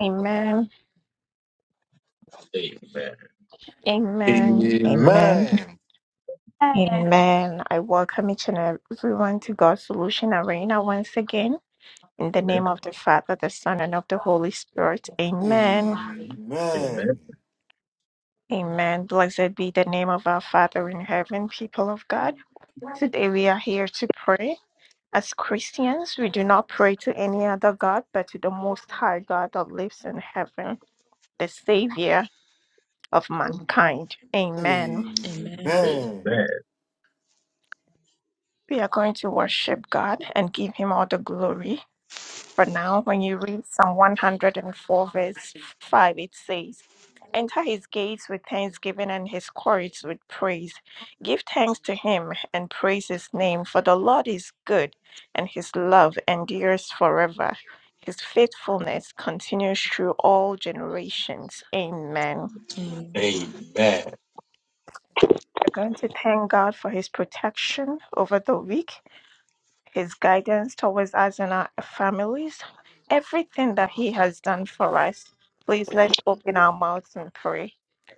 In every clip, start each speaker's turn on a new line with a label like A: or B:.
A: Amen.
B: Amen.
A: Amen. Amen.
C: Amen.
D: Yes.
A: Amen. I welcome each and everyone to God's Solution Arena once again. In the
B: Amen.
A: name of the Father, the Son, and of the Holy Spirit. Amen.
C: Amen.
B: Amen.
A: Amen. Blessed be the name of our Father in heaven, people of God. Today we are here to pray. As Christians, we do not pray to any other God but to the Most High God that lives in heaven, the Savior of mankind. Amen.
E: Amen.
C: Amen.
B: Amen.
A: We are going to worship God and give Him all the glory. For now, when you read Psalm 104, verse 5, it says, Enter his gates with thanksgiving and his courts with praise. Give thanks to him and praise his name, for the Lord is good and his love endures forever. His faithfulness continues through all generations. Amen.
E: Amen.
B: Amen.
A: We're going to thank God for his protection over the week his guidance towards us and our families, everything that he has done for us. Please let's open our mouths and pray.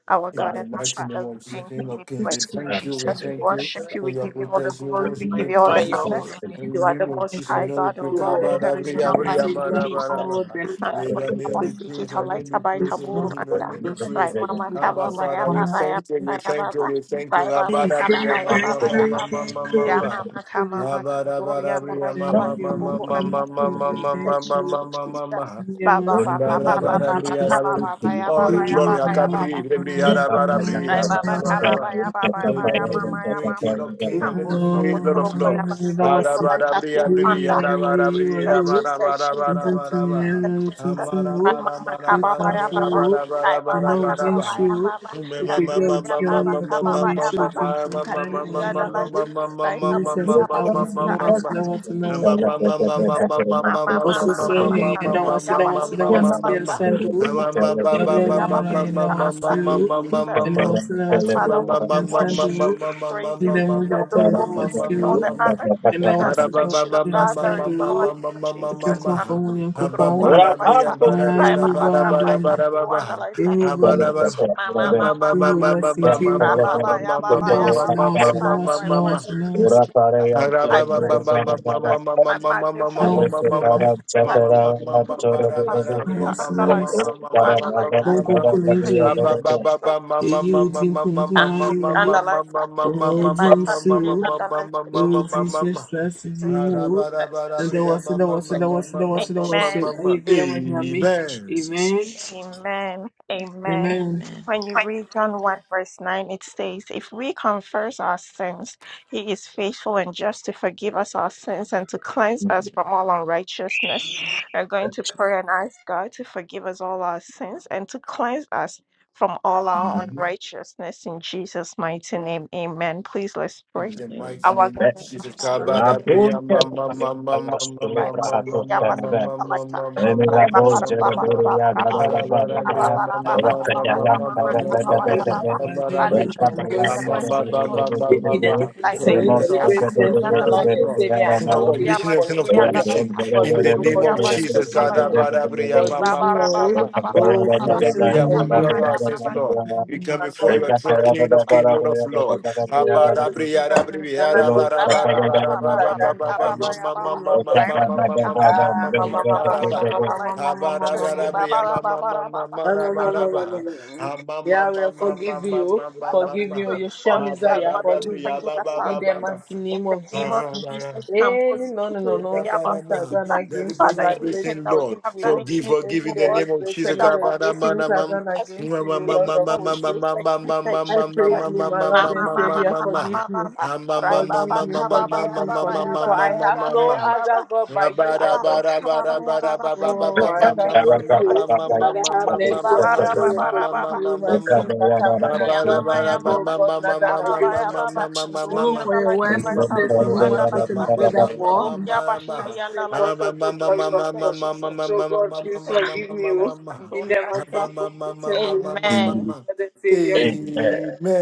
A: Our
C: In
A: God
C: the
B: Bali
A: and our
C: mighty
B: kuchimba
A: Father,
C: name
A: we
C: of Jesus,
A: thank you,
C: King
A: we
C: of Kings, we
A: bless you,
B: kusikipa
C: thank you, we
B: mtende
A: Jesus. We
C: thank
B: ya
C: you
A: worship
B: baba.
A: you,
C: for
A: we
C: your
A: give you all the
C: protection, we
A: glory, we
C: worship,
B: Kumu
A: give
C: we
A: you all
D: By
A: the
C: praise you
D: your
B: tanpa
C: for
A: honor.
D: holy
B: mtende.
D: name,
A: You
C: in the
A: are the
C: name of
A: most
D: I
C: Jesus. We
A: high
D: thank
C: know we
A: God, O
C: pray,
D: you,
A: Lord, and
D: O
A: there
C: Kabada,
A: is
C: Bria,
A: none
D: Lord
B: Kumu
D: and
C: Bria,
A: like you,
B: tanpa
D: Savior,
C: Mara,
D: for
C: Mara,
A: Jesus.
D: all
B: mtende.
C: Mara.
D: the
C: May
A: Tandoori
C: your
D: all
C: name
A: baba
C: be
D: the
A: siki
C: praised, your name be
A: talaita bai
C: praised,
A: taburu
D: goodness,
C: Elohim, your
A: anda.
C: name be
A: Rai
D: blessings
C: praised.
D: you have
A: mama
C: Abba,
A: kaba
D: bestowed
A: baya
C: Father, we
D: upon
A: baba
D: us.
A: ya
C: thank you, we
A: baba
C: thank you,
A: baba.
C: we thank you.
A: Rai baba
D: Thank
C: Abada,
A: kaba
C: Bria,
D: you,
A: baya
C: Mama,
D: thank
C: Mama,
D: you,
A: baba
C: Mama,
D: thank you, thank you.
C: Mama.
A: Yama maka mama
C: Abada,
A: kandoria
C: Bada,
D: Thank
C: Bria,
A: malaika
C: Mama,
B: Thank
D: you,
A: baita
C: Mama, Mama,
A: buru anda.
C: Mama,
D: thank you,
C: Mama,
A: Isa
C: Mama,
D: thank you.
A: Jesus Jesus.
C: Mama,
A: Jesus.
C: Mama.
D: In the
A: Ba ba
C: Give
A: ba
C: all
A: ba ba
D: mighty name
A: ba ba ba ka ba ba ba ya ba ba
C: the
A: ya ba
C: glory.
A: ba ba ba.
C: Akabri, Rebri, Araba, Rabri,
A: Ay
C: Rama,
A: baba
C: Rama,
D: of
C: Rama.
A: kababa ya baba ya
C: May
A: ba
C: your
A: ya
D: Jesus.
C: name be
A: mama ya
C: praised,
A: mama.
C: King of
D: Oh, I'm
C: Kings, and
D: dancing.
C: name be
A: Kambo
D: I'm
A: so go
C: praised, Lord
A: toro
C: of
A: ko ya ba
C: Lords.
A: stick it for
D: dancing.
C: Araba,
A: life at
C: Rabri,
A: you
D: I'm
C: Rabri,
A: panda.
D: dancing. I'm dancing. I'm dancing. I'm dancing. I'm dancing. I'm dancing. I'm
C: Araba,
D: dancing.
A: Jesus
D: I'm
C: Rabri,
D: dancing.
C: Rama,
D: I'm
C: Rama,
A: Jesus
C: Rama,
A: Jesus
C: Rama, Rama.
A: Jesus Jesus.
C: Rama,
A: Ay
C: Rama, Rama,
A: mama
C: Rama,
A: kababa
C: Rama,
A: ya baba. Ay baba kababa ya baba.
B: you.
A: Kaduri ya baba kababa ya baba. Kadiri
C: Rama,
A: ya the light. Light
C: Rama,
A: abu
C: Rama,
B: Ora
A: ya ba
C: Rama,
A: stick it
D: dancing.
A: and
D: I'm
C: Rama.
A: that.
D: dancing. I'm
A: Jesus.
C: Mama,
D: dancing.
A: Jesus. Mama
D: Osu
A: mama
D: suru
A: mama
D: hi yada
A: kandori
D: wasi
A: ya
D: da
A: ba
D: wasi
A: hiri
D: da
A: ya the
D: wasi yada
A: light.
D: sandu.
A: Bosu tuturu
D: Yada
A: ya ba
D: wala
A: stick it
D: yada
A: and
D: wasi
A: that.
D: yu.
A: Jesus.
D: Yada wasi da
A: That's
D: wasi da
A: Father,
D: wasi
A: Lord, we
D: yada
A: worship you,
D: sandu.
A: we praise you, we
D: Yada
A: give you all
D: mujata
A: the
D: yada
A: glory, we
D: wasi
A: give you all
D: yu.
A: the honor
D: Yada
A: and
D: wasi da wasi
A: adoration of
D: yada
A: God. There is no
D: sandu.
A: like you, Jesus.
D: Kutu
A: I'm just
D: kofa
A: a
D: wuli kofa
A: little boy, and
D: wuli.
A: I like that.
D: Mara
A: Right,
D: yuhu
A: Baba,
D: ba
A: come right up,
D: adona.
A: oh, and I like that.
D: Yuhu bu nisi.
A: Ma, ma, ma, ma, ma,
D: Yuhu
A: ma,
D: ba
A: ma.
D: sinkiri.
A: Ra, ya, ba,
D: Yada
A: ya,
D: wasi
A: ba,
D: da wasi da
A: Father,
D: wasi
A: I
D: da wasi
A: worship
D: da wasi da
A: you,
D: wasi
A: Jesus. I bless you, Jesus. I magnify
D: da
A: you,
D: wasi da wasi.
A: Jesus. God, you to the little boy, I'm a sick, and I like that, oh, and I like
D: Bongo
A: Thank
D: kulinje.
A: you, Jesus
D: èyí wo
A: and glory and the light.
D: ọ̀rọ̀ ojú
A: Invite
D: ń
A: her
D: sú
A: beauty
D: o
A: and the light of
D: ewu
A: Jesus.
D: tí sẹ́sì
C: Amen.
D: láti
A: Jesus.
D: dín wò ó
A: Jesus.
E: Yes,
A: Yes,
E: sure.
D: lọ́dọ̀wọ́sílọ́wọ́sílọ́wọ́sílọ́wọ́sí
A: Amen.
D: ayé bí ọmọ ìyá mi
E: For Jesus
D: amen
E: Christ.
A: Amen. Amen.
D: amen.
E: Amen.
A: When you read John 1, verse 9, it says, If we confess our sins, he is faithful and just to forgive us our sins and to cleanse
B: Beh,
A: us from all unrighteousness. We're going to pray and ask God to forgive us all our sins and to cleanse us from all our unrighteousness in Jesus' mighty name. Amen. Please let's pray.
C: In the
E: Hallelujah.
C: mighty
E: God,
A: Our
C: name
A: God
C: of
A: and
E: I'm
C: Jesus,
A: our
C: God
E: sorry
C: of
B: La
A: Father
C: Abraam,
B: punta
C: ma ma
E: for sin.
C: ma ma
B: a
C: ma
B: las
C: ma ma
A: life on
C: ma
B: lebras
C: ma
B: dos
A: Julia
C: ma
B: canadá.
C: ma
A: Pastica Lighter.
C: ma
B: Renega
C: ma
B: dos
C: ma ma,
B: jereberia da da da da da
C: Abraam
B: da. La
C: Abraam, ma
B: callalan
C: ma
B: da
C: ma ma
B: da
C: ma ma ma ma ma ma ma
D: Lord,
B: da
C: ma
B: da da
D: forgive
B: da
D: me
B: da.
D: of
C: ma ma
D: my
C: ma,
A: Father,
C: Abraam,
D: forgiveness
B: El
D: and
A: we
D: my
A: pray in
B: caballa
A: the
D: mercy.
B: da da
A: mighty
B: da da
A: name of
C: ma
B: da
C: ma ma ma
D: Give
B: da
D: me
C: ma ma
D: the
B: da da.
C: ma.
D: deliverance
A: Lighter.
D: and in
C: Forgive
B: Remos
C: us
B: da
C: our
B: da
D: deliverance,
C: sins,
B: da
D: sins,
B: da
D: my
C: forgive
B: da da
C: us our
D: Lord
C: sins,
D: and
C: Lord.
D: Savior. I
B: da da da da
C: Sin
B: da.
D: come
C: of
D: to
A: Gloria
D: you.
A: Pastica
C: omission,
A: Lighter.
C: sin of
D: Forgive
B: La
D: me.
C: commission.
B: punta da
C: In
D: Forgive
B: da da da da da
C: the
D: me.
C: name
A: Gloria Pastica Lighter. Gloria
C: of
D: Forgive me.
B: da da da
C: Jesus,
A: Pastica
D: Forgive
C: God
D: me.
C: of
A: Lighter.
B: da da
C: Abraam,
B: da.
A: Re
C: ma
A: ba
D: Forgive
C: ma ma
D: me.
A: ba
C: ma
A: ra
D: Oh,
A: ba ba
B: El
C: ma ma ma ma ma ma ma
A: ra
C: ma ma
A: ba ba
B: caballa
A: ra
D: oh
B: da
A: ba
C: ma,
B: da da
A: ba.
D: my sins,
C: Abraam,
B: da da da
A: Aya
C: forgive
D: forgive.
F: Amen.
A: mama
D: me.
C: us our
A: ya
C: sins,
A: mama.
C: Lord. We come
D: our
C: before
D: Lord
C: Your
D: and
A: Gloria
C: throne,
D: Savior.
C: King
A: Pastica
C: of King,
A: Lighter.
C: Lord
D: And
C: of
D: we
C: Lords.
A: Jesus,
B: da
D: forgive
B: da
A: Jesus,
B: da da
C: Abada
D: every
B: da.
D: sin
C: briara
D: that we done
C: briara
D: against
B: Amen.
D: you
C: bara
A: Ba
D: and
A: ba ba
C: bara
A: ba
C: bara
A: ba ba
C: bara bara
A: ba ba
D: against,
C: bara bara
A: ka ba ba
D: against
A: ya
D: you,
A: ba
D: O
A: ba.
D: Lord of
A: Rai
C: bara
A: ma
D: faith.
A: ma ka ma ma ka
D: Ah, ma,
A: do
D: ma, ma,
A: ya
D: ma,
A: ba
C: bara bara bara
D: ma,
A: si
D: ma,
A: ki
C: bara
A: ka
D: ma,
A: lai
D: ma, ma,
A: ka.
D: ma, ma, ma,
C: Abada
D: ma, ma,
A: Ri
C: bara
A: ba ba
C: bria ma
A: ba ba
C: ma
A: ba
C: ma
A: ra ba
C: ma
A: ba.
C: ma
D: Ah,
C: ra
D: ma,
A: Ka
D: ma,
A: ma
C: bara
A: ka.
D: ma, ma, ma,
C: bara
D: ma, ma.
C: ma ma ma ma
D: Yahweh,
C: ma ma
D: forgive you,
C: ma ma
A: Father,
C: ma
A: we
D: forgive you,
A: pray
C: ma
D: Yeshua
A: for that
D: Messiah,
C: Abada
A: God
C: bara
A: will
D: forgive
C: bria
D: me.
A: forgive
C: ba,
A: us
C: ba,
D: In
A: our
C: ba,
D: the
C: ba,
A: sins.
D: mighty
A: In
D: name
A: the
D: of
C: bria,
A: name
D: Jesus.
A: of
C: bria, ba,
A: Jesus, come
D: Any
A: also
D: no, no, no,
A: to
D: no,
A: pray about
D: since
A: the
D: I've done
A: keeper.
D: against you,
A: Father,
D: I pray
A: anything
D: you
A: that we
D: forgive
A: have
D: me,
A: done
D: oh.
A: against
D: Any
A: you, O Lord, we pray
D: deliberation, in
A: that Lord, you will
D: deliberation, I've
A: forgive
D: done
A: us.
D: against you,
A: In
D: O
A: the
D: Lord
A: name
D: of
A: of
D: hosts.
A: Jesus, Jesus,
D: I praise
A: Jesus.
D: thee, my Lord and
A: Mama, mama,
D: Savior,
A: mama,
D: forgive
A: mama,
D: me.
A: mama. Rai,
D: Forgive
A: baba,
D: me,
A: kaba,
D: forgive
A: baya,
D: me,
A: baba,
D: forgive me,
A: ya,
D: for
A: baba,
D: I
A: ya,
D: have
A: baba,
D: no
A: ya,
D: other
A: baba.
D: God by you, Lord of
A: Baba,
D: hosts.
A: kaba, baya, baba. Kamburu,
D: Oh, I
A: suku,
D: thank
A: churu,
D: you,
A: kuya,
D: you, that
A: basika.
D: I have
A: Le,
D: mercy
A: baba,
D: upon
A: ra,
D: me and
A: baba, ra,
D: forgive
A: baba.
D: me my sins that I've done against
A: Ayamama
D: you, oh
A: yamama.
D: God, not done
A: Ababa
D: against my son.
A: yababa kandori
D: Oh, for your
A: andalaita
D: words, it
A: baita
D: says in
A: buru
D: Romans 8 and
A: andalaita.
D: 3 that for all who
A: Doria
D: have
A: bahiri
D: sinned and fall
A: andalaita.
D: short of the glory of
A: Jesus,
D: God.
A: Jesus, Jesus,
D: So, God, please
A: Jesus,
D: forgive me,
A: Jesus,
D: oh, in the
A: kandori
D: mighty
A: anda.
D: name of Jesus
A: Amen.
F: Amen.
D: the Savior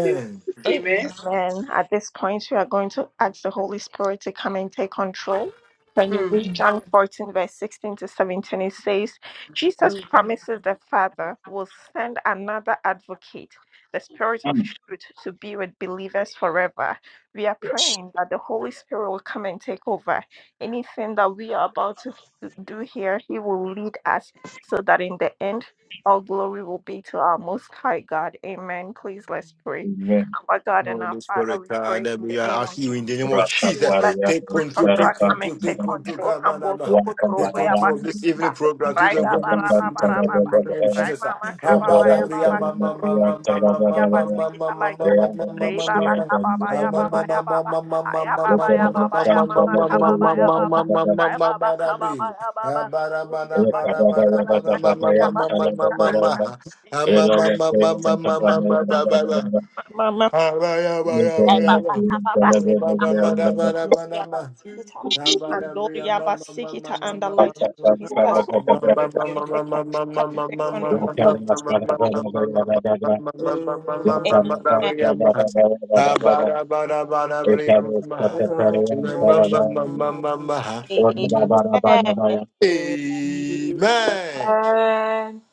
D: continue to see me.
A: Amen. At this point, we are going to ask the Holy Spirit to come and take control. When you
D: Mm.
A: read John 14, verse 16 to 17, it says, Jesus promises the Father will send another advocate, the Spirit of
B: Mm.
A: truth, to be with believers forever. We are
B: Yes.
A: praying that the Holy Spirit will come and take over. Anything that we are about to do here, He will lead us so that in the end, all glory will be to our Most High God. Amen. Please let's pray.
B: Amen.
A: Our God and our Father, we pray in the name of Jesus that you will let the
B: Rakapariya,
A: Spirit of God come and take control. Kambo suku turuku ya basikita. Right da ba ra ba ba ra ba ba. Right mama
B: Thank
A: kaba ba ya ba ba. Ruku turuku ya basikita laita. Re ba ba kaba ba ya ba ba ya ba ba. Aya ba ba ya ba ba ya mama kaba ba ya ba ba. Right ba ba kaba ba ya ba ba. Kaduri ya basikita laita. Kiri ya basikita
G: I
A: anta. Mama, mama, mama. Mama, Baba Kababa, Ambrosia Basikita, Andoria Basikita and the light of Jesus. Holy Spirit, come and take control. Come and take control. In the name of
B: you.
A: Jesus.
B: Amen. Amen. Amen. Amen.
A: Amen.
C: Amen.
A: Amen.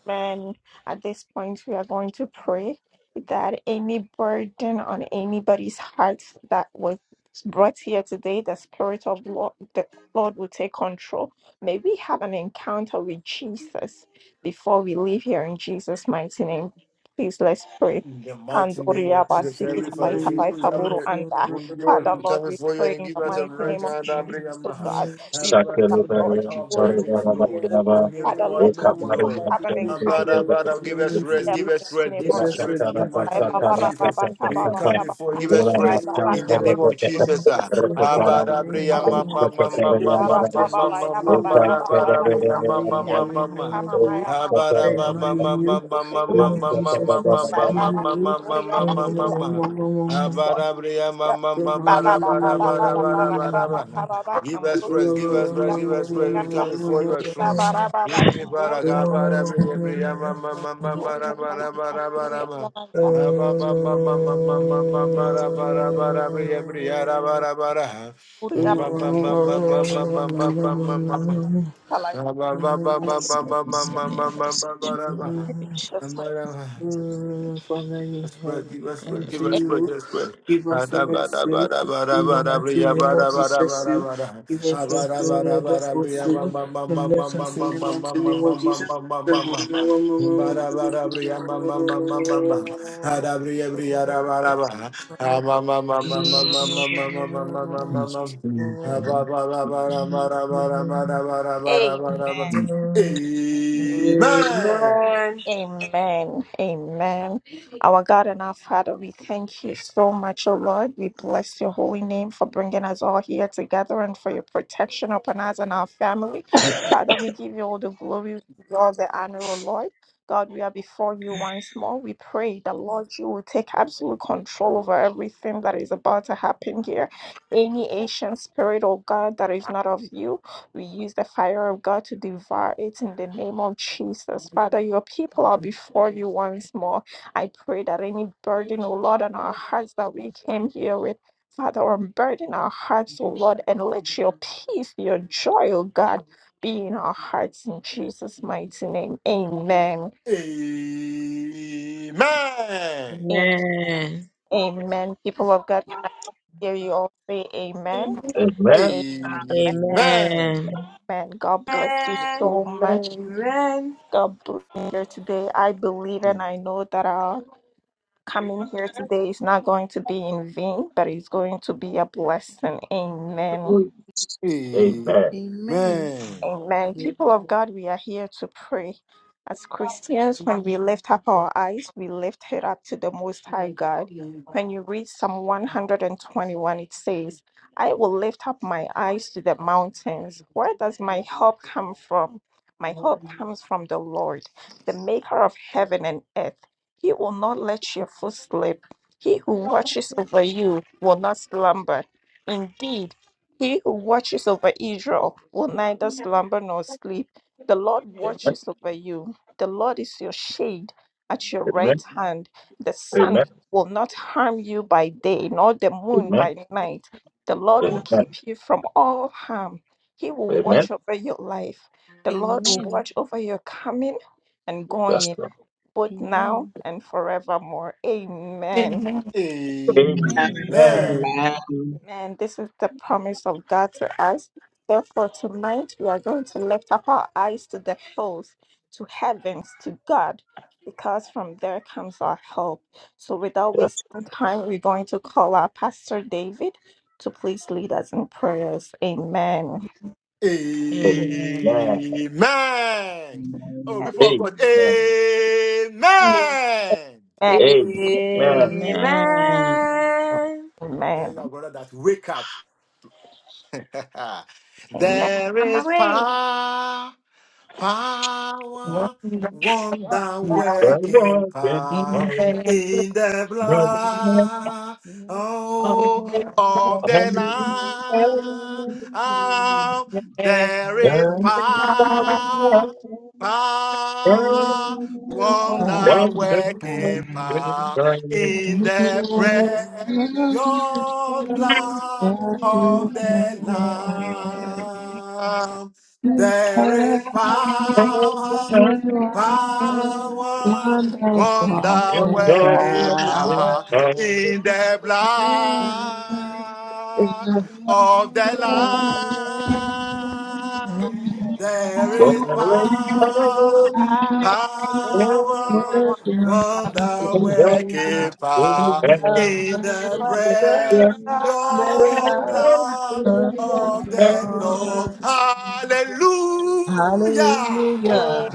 A: Man, at this point, we are going to pray that any burden on anybody's heart that was brought here today, the Spirit of Lord, the Lord will take control. May we have an encounter with Jesus before we leave here in Jesus' mighty name. Please let's pray.
C: In the mighty name
A: Kandoria
C: of Jesus,
A: basiki
C: every
A: tabai
C: Father, say, who
A: tabai
C: is having
A: taboro
C: a
A: anda.
C: who knows
A: Father
C: who's
A: Lord,
C: coming
A: we
C: for you
A: pray
C: and
A: in
C: give
A: the
C: us a
A: mighty
C: rest
A: name of
C: and a
A: Jesus,
C: bring a
A: oh
C: maha.
A: God. We pray
C: Everyone
A: that
C: come here
A: Lord,
C: with our
A: you will
C: burdens, Lord.
A: oh Lord.
C: Come here with
A: Father,
C: our
A: let
C: load,
A: us all
C: Lord.
A: have an
C: And
A: encounter
C: Father, Father, give us rest,
A: in the
C: give us
A: mighty
C: rest,
A: name
C: give
A: of
C: us
A: Jesus.
C: rest in the mighty
A: Rai
C: name
A: Baba
C: of
A: Ra
D: And
C: Jesus.
A: Baba Ka
C: We
A: Baba
C: come
A: Ya
C: before,
A: Baba
C: give
D: Pray
C: us
D: for
A: Rai
D: your
C: rest
D: mighty
A: Baba
C: in the
A: Ka
D: heart,
C: name
A: Mama
C: of
D: for
A: Kambo
D: his
C: Jesus. ah.
D: pursuit,
A: Rufu
C: Ah,
D: and
A: Ya
D: of
A: Baba
D: the
C: Father, bring
D: name
C: a
D: of
C: ma-
D: your
A: Kalaka
C: ma-
D: hope.
C: ma- ma-
A: Ri
D: It
C: ma-
D: will
C: ma-
A: Baba
D: be
C: ma-
A: Ka
C: ma- ma-
A: Baba
D: precious to
A: Ya
C: ma- ma-
A: Baba Ya
D: you,
C: ma-
A: Baba
C: Father,
A: Ya
D: and
C: bring a
A: Baba
D: Father,
C: ma-
D: you
C: ma-
A: Ya
D: hear
C: ma-
D: me,
C: ma-
A: Mama
D: him
C: ma.
A: Ka
D: of
A: Mama
D: who.
A: Ya
C: Give
A: Mama
D: Praise
C: us
D: my name, you.
A: Rufu Ya
D: In
A: Baba
D: the name of Jesus, Christ,
A: Rai Baba Ka Dori Ya Baba Jesus. Ba ba ba ba ba ba ba ba ra ba ba ba ba ba kamburu
C: praise, give us
A: kuya
C: praise, give us
A: mazuri
C: praise. We
A: yanda
C: come before your
A: e ba ba
C: throne.
A: ra ba ba
C: Evening,
A: kamburu
C: Father,
A: yanda ba
C: Kabara,
A: ka
C: Briya, Briya, Ma, Ma, Ma, Ma, Ma,
A: kamburu
C: Ra, Ma,
A: yanda ba
C: Ra, Ma,
A: ka
C: Ra, Ma,
A: kiri
C: Ra,
A: yanda
C: Ma.
A: ba ba ka
C: Ah, Ba, Ba,
D: you.
C: Ba, Ba, Ma, Ma, Ma, Ma, Ma, Ra, Ma, Ra, Ma, Ra, Briya, Briya, Ra, Ma, Ra, Ma, Ra.
A: uri
D: Father
A: yanda
C: Ba, Ba, Ba, Ba, Ba, Ba,
D: in
C: Ba, Ba, Ba, Ba, Ba.
A: ba ka
C: Ba
A: laita
C: ba ba ba ba ba ba ba ba
E: Sorry, I
C: ba ba
E: wasn't
C: ba
E: rich.
A: that's
E: Jesus.
A: my
C: ba ba. Let's pray,
D: heaven,
C: give
D: we
C: us pray,
D: come
C: give
D: to
C: us pray,
D: you.
C: give us pray.
D: Give us a
C: Ada bada
D: rescue
C: bada bada
D: in the
C: bada
D: mighty
C: bria
D: name of
C: bada bada
D: Jesus.
C: bada
D: You
C: bada.
D: give us a
C: Abada
D: rescue,
C: bada
D: Lord
C: bada
D: of
C: bria ma
D: rescue,
C: ma ma ma
D: and
C: ma
D: let
C: ma
D: us in
C: ma ma
D: the mighty
C: ma
D: name
C: ma
D: of
C: ma
D: Jesus.
C: ma ma ma ma ma. Bada bada bria ma ma ma ma ma ma. Ada bria bria da bada bada. Ah ma ma ma ma ma ma ma ma ma ma ma ma ma
F: Thank you,
C: ma. Aba bada bada bada bada bada bada bada bada.
A: amen
C: Amen.
D: Amen.
A: Amen. Amen. Our God and our Father, we thank you so much, O Lord. We bless your holy name for bringing us all here together and for your protection upon us and our family.
E: Through Jesus.
A: Father, we give you all the glory, we give you all the honor, O Lord. God, we are before you once more. We pray that, Lord, you will take absolute control over everything that is about to happen here. Any ancient spirit, O God, that is not of you, we use the fire of God to devour it in the name of Jesus. Father, your people are before you once more. I pray that any burden, O Lord, on our hearts that we came here with, Father, unburden our hearts, O Lord, and let your peace, your joy, O God, be in our hearts in Jesus' mighty name. Amen.
C: Amen.
A: Am-
E: Amen.
A: Amen. People of God, can I hear you all say amen? Amen.
C: Amen.
E: Amen.
A: Amen. God bless you so much.
H: Amen.
D: Amen.
A: God bless you here today. I believe and I know that our coming here today is not going to be in vain, but it's going to be a blessing. Amen.
I: Amen.
C: Amen.
E: Amen.
A: Amen. People of God, we are here to pray. As Christians, when we lift up our eyes, we lift it up to the Most High God. When you read Psalm 121, it says, I will lift up my eyes to the mountains. Where does my help come from? My help comes from the Lord, the maker of heaven and earth. He will not let your foot slip. He who watches over you will not slumber. Indeed, he who watches over Israel will neither slumber nor sleep. The Lord watches over you. The Lord is your shade at your right hand. The sun will not harm you by day, nor the moon
B: Amen.
A: by night. The Lord will keep you from all harm. He
B: Amen.
A: will watch
B: Amen.
A: over your life. The Lord will
I: Amen.
A: watch over your coming and
B: That's
A: going,
B: the
A: both now
I: Amen.
A: and forevermore. Amen.
J: Amen.
I: Amen.
B: Amen.
C: Amen.
E: Amen.
J: Amen.
A: And this is the promise of God to us. Therefore, tonight we are going to lift up our eyes to the hills, to heavens, to God, because from there comes our help. So, without
B: that's
A: wasting time, we're going to call our Pastor David to please lead us in prayers. Amen.
B: the
E: Amen.
B: Lord.
C: Amen. Oh, people of
B: Amen.
C: God,
B: Amen.
G: continue
C: Amen.
A: Amen.
B: Amen.
D: Amen.
E: Amen.
C: Tell your brother that wake up.
A: Amen. Amen.
C: there
D: I'm
C: is
D: awake.
C: power. Power,
G: wondering
K: Thank
C: wonder
B: The
C: working
B: Lord is
C: power
G: in
B: my
G: the
C: in the
B: God.
C: blood oh, of the
J: Amen.
C: Lamb. There is power, power,
L: Wonderful
C: wonder working power in the precious blood of the Lamb. There is power, power, wonder working power in the
K: you.
C: blood of the Lamb. There is power,
A: Power
L: Hallelujah.
C: power, wonder
L: Amen.
C: working power
A: in
K: Amen.
A: the
C: in the
A: presence of
C: precious
B: Amen.
K: Mm,
A: God.
C: blood
K: mm,
B: Amen.
C: of the Lord. Hallelujah.
L: Hallelujah.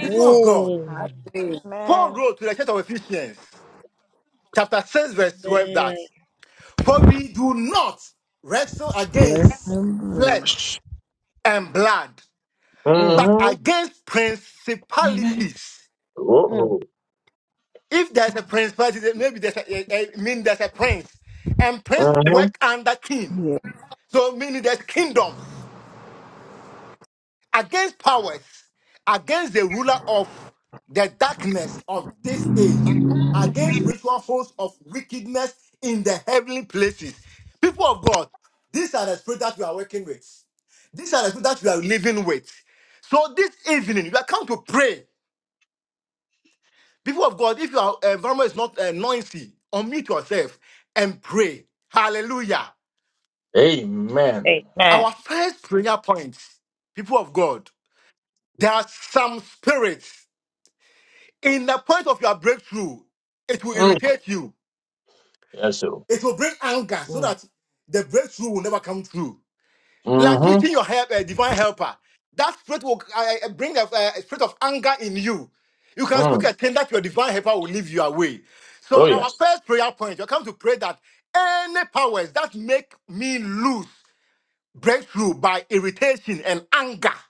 C: People of God, Paul
A: Amen.
C: wrote to the church of Ephesians, chapter 6, verse 12, that
E: Amen.
C: for we do not wrestle
L: Bless
C: against
L: him.
C: flesh and blood, but
B: Mm-hmm.
C: against
G: Amen.
C: principalities.
B: Oh,
C: If there's a principality, then maybe there's a, a, a- mean there's a prince, and prince
B: mm-hmm.
C: work under king.
L: Yeah.
C: So meaning there's kingdoms. against powers, against the ruler of the darkness of this age, against spiritual force of wickedness in the heavenly places. People of God, these are the spirits that we are working with. These are the people that we are living with. So this evening, you are come to pray. People of God, if your uh, environment is not uh, noisy, unmute yourself and pray. Hallelujah.
B: Amen.
A: Amen.
C: Our first prayer point, people of God, there are some spirits. in the point of your breakthrough, it will
B: Mm.
C: irritate you.
B: Yes, so.
C: It will bring anger so
K: mm.
C: that the breakthrough will never come through. Like
B: Mm-hmm.
C: meeting your help, a divine helper, that spirit will uh, uh, bring a, a spirit of anger in you. You can speak
B: Mm.
C: a thing that your divine helper will leave you away. So
B: Oh,
C: our
B: yes.
C: first prayer point, you come to pray that any powers that make me lose breakthrough by irritation and anger,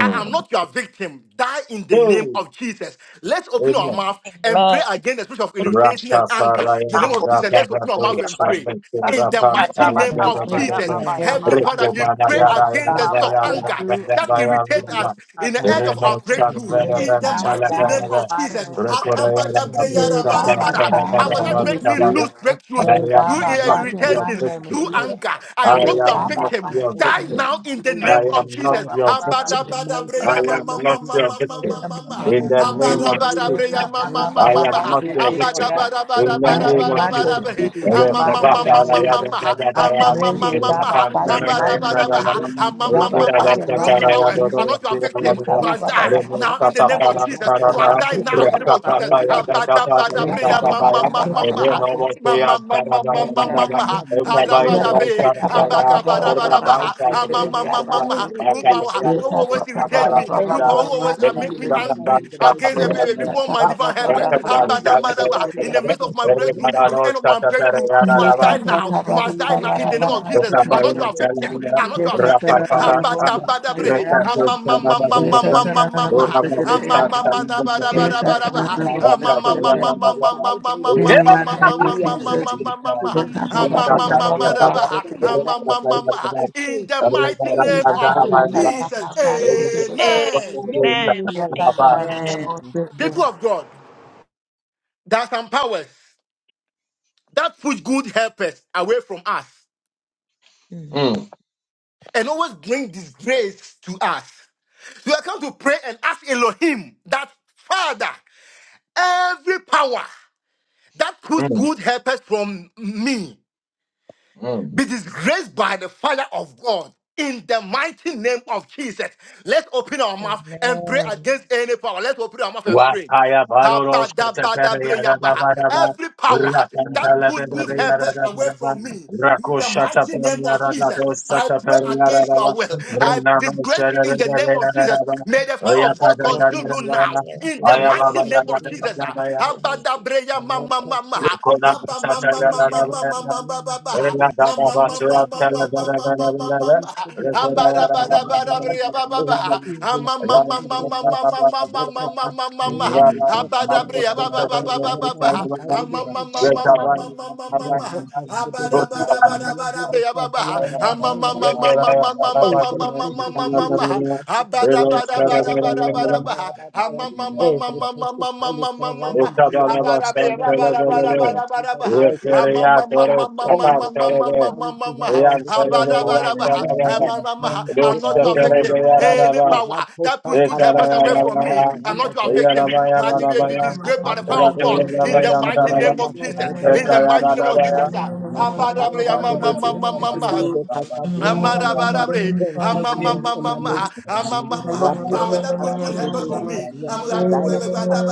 C: I am not your victim. Die in the name
B: Hey.
C: of Jesus. Let's open our
B: Amen.
C: mouth and pray
A: Amen.
C: against the spirit of irritation and
B: Rapa
C: anger. In the
B: paraya
C: name of
A: Example
B: da
C: Jesus, let's
B: baba
C: open our mouth
B: do
A: here
C: and
A: by
C: pray.
B: shaka
A: six.
C: In
B: ra
C: the mighty
B: tala
C: name
L: That
B: ga
L: is
B: da
C: of
B: ga
L: making
B: da
C: Jesus,
L: me
B: ga
K: Father,
C: Heavenly
L: angry.
K: Father,
C: Father,
B: Riko
C: we
K: I
B: mana
C: pray
B: ya
L: Just
K: fear
B: ra ya
C: against
B: ra
C: the
L: stop
K: and
B: ra
C: spirit
L: my
C: of
B: ya
K: fear
C: anger
K: the
L: breakthrough. Or
C: that
K: spirit
L: you
C: irritates
L: can make
C: us
L: my
C: in the
K: that
C: edge of our
B: Rino
L: breakthrough.
B: chan
K: arise
C: breakthrough.
B: ve
K: when
L: May the
K: my
C: In the
B: ben
K: faith
L: power
B: tala
C: mighty
B: ga
L: die
C: name
L: in
B: ya
K: spirit,
L: the
C: of Jesus,
L: body.
B: Riko ra ya ra
C: Hakabada
K: spirit
C: breya
B: bu
L: May
K: of
C: raba
B: shaka
L: God
B: ra
C: raba
L: by the
K: doubt,
B: ra ga
L: power of
C: power
B: ra
L: the
K: spirit
C: that
B: ra
L: Holy
C: make me
B: tala
C: lose
L: Spirit.
K: of
B: I
L: May
C: breakthroughs
K: anger,
L: God
C: through
L: by
B: am
C: ir-
B: not
L: fire
K: spirit
L: in
K: of
L: the
B: your
C: irritation,
L: mighty name of
C: through
B: victim.
K: Lord.
L: Jesus.
C: anger. I am
K: Father,
B: I
C: not
L: May
K: I
C: your
B: am
L: God
K: am
L: by
B: not
C: victim.
L: fire in
K: listening
B: your
L: the
K: of
L: mighty
C: Die
L: name
K: not
L: of
B: victim.
C: now in the
L: Jesus.
C: name
B: I
K: being
L: Yeah,
C: of
K: of
B: am
L: ba,
B: not
L: ba,
C: Jesus.
K: God
L: ba,
B: your
L: ba, ba, ba,
K: in
C: Abada
K: the
L: shit.
B: victim.
C: bada
K: mighty
B: I
L: yeah,
C: breya
L: ba.
C: ma
K: name
B: am
C: ma
K: of
C: ma
B: not
C: ma
K: Jesus
B: your
C: ma ma
K: Christ
L: I
C: ma
B: victim.
K: of
L: am
C: ma ma.
B: In
K: Nazareth.
B: the name of
C: Abada
K: Today
C: bada
K: I
B: Jesus.
C: breya ma ma
K: break
C: ma
B: I
K: that
C: ma
B: have
C: ma.
B: not
K: spirit
B: been a
K: of God.
C: Abada
B: victim.
C: bada
K: I
B: In
C: bada
B: the
K: put
C: bada
K: it
B: name of
C: bada
L: not
K: under
L: your
C: bada
B: Jesus.
K: my
C: bre.
L: victim
K: feet
L: in the
K: in
C: Ama
K: the
C: ma
L: mighty
C: ma
K: mighty
L: name
C: ma
L: of
C: ma
K: name
C: ma
K: of
L: Jesus.
C: ma.
K: Jesus.
L: I
C: Ama
K: I've
C: ma
L: command you
C: ma
L: to
K: now
C: ma
L: die by
C: ma.
K: suspended
L: fire
K: the
L: in the
K: name
C: Abada
L: mighty
K: of
L: name
C: bada
L: of
C: ba.
L: Jesus.
K: Jesus.
C: Ama
L: Die
C: ma
L: by
C: ma
L: fire
C: ma.
L: in the
C: Use
L: mighty
C: the
L: name
C: power.
K: and
C: I'm not
K: I
C: your victim.
K: I pray
C: Must
K: against
C: die now in the name of Jesus. You must die now in the name of Jesus. Abada bada breya ma ma ma ma ma. Mamamamamamamamaha. Adabadabre.
L: of
C: Ambakabarabaraba. Amamamamamaha.
K: every
L: Jesus.
C: Rupawa. You
K: evil
C: power,
K: spirit
C: you
K: that,
C: always irritate
K: that
C: me.
K: stands
C: You power who
K: against
C: always uh, make
K: me,
C: me
L: Yes,
K: and God,
C: angry
K: in
B: Thank
K: the mighty
C: against
L: in
C: the
L: the
K: name of
C: baby
K: Jesus.
C: before
B: you.
C: my divine helpers.
K: Every evil spirit
C: Abadamadaba. In
K: that
C: the
K: is
C: midst of my
K: a
C: breakthrough,
K: barrier,
C: in the end of my breakthrough through. You must die
K: even
C: now.
K: in
C: You must die now in
K: communication
C: the name
K: with,
C: of Jesus. I'm
K: that
C: not
K: is
C: your
K: a
C: victim. I'm
K: barrier
C: not your victim.
K: for my spiritual
C: Abadabadabre.
K: life. Rapopaka,
C: Amamamamamamamama.
K: Yende Estadaya,
J: Thank
K: that is a
C: Amamamamabadabadabadaba.
K: barrier in reading your Bible, that is
L: mighty
K: a
L: name of
K: barrier
L: Jesus.
K: in
C: Amamamamamamamamamamamamamamamamamamamama.
L: Yes,
K: giving
L: I blah blah blah blah
K: fasting.
L: blah blah
K: I
C: Amamamamadaba.
K: stand
L: blah.
K: against it.
C: Amamamama.
K: I
C: In
K: say,
C: the mighty
L: Yes,
C: name
K: today,
L: I
C: of
K: enough
C: Jesus.
K: is
L: blah
K: enough.
L: blah
C: Amen.
K: Not
A: Amen.
K: anymore. In
A: Amen.
L: blah
E: Amen.
K: Jesus'
L: blah
K: name.
C: People of God, there are some powers that push good helpers away from us.
E: Mm.
B: Mm,
C: and always bring disgrace to us. So I come to pray and ask Elohim that Father, every power that puts
B: mm,
C: good helpers from me
B: mm.
C: be disgraced by the fire of God. In the mighty name of Jesus, let's open our mouth and pray
E: Amen.
C: against any power. Let's open our mouth and pray.
B: Wataya Baroro Shatapere
C: Abadabadabreyaba.
E: Yeah,
B: Yadadabadaba,
C: Every power that
E: And the
C: put
B: Rakantalabere
C: good
E: power
C: helpers away
B: Yadadabadaba,
C: from me, in
B: Rako
C: the mighty
B: Shatapere
C: name
E: of
C: of Jesus,
B: Yadadabo
C: I pray
B: Shatapere
C: against your
B: Yadadaba,
C: will. I
B: Renamo
C: disgrace you in the
B: Chelebere
C: name of
E: God.
C: Jesus.
B: Yadadaba,
C: May the fire of God
B: Oyakada
K: Rabat
C: consume
E: Italians
C: you
K: Rabat
C: now,
B: Yadadabaya,
K: Shabbat
E: retail
C: in the
E: and
K: Nadia
C: mighty
B: Ayababa
E: often
C: name of Jesus
K: Nadia
B: Yadadabaya,
K: Shabbat
E: Belgian
C: breya
K: Rabat
C: mama
E: Nigerian
C: mama.
K: Shabbat
B: Thank
C: Aba mama mama
K: Nadia Nadia
C: mama mama
K: Nadia
C: baba.
K: Nadia
C: Ama
E: Nigerian
K: Rabat
C: mama
K: Rabat
E: and
C: mama mama mama
K: Shabbat Rabat
C: mama. Abara
K: Shabbat Nadia
C: bara
J: you.
C: bara
K: Nadia
C: breya baba
K: All the
C: baba.
K: evil
C: Ama mama
K: forces
C: mama
K: of God
C: mama mama
K: that
C: mama
K: have
C: mama
J: Thank
C: mama.
K: upcoming effect,
C: Abara
K: Rabat
C: breya
K: Rabat
C: baba
K: Shabbat
C: baba baba
K: Nadia
C: baba. Ama
K: Nadia
C: mama
E: Irish
K: Nadia
C: mama mama mama
K: Rabat
C: mama.
K: Shabbat
C: Abara
K: Nadia
C: bara bara bara
K: Nadia
C: breya baba.
K: Nadia
C: Ama mama
K: Nadia
C: mama
K: Nadia
E: and
C: mama
K: every
C: mama mama
K: principality
C: mama
K: that is at home
C: mama.
K: Every
B: you.
C: I'm
E: Canada.
K: principality around me, I
B: Rukabalaba
K: got in the mighty name
B: Santelebele,
K: of Jesus Christ of
B: Reperia
K: Nazareth.
B: Toro
K: All
B: Chapar
K: the
B: Telebe,
K: principalities around
B: Yan
K: the
B: Telebe,
K: trouble
B: Yan
K: in
B: Telebe,
K: this country,
C: not
B: Rusta
C: your
K: in this
B: Telebe
C: victim. Any
K: county,
B: Yarababa,
C: power that puts good helpers away from me,
B: Ekarabaya,
C: I'm not your victim.
B: Yarabaya
K: all
C: My
K: the
C: dear, be
K: principalities
B: Barabaya,
K: are
C: disgraced by the power of
B: Ratu
C: God
K: under
C: in
K: the
C: the
K: power
B: Yarabayan
C: mighty
K: in
B: Taraba,
C: name of Jesus.
K: the
C: In the mighty name of Jesus.
B: Ekarabaya,
C: ah. Abadabria, ma, ma, ma, ma, ma, ma. Amadabadabre,
D: Amen. Lord, you
C: amamamamama, amamama.
D: are
C: Power
D: good
C: that
D: to me.
C: puts
D: You
C: good helpers
D: are
C: for me. Am- I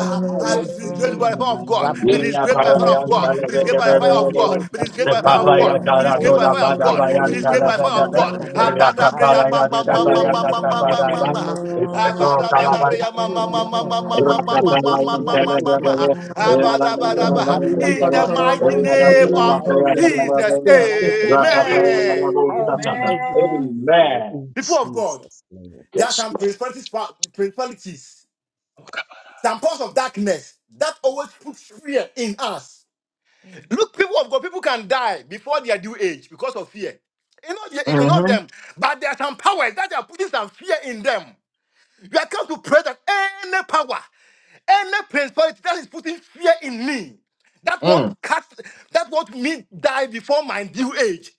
J: you.
C: I be disgraced by the power of
J: Thank
C: God. Be
B: Yina
C: disgraced by the fire of
B: Parayan
C: God. Be
B: Telebe,
C: disgraced by the fire of God. Be disgraced by
B: the
C: the fire of God.
B: Papaya
C: Be disgraced by the
B: Taradoda
C: fire of God. Be
B: Badabayan
C: disgraced by the fire of
B: Talabada,
C: God. Abadabre,
B: Rakapaya Dada Bayada
K: mighty
B: Badaba,
K: name of
C: amamamamamamamamamama.
K: Jesus
B: Uttano
K: in
C: Abadabadabre,
K: this
B: Talabaya.
K: area of Adam,
B: Amen.
K: in this life of Jesus,
C: amamamamamamamamamamamamamama.
K: in this family of
C: Abadabadaba.
D: good to me. I am good. You
C: In
K: apostles,
D: are
C: the
D: not to
C: mighty
D: me. I am good.
C: name
K: Sabados,
C: of Jesus, amen.
K: Parents to this land in
C: People of God,
K: Jesus' name.
C: there are
B: Yes.
C: some principalities, principalities, some powers of darkness that always put fear in us.
E: Mm.
C: Look, people of God, people can die before their due age because of fear. You know, you you know
B: Mm-hmm.
C: them, but there are some powers that are putting some fear in them. You are come to pray that any power, any principality that is putting fear in me, that want
B: Mm.
C: to cast, that want me die before my due age.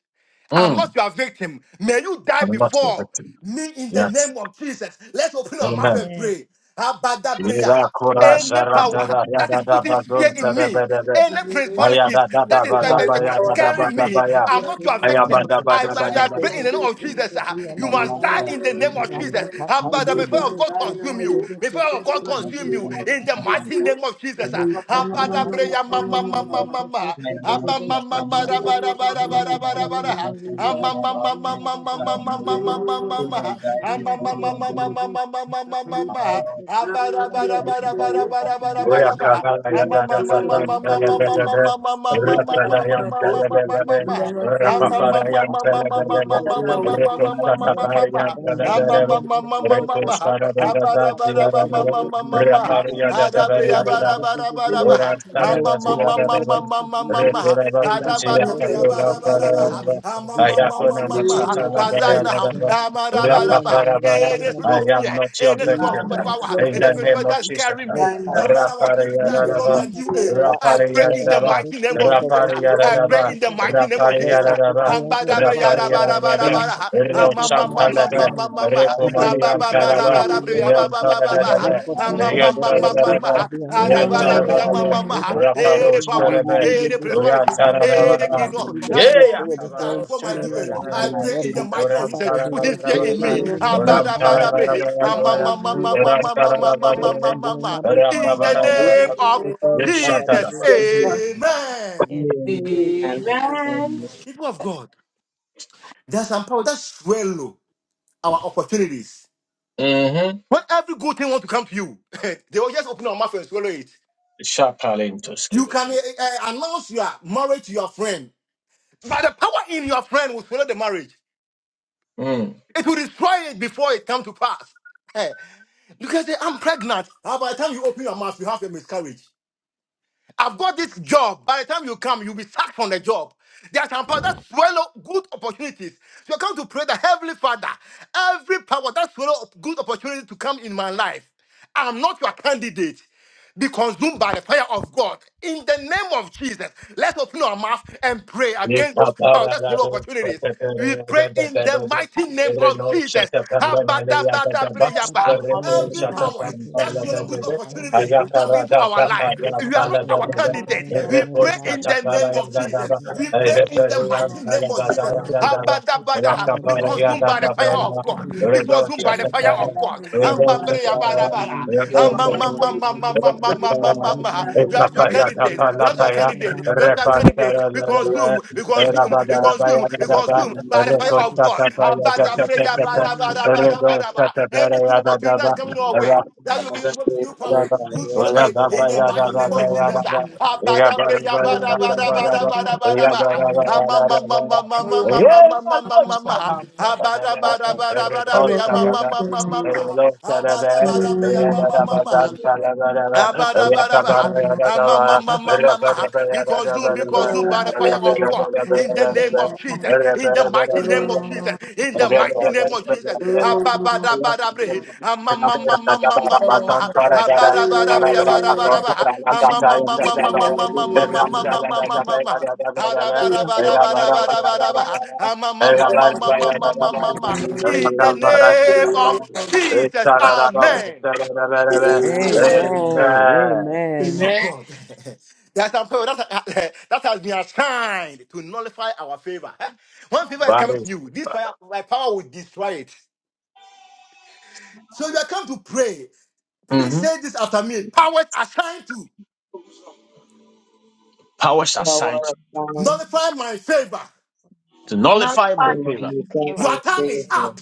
C: I'm
B: Mm.
C: not your victim. May you die
B: I'm not the
C: before
B: victim.
C: me in the
B: Yes.
C: name of Jesus. Let's open our mouth
B: Amen.
C: and
E: Amen.
C: pray. Abada breya.
B: Irakura
C: Any
B: zara
C: power
B: dara
C: that
B: yada
C: is
B: da
C: putting fear
B: bazon
C: in
B: tada
C: me,
B: bada da.
C: any
B: Aya
C: principalities
B: da da
C: that
B: da
C: is
B: ba
C: uh,
B: da
C: uh, uh,
B: ba ya da da ba
C: scaring
B: da
C: me,
B: ba ya.
C: I'm not your victim.
B: Ayaba da ba
C: I,
B: da ba
C: I, I
B: da
C: pray in the name of Jesus. ah. you must die in the name of Jesus. Abada, may fire of God consume you. May fire of God consume you in the mighty name of Jesus. uh, Abada breya mama mama mama. Aba mama mara bara bara bara bara bara. Ama mama mama mama mama mama mama. Ama mama mama mama mama mama mama. Abara bara bara bara bara bara
B: I
C: bara bara. Ama
B: am
C: mama mama mama
K: Report
C: mama mama mama
K: Rita
C: mama mama mama
J: you.
C: mama
D: You are
C: mama.
D: not to me. I am not good. I am not. You
C: Any spirit of
D: are not to me. Amen.
C: fear,
B: not your
C: any spirit
D: I'm
B: victim.
C: of power,
B: In
C: any
B: the name
C: spirit
B: of
C: that carry
B: Jesus.
C: me, um, and I want me to die before my
B: Rapariyararaba,
C: due age. I pray in the
B: rapariyararaba,
K: in
C: mighty name of Jesus. ah. I pray
B: rapariyararaba,
C: in the mighty name of Jesus. ah.
B: rapariyararaba, rapariyararaba,
C: Ambadabriyadabarabarabara,
K: Jesus' mighty
B: rochantalaba,
K: name.
C: amamamamamamama,
K: Father, we give you
B: rekumaniyantalaba,
K: praise, we worship you.
C: abababarabarabarabarabara,
B: yantarararaba,
J: Thank
B: yantarararaba,
C: amamamamamama,
B: yantarararaba,
C: arabarabriyamamama. Any power,
B: raparoshkaraba,
C: any principalities,
B: yatarararaba,
C: any kingdom that is
B: yeya,
C: want me to die before my due age, I
B: kabaroshkarabarabaraba,
C: pray in the mighty name of Jesus. Put his fear
B: ramtararabaraba,
C: in me. Abadabarabre,
B: ramtararabaraba, ramtararabaraba,
C: amamamamamamamamamamamama. In the name
B: Rakabarayarara.
C: of
K: Repata
C: Jesus,
B: Yeshatadaba.
K: Praise to
C: amen.
E: Amen. Thank
K: you.
J: you.
C: People of God, there's some power that swallow our opportunities.
B: Mm-hmm.
C: When every good thing wants to come to you, they will just open our mouth and swallow it. You
B: Shapalintoskibe.
C: can uh, uh, announce your marriage to your friend, but the power in your friend will swallow the marriage. It will destroy it before it comes to pass. Hey, you can say, I'm pregnant. Ah, by the time you open your mouth, you have a miscarriage. I've got this job. By the time you come, you'll be sacked from the job. There are some powers that swallow good opportunities. So I come to pray the Heavenly Father, every power that swallow up good opportunity to come in my life, I'm not your candidate. Be consumed by the fire of God. In the name of Jesus, let's open our mouth and pray against those powers that swallow opportunities. We pray in the mighty name
B: Every
C: of
B: no
C: Jesus.
B: shakapan and the
K: about
B: box, the
K: the
D: not
B: repo
C: Every power
B: shakapan
K: people
C: that's
K: who are
C: your
K: the
C: good
E: you,
K: best
B: telebede,
K: of the
C: opportunities
K: ever.
C: come
B: Ayakara
C: into
B: da
C: our
B: da
K: I don't
B: da
C: life.
K: know
B: da
C: We
K: about
C: are
K: the
C: not
E: the
C: our
E: God's
K: people
B: telebede,
E: word
C: candidate.
K: who
B: the
E: set
K: are
C: We
E: my
K: the
B: repo
C: pray
E: heart
K: ever.
E: for
C: in
E: you.
C: the name
B: shakapara
K: I
C: of
B: and
K: can't
B: the
C: Jesus.
B: dava,
K: think
C: We
K: of
B: a
C: pray
K: the
C: in
K: best
C: the
K: of the
B: reperian
C: mighty
K: people
C: name of
K: who
C: Jesus.
B: telebazara
K: are
B: da
K: the ever.
B: dava,
K: I
C: Abadabada.
K: don't know
C: Be
J: Thank
B: Rakaparaya
C: consumed
B: da
C: by
K: about
C: the
B: da
J: you.
K: the
C: fire
K: people
C: of
B: da,
K: who are
C: God.
K: the
C: Be
K: best
B: Redo
K: of
C: consumed
K: the
C: by
K: people
C: the fire
K: who
C: of
B: shakapara,
C: God.
K: are the
B: Redo
K: best of the
B: shakapara,
C: Ambabreyabadabada.
K: people
B: Redo
K: who are the best of the
B: shakapara,
K: ever.
B: Rakapara,
K: Very,
C: Amamamamamamamamamama.
K: very, very,
C: You are not your
K: very, very,
B: Ekapaya da
C: candidate.
K: very,
C: You are not your
K: very, very,
B: palapaya,
K: very,
C: candidate. You
K: very.
C: are not your candidate. Be consumed
B: Repantara
C: consumed, be
B: Rabba
K: Okay, thank
C: consumed, be consumed, be
K: you,
C: consumed by the fire of
K: Lord.
C: God. Abada, prayer, bada, bada, bada, bada, bada. Any good opportunity that's coming our way, that will bring to you power. You swallow it in the mighty name of Jesus.
B: yeah,
C: Abada,
B: brother,
C: prayer,
B: brother,
C: bada,
B: brother,
C: bada, bada,
B: brother.
C: bada, bada,
B: Yeah, brother,
C: bada. Ama, ma,
B: brother,
C: ma,
B: brother.
C: ma, ma, ma, ma, ma,
B: Yeah,
C: ma, ma, ma,
B: Lord,
C: ma, ma.
B: Satan, brother,
C: Abada,
B: brother.
C: bada, bada,
B: Yeah,
C: bada,
B: Lord,
C: prayer, ma,
B: Satan,
C: ma,
B: brother.
C: ma, ma, ma,
B: Yeah,
C: ma.
B: Lord, Satan,
C: Abada,
B: brother.
C: bada, prayer,
B: Yeah,
C: ma, ma,
B: brother,
C: ma,
B: brother,
C: ma.
B: brother, brother. Yeah, brother, brother,
C: Abadabadaba.
B: brother. Yeah, brother, brother, brother,
C: Amamamamamama.
B: brother. Yeah,
C: Be consumed, be
B: brother, brother,
C: consumed by the fire
B: brother,
C: of God in the name
B: brother.
C: of Jesus, in the mighty name of Jesus, in the
B: Yeah,
C: mighty
B: brother, brother,
C: name of
B: brother,
C: Jesus.
B: brother.
C: Ababadabadabre. Amamamamamamamama. Abadabadabri, abadabadaba. Amamamamamamamamamamamamamama. Adabadabadabadabadabadaba.
J: I want to
C: Amamamamamamamamamama. In the
J: come
C: name of Jesus, Amen. People of God, that's how, that, that has been assigned to nullify our favor. Eh? When favor is coming to you, this fire, my power will destroy it. So you are come to pray. Please
B: Mm-hmm.
C: say this after me. Powers assigned to
B: Powers assigned
C: nullify my
E: I
C: favor.
B: to
A: Not
B: nullify my
A: by
J: to
B: favor.
J: you,
A: my
J: thank
A: favor.
J: my
C: Your time is
J: Savior.
C: up.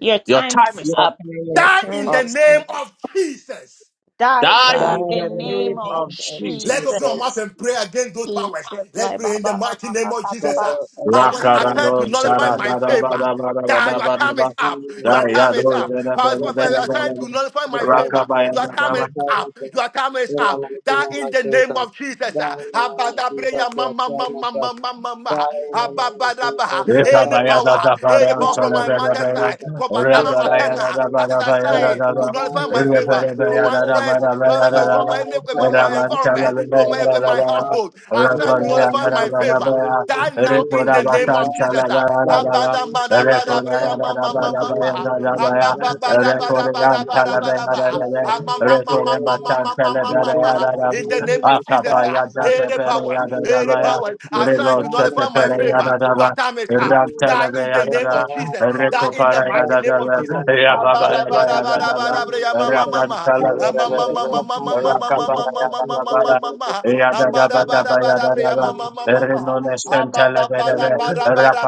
A: Your
B: Your
A: time
B: time
A: is
B: is up.
A: up.
E: Your
C: Die
E: time
C: in the
J: up,
E: is
C: name
E: up.
C: of Jesus.
A: Die
B: Die
E: Die
A: in
B: in
J: dying
A: the
B: the
E: in
J: and
E: the
A: name
B: name
A: of
J: help
B: of
E: name of
C: Let's
A: Jesus.
B: Jesus.
C: open our
J: the
C: mouth
E: Jesus.
C: and pray against those powers.
A: Jesus.
C: Let's
A: Like, ba,
C: pray in the
A: ba, ba,
C: mighty
A: ba,
C: name
A: ba,
C: of
A: ka, ba,
J: power
C: Jesus.
A: ba,
C: ah.
A: ba,
J: of
A: ba,
J: the
A: ya.
C: Powers
J: man,
C: assigned
B: Rakarado
C: to nullify
J: including
B: shara
J: my
C: my
B: da da ba
C: favor.
B: da ba da ba
C: Die,
B: da
C: your
B: ba da
C: time is
B: ba
J: and
C: up. Your
B: da
J: not
B: ya
C: time is
B: do
J: people.
C: up.
B: ze da be
C: For power-
B: da
J: Just
B: be
J: the
C: power-
B: da
C: Your
B: be
C: time
J: name
C: to
B: da be.
C: nullify
J: of
C: my favor.
J: requirement
C: Your time is
B: Rakabaya
C: up.
J: of
C: Your time is up. Die in the
J: Ramanathin
C: name of Jesus. ah.
J: of Jesus.
C: Abadabreya ma-
J: Yes,
C: ma-
J: I
C: ma-
J: am
C: ma-
J: sure.
C: ma- ma- ma-
J: Yes,
C: ma.
J: I am sure.
C: Ababadaba.
J: Yes, I am sure. In the
C: Any
J: name of
B: Rekabaya da
C: power,
J: Jesus.
B: da
C: any
B: baran
C: power from
J: the
B: tara
C: my
J: name
B: bera
J: of
C: mother's
B: bera
C: side,
J: Jesus,
C: from
J: yes, sure. in the name of Jesus,
C: Batana
J: yes, I
B: rabaraya
J: am sure. in the name of Jesus, yes, I am
B: da
C: Matana,
B: da
J: sure.
C: that is
B: bara
C: a
B: baya da
J: Right
C: sign
B: da
C: to
J: now,
B: da
J: God,
C: nullify
J: in the
C: my
J: name of
C: favor
B: rebere
C: from
B: baya
C: my
B: da
J: Jesus,
B: da
C: friends,
B: bara
C: uh,
B: baya da
C: uh,
B: da
C: from
B: da
C: my,
J: all
C: my, my
B: raban
J: power of
B: tala
C: environment,
J: God, you
C: from
B: bera
C: my,
B: da
J: make
B: da
C: my
J: it
B: baya
J: out.
C: household. I
J: You,
C: sign to
B: rakarya
J: Lord,
C: nullify
J: to
B: bara
C: my
J: this
B: bara
C: favor.
J: family
B: baya
J: and
C: Die now in
B: rekora
C: the name of
B: basan
J: this
C: Jesus.
B: tala
C: ah.
B: bera da
J: Thank
B: da da
C: Abada, bada,
J: you. that
C: bada,
J: call
B: rekoraya
C: bria,
B: da
J: us
C: ma,
B: da
C: ma,
J: back
C: ma,
J: to
B: bara
C: ma, ma,
B: baya
J: this
C: ah.
J: area
B: da da
J: and
C: Aba,
B: baya
J: try
C: ba,
J: to
C: bada,
J: see the
C: bada, bada,
B: rekoryan
C: bada,
B: tala
J: relationship.
C: bada, ba,
B: bera da
C: ah.
B: da
J: Yeah, I know
C: Ama,
B: da
J: that
C: ma,
J: you
C: ma, ma,
B: rekore
J: know
C: ma,
J: that
C: ma,
B: basan
C: ma, ma,
B: tala
C: ma,
J: not
C: ma,
B: bera
C: ma,
J: that
B: ya
J: I
C: ah.
B: da
J: like
B: da
J: to
C: In the
J: really
C: name of
J: just
C: Jesus,
J: call
C: ah.
B: akabaya
J: us
B: da
J: and
B: da
C: any
B: bera
J: I
C: powers,
B: ya da
J: just
B: da
C: any
J: feel
B: baya
C: powers
J: like you should
C: assigned
B: Relo
C: to
J: call
B: sete
C: nullify
J: and I
C: my
B: pere
J: can
B: ya
C: favor,
J: only
B: da
J: do
C: your
J: it.
B: da
C: time is
J: Yeah,
C: up.
J: I know
C: Die
J: that
C: in
J: you
C: the
J: just
C: name
J: call
C: of
B: Rantalabeyadada,
J: us
C: Jesus.
J: and
C: Die in the
J: yeah, I
C: mighty name
J: know that
C: of
B: Rekoparayadadada,
J: you
C: Jesus.
J: understand the
C: Abada,
J: things
C: bada,
J: that done
C: bada,
J: when
B: Yababayadadada,
C: bada,
J: you
C: bria, ma,
J: do
C: ma,
J: that.
C: ma, ma, ah.
J: Now it's
C: Ama,
J: not
C: ma,
J: a
B: Rakantalabeyadadada,
C: ma, ma,
J: stop
C: ma,
J: my
C: ma, ma,
J: thing,
C: ma,
J: it's
C: ma,
J: just
C: ma, ma,
J: like
C: ma, ma,
J: you
C: ma,
J: feel
C: ma,
B: Rakaparayadadada,
C: ma,
J: that
C: ma,
J: the
C: ah.
J: stuff you're
C: Ama,
J: doing and I
C: bada, bada,
J: can
C: bria,
J: do
B: Yadadabadabayadadada,
C: ma, ma,
J: it
C: ma,
J: and
C: ma, ma,
J: I'm
C: ah
J: not doing
C: ha
J: it.
C: ba ba na
B: Rinonestantalabeyadada,
C: ma ba ra ba ba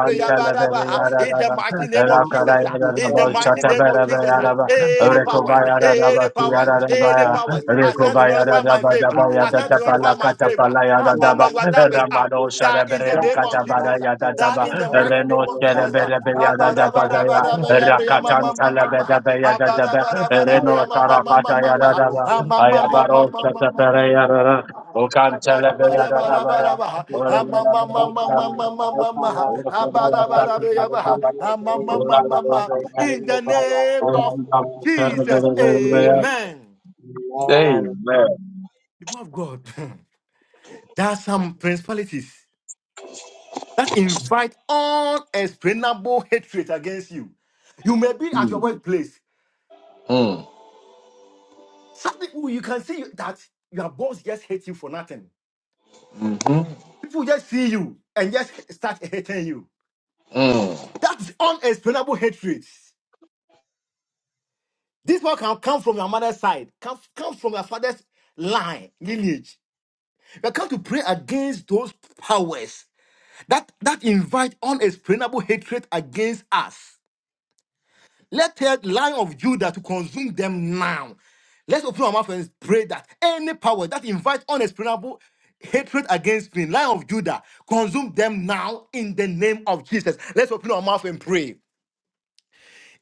C: ra ba In the mighty name of Jesus, ah. in the
B: Rakarayadadaba,
C: mighty name of Jesus, ah.
B: Shatabarabeyadaba,
C: any powers,
B: Rekobayadadaba,
C: any powers, any
B: Siyadadabaya,
C: powers, I stand to nullify my favor. I stand to
B: Rekobayadadabadabayadadaba,
C: nullify my favor. Ah, mama,
B: Lakatapalayadadaba,
C: your time is up.
B: Ramano
C: Die in the name of Jesus. ah. Die
B: Katabadayadadaba,
C: in the mighty name of Jesus. ah. Ah,
B: Renoskerebelebeyadadabadaya,
C: ba-ra-ba-ra-ba-ra-ba-ya-ba-ya-ma-ma-ma-ma-ma. Ah, ba-ra-ba-ra-ba-ra-ba-ya-ma-ma-ma-ma-ma-ma. Ah, ma-ma-ma-ma-ma-ma-ma-ma-ma-ma. In the
J: like I am, like I am, like I am, like I am, like I am, like I am, like I
C: name of
J: am,
C: Jesus,
J: like I
C: amen.
B: Amen.
J: am. Amen.
C: People of God, there are some principalities that invite unexplainable hatred against you. You may be at your workplace. Some people, you can see that your boss just hates you for nothing.
B: Mm-hmm.
E: Mm. Hmm.
C: People just see you and just start hating you.
B: Mm.
C: That's unexplainable hatred. This one can come from your mother's side, come, come from your father's line, lineage. We come to pray against those powers that, that invite unexplainable hatred against us. Let the line of Judah to consume them now. Let's open our mouth and pray that any power that invite unexplainable hatred against me, line of Judah, consume them now in the name of Jesus. Let's open our mouth and pray.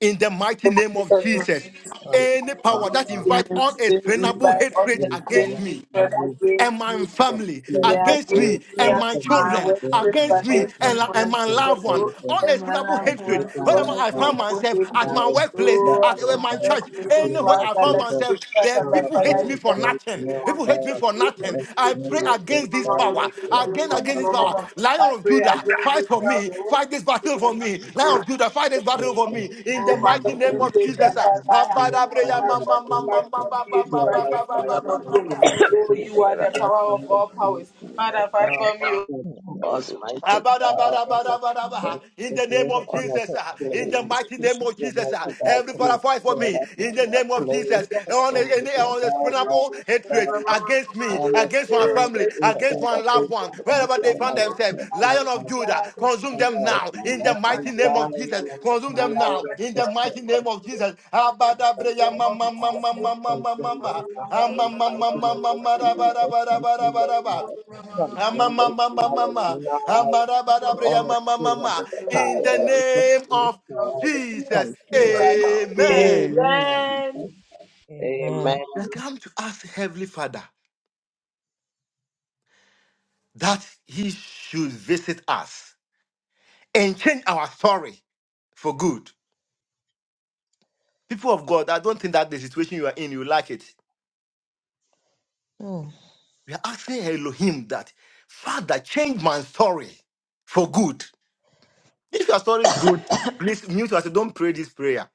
C: in the mighty name of
D: Jesus, my
C: Jesus.
D: name.
J: Um,
C: Any
J: um,
C: power that
J: um,
C: invite unexplainable
J: yeah,
D: revive all
J: it
C: hatred
D: the
J: is
D: plain
J: done.
C: against me
D: hatred
C: and
D: against
C: my
D: me.
J: But
C: family,
D: In
J: still,
D: the
J: the
C: against
D: against
J: old
C: me
D: me
C: and
D: at
C: my
J: person made
D: my
J: a
C: children,
J: bill
D: workplace,
J: and
C: against
J: has
C: me
D: against me
J: made
C: and,
J: a
D: when
J: bill
C: and
D: I
C: my
J: for
D: see
J: his
D: the
C: loved one.
D: law,
J: favorite friend.
D: and my
C: Unexplainable
D: lamb
J: Like,
D: who
C: hatred.
J: look
D: has
J: my
D: one
C: Whenever
J: love
D: and
C: I
D: two
C: found
J: on
D: double
C: myself at
D: hatred.
C: my
J: dying,
C: workplace,
J: but
D: Oh,
C: at
D: at
C: uh,
J: not
D: my
J: by
C: my church,
D: workplace,
J: any
D: so
C: anywhere
J: feeling
D: far,
J: of
C: I
D: I
C: found
D: like
J: Jesus.
D: to be
C: myself,
D: cut
C: there
J: So
D: up by
C: people
D: fire
C: hate
D: in
C: me for
D: the
J: I
D: mighty
C: nothing.
D: name of
C: People hate me for
D: Jesus.
C: nothing. I pray against this power. Again, against this power.
D: I
C: Lion of
D: pray
C: Judah,
D: against
C: fight
D: this
C: for me. Fight this battle
D: power.
C: for me.
J: Thank you.
C: Lion of Judah, fight this
J: Yes,
C: battle for
J: and
C: me. In
D: Oh,
C: the
J: you
D: my
J: know
C: mighty
D: Lord
J: what
C: name
D: this
J: we
C: of
D: day,
J: said, I
D: I
C: Jesus. ah.
D: thought
J: think
D: I had
J: we can
D: to and Savior, Father, I have no other
J: glorify
C: Abadabreya ma-
J: your
C: ma-
D: God
C: ma- ma-
D: but
C: ma-
J: praise
C: ma-
J: and
D: for me
C: ma-
D: It
C: ma-
D: is
C: ma-
D: like
C: ma-
J: thereby
D: you,
C: ma-
D: O
C: ma-
D: Lord of
J: firing
C: ma-
J: and
C: ma-
D: hosts.
C: ma.
J: killing of
D: Oh,
J: see
D: you are the
J: from us
D: power of
J: finding
D: all
J: grace
D: powers.
J: to the
D: Father, fight
J: God
D: for me. oh,
J: who was mighty God and
C: Abadabadabadabadaba.
J: yes,
C: In
J: the
C: the name
J: great
C: of
J: honor
C: Jesus, uh, in the
J: claim
C: mighty name of
J: the
C: Jesus, uh,
J: mighty God
C: every father
J: is
C: fight for
J: spread
C: me.
J: of my
C: In the
J: love
C: name
E: Amen.
C: of
J: place
C: Jesus, on
J: and with
C: any
J: the God
D: in
J: God
C: unexplainable
J: is
C: hatred
J: fire
C: against me,
J: honor
C: against my
J: honor the
C: family, against
J: instead
C: my
J: of
C: loved
J: it
C: one,
J: and my
C: wherever they
J: son
C: find
J: my
C: themselves, Lion
J: children
C: of
J: my
C: Judah, consume
J: and
C: them
J: all
C: now.
J: my
C: In the
J: life I'm
C: mighty name of
J: dying
C: Jesus,
J: and I'm
C: consume
J: looking
C: them now.
J: right up
C: In
J: the
C: the mighty
J: table.
C: name of Jesus,
D: the
J: I'm
D: mighty name
C: Abadabreya
J: like,
C: ma-
D: of
C: ma- ma-
J: oh,
D: Jesus,
C: ma-
D: you.
C: ma- ma- ma-
J: something
C: ma- ma.
J: that I
C: Ah,
J: in
C: ma-
J: the
C: ma-
J: life
C: ma-
J: of
C: ma-
J: the
C: ma-
J: Lord
C: ma- da- ba- da-
J: Jesus,
C: ba- da-
J: something
C: ba- da- ba-
J: that
C: da-
J: I,
C: ba.
D: Father,
J: something that I, that
C: Amamamamamama.
J: I, on a kid of
C: Amarabarabriyamamamama.
J: a
C: In the
J: child,
C: name
J: something
C: of
J: that
C: Jesus.
J: something that now. something
C: Amen.
L: blah.
J: that
L: Amen.
J: Jesus. Amen.
C: We come to ask Heavenly Father that He should visit us and change our story for good. People of God, I don't think that the situation you are in, you like it.
E: Mm.
C: We are asking Elohim that, Father, change my story for good. If your story is good, please mute yourself. Don't pray this prayer.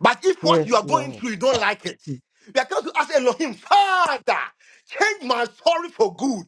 C: But if what
K: Yes,
C: you are going
K: Lord.
C: through, you don't like it, you are going to ask Elohim, Father, change my story for good.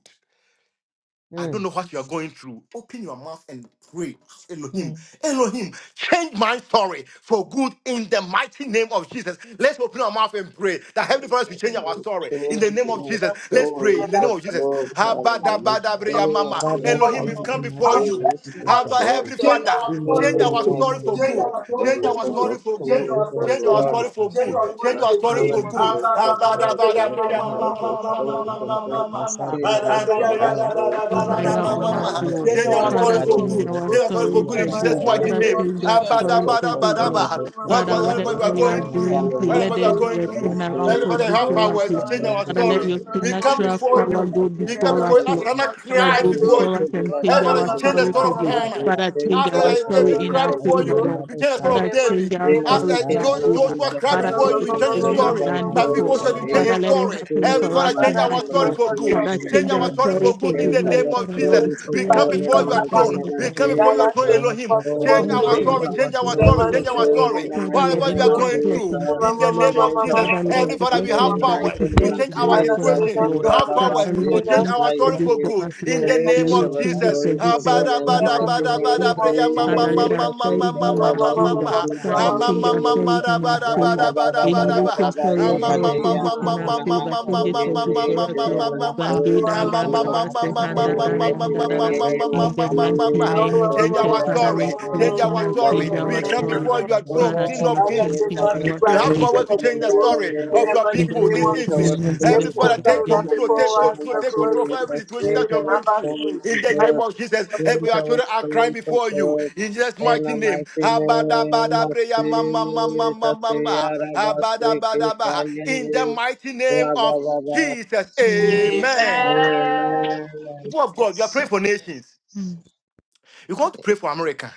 C: I
K: Mm.
C: don't know what you are going through. Open your mouth and pray. Ask Elohim,
E: Mm.
C: Elohim, change my story for good in the mighty name of Jesus. Let's open our mouth and pray that Heavenly Father will change our
J: You
C: story in the
J: change
C: name of
J: my
C: Jesus. Let's
J: story
C: pray in the name
J: for
C: of Jesus.
J: good, hallelujah.
C: Habadabadabriya
J: Change
C: mama.
J: my
K: Father,
C: Elohim, we've
K: thank you,
C: come
J: healthy
K: my
C: before
D: Amen.
C: you.
K: thank
J: soul
K: you
E: She's
J: for
K: for
C: Have
K: that.
C: a
J: good.
K: food.
C: Heavenly
D: Change
C: Father,
D: our
K: In the
D: story
C: change
J: And
K: mighty
D: for
C: our
J: I
D: good.
C: story for
J: told
K: name of
D: Change
J: them a
C: good.
D: our story
C: Change
J: story
K: God,
D: for
C: our
J: for
D: good.
J: God
C: story for
J: to me
K: thank
D: Change
C: good.
J: and
K: you,
D: our
K: my
D: story
J: told
C: Change
D: for
C: our
J: Lord
K: story
C: story
D: good.
K: to
C: for
J: to
D: Change
K: you.
C: good.
J: the
D: our story
C: Change
J: flesh
C: our
D: for
C: story
K: In the
D: good.
J: honest
C: for
J: to
C: good.
D: Abada
J: the good
K: mighty name of
D: bada
J: God to
K: God,
D: bada
J: and
C: Habadabadabriya
D: mama
K: thank
J: I
C: mama,
J: the
D: mama
C: mama,
K: you,
D: mama
J: story
C: mama,
J: for
D: mama
C: mama,
J: God
K: Sakataka,
D: mama.
C: mama,
J: to
C: mama.
K: Sadaya,
D: Ada
J: the
D: bada
C: Saying you
J: saddest
D: bada
K: Batakaya,
D: bada
J: story
G: be
J: for the
D: bada
G: higher
D: mama
G: on
J: children
G: us,
J: all
D: mama.
K: Repetaka,
J: the
G: Lord.
D: Change our
J: story
C: are
K: Sebede,
J: for
D: story
C: sorry
G: Father,
J: God
C: for
K: Sadi,
D: for
G: change
K: and
D: good.
C: good.
G: our
C: Say
K: the
D: Change
C: you are
J: to
D: our
C: sorry for
J: the
G: story
D: story
K: Sadia,
C: good in
G: to
D: for good.
C: Jesus'
G: be.
D: That's what it
J: saddest
C: mighty
K: Labadaya,
G: Father,
C: name.
J: story
G: change
D: is.
G: our
J: to the
G: story
J: just
G: to
D: Abada bada
J: for
K: Kotoko,
G: be,
J: God
G: Lord.
C: Abadabadabadaba.
J: to
D: bada
K: Sebede,
J: the
C: What
G: Father,
K: Sadi,
D: mama.
K: and
G: whatever
C: whatever
J: saddest
K: the
C: you are
D: That's what we are
J: story
G: we are
C: going
D: going
K: Sadaya,
C: through,
J: and
G: doing,
J: I
D: through.
J: will
D: That's
G: let
C: whatever
K: Labadaya,
D: what
C: you
D: we
G: there
C: are
J: choose
G: be
C: going
G: a
J: my
D: are
C: through,
D: going through. That's
G: turnaround
D: what
J: story
G: for
K: Rapataka,
C: everybody
J: for
C: have
J: God
G: before
K: Sebede,
J: and
G: us,
C: powers
J: for
G: Lord.
C: to
D: we
C: change
K: Sadi,
J: both of Sada
K: and
C: our
G: Father,
J: Louis by the
K: the
J: way
G: let
C: story.
G: your
K: Sadia,
J: for
D: have our work. Change our story.
J: my
D: We
C: We come
D: come
G: supernatural
D: before
C: before
K: Kotoko,
G: power
J: and
D: you.
J: I
C: you.
G: go
D: We
C: We
D: come
C: come
J: will
G: before
C: before
G: us,
D: before
C: you.
J: choose
C: As
D: you.
G: Lord.
D: We
C: Hannah
G: Father,
D: come
C: cried
G: go
D: before
C: before
G: before
D: you.
G: us
J: Michael
C: you.
G: and
J: was
C: Hey,
G: change
D: Let
C: Father,
G: our
C: you
J: close of
C: change
J: the
C: the
G: story
C: story
G: for
C: of
G: good.
J: Madrid, who
C: Hannah.
K: Sakataka,
D: us
G: Father,
J: sang
C: I
G: change
D: Thank
G: our
J: dry
C: said, uh,
G: story
C: David,
J: story
G: in
C: cry
G: our
K: Rabade,
J: for
C: before
G: favor,
J: God.
C: you.
D: you.
G: Lord.
C: You tell the story
D: In
G: Father,
C: of
D: the
G: change
D: mighty
C: David.
G: our
J: Then
D: name
J: I
C: I
D: of
G: story in
C: said,
J: met an
D: Jesus,
G: our
C: Jo-
D: Lord.
G: favor.
J: actress
C: Joshua,
J: of
C: cry
G: Father,
J: San
G: this
C: before you.
G: is
C: You
J: William,
C: change his
G: something you
J: sang
G: have
C: story.
J: dry
G: done
C: My
J: story
C: people
G: before.
J: for
C: said, you change
G: Father,
C: his
G: let it
C: story.
G: happen
C: Heavenly
G: for
J: Change
C: Father,
G: us
J: my
C: change
D: Father,
C: our
G: tonight,
D: save
J: Father,
C: story
G: Lord.
J: we
D: us,
C: for good.
J: glorify
G: Father,
J: your
C: Change
G: change
C: our
G: our
J: name.
C: story
G: story
C: for
G: for
C: good in
J: Change
C: the
G: goodness.
C: name
J: our
C: of
G: Father, Lord,
C: Jesus.
G: we
J: story for
C: We
G: pray
C: come
J: God in
G: against
C: before
J: the
G: every
C: your
J: mighty
C: throne.
G: kind
J: name
G: of
J: of
C: We
G: evil.
C: come before your throne,
J: Jesus.
C: Elohim.
J: Oh,
C: Change
G: Thank you,
C: our
J: change
G: Lord,
C: story.
J: our
C: Change our
G: Jesus,
J: story
C: story.
J: for
C: Change
G: Lord,
C: our
J: God
G: Lord.
J: in
C: story.
J: the
G: Father,
J: mighty
G: Lord,
C: Whatever we
J: name
G: any
C: are
J: of
G: bad
C: going
G: plot
C: through,
G: in
J: Jesus.
C: in the
G: town, Lord.
C: name of
J: Change
C: Jesus.
J: our
G: Father, Lord,
C: Heavenly
J: story
G: the
J: for
C: Father, we
J: God
C: have have
J: in
G: blessing
J: the
G: that is
C: powers
J: mighty name
C: to
G: supposed
J: of
C: change
G: to be
C: our
G: upon
J: Jesus.
G: us,
C: situation.
J: Say,
G: Lord.
C: You have
D: sorry.
G: Father,
C: powers
J: Arabasti,
C: to
G: Lord,
D: Save
C: change
G: thank
D: us,
G: you
C: our
G: for
C: story
G: this
C: for
J: Kitayende.
G: for
C: good.
G: us,
C: In
G: Lord.
D: save
C: the name
J: Change
G: Believe
C: of
J: our
D: us.
G: in this,
C: Jesus.
G: the
J: story
G: good
C: Ah,
J: for
G: for us,
J: God
C: bada,
D: In
J: in
G: in
J: the
G: this
C: bada,
G: in
J: mighty
G: our
C: bada,
J: name of
C: bada,
G: favor.
C: breya, ma, ma,
G: Father,
C: ma,
G: let
C: ma,
G: our
J: Jesus.
C: ma,
G: story
C: ma,
J: Say,
G: be
C: ma,
G: in
C: ma,
G: our
C: ma, ma,
J: Arabasti,
G: favor.
C: ma. Ah,
G: Father,
C: ma,
G: change
C: ma,
G: our
C: ma,
J: Kitayende.
C: ma,
G: stories
C: da,
G: in our
J: In
C: bada, bada,
G: favor.
C: bada,
G: Any
C: bada,
J: the
G: written
C: ba.
G: story
C: Ah,
G: of
C: ma,
G: ours,
C: ma, ma,
G: change it
C: ma,
G: in
C: ma,
G: our
C: ma,
G: favor.
C: ma, ma, ma,
G: Change it
C: ma,
G: for
C: ma,
G: good
C: ma,
G: for
C: ma,
G: us,
C: ma,
G: Lord.
C: ma, ma, ma.
G: Bande da
C: Ah, ma,
G: ba
C: ma,
G: ba
K: Jesus
C: ma,
G: ba
C: ma,
G: se
C: ma, ma,
G: handa
C: ma,
J: mighty
C: ma, ma, ma,
G: da
C: ma, ma, ma,
J: name of
G: in
C: ma,
G: the
C: ma, ma, ma,
G: mighty
C: ma.
G: name of
J: Jesus,
C: Change
G: Jesus,
J: we
C: our
J: are
G: Father, we
C: story.
J: about to
G: pray
C: Change our
G: tonight,
J: apply
C: story.
G: King
J: in
G: our
C: We come
J: this.
G: glory.
C: before your throne,
G: Father,
C: King
G: King
C: of
G: of
J: Oh,
C: Kings.
G: Kings,
J: change
G: King
J: our
G: our
C: You have
J: story
G: glory.
C: power
J: for
C: to change the story
J: glory.
C: of
D: the
C: your
G: In
D: mighty
G: the
C: people
D: name
G: mighty
C: this
D: of
J: Change
D: Jesus,
J: our
C: evening.
G: name of
J: story
C: Heavenly
D: let
G: Jesus,
J: for
C: Father,
G: Father,
K: now.
D: prosper
J: glory.
C: take
D: with our
J: In
G: King of
J: the
C: control, take
D: people
J: mighty
D: as
J: name
C: control,
J: of
D: the
C: take control of
D: blessing.
C: every
J: Jesus,
C: situation
J: change
C: that you are
D: In
J: our
C: going
D: our
C: through.
J: story
D: food.
C: In
J: to
C: the
J: glory.
C: name of Jesus, every your
J: Mental
C: children are crying
J: story for
C: before you.
J: God.
C: In Jesus'
J: In
C: mighty
J: the
C: name.
J: mighty name of
C: Abadabadabreya ma, ma, ma, ma, ma,
J: Jesus,
C: ma,
J: the
C: ma.
J: Arabastic is
C: Abadabadaba. In the
J: dying.
C: mighty name
J: Blah, blah,
C: of
J: blah, blah.
C: Jesus,
G: Kings.
C: amen.
J: Amen.
C: People of God, you are praying for nations. You're going to pray for America.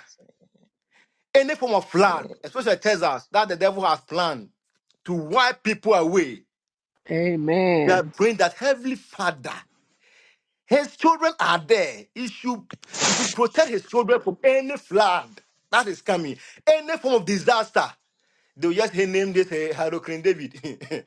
C: Any form of flood, especially Texas, that the devil has planned to wipe people away. We are praying that Heavenly Father, His children are there. He should, he should protect His children from any flood that is coming, any form of disaster. They will just named this uh, Hurricane David.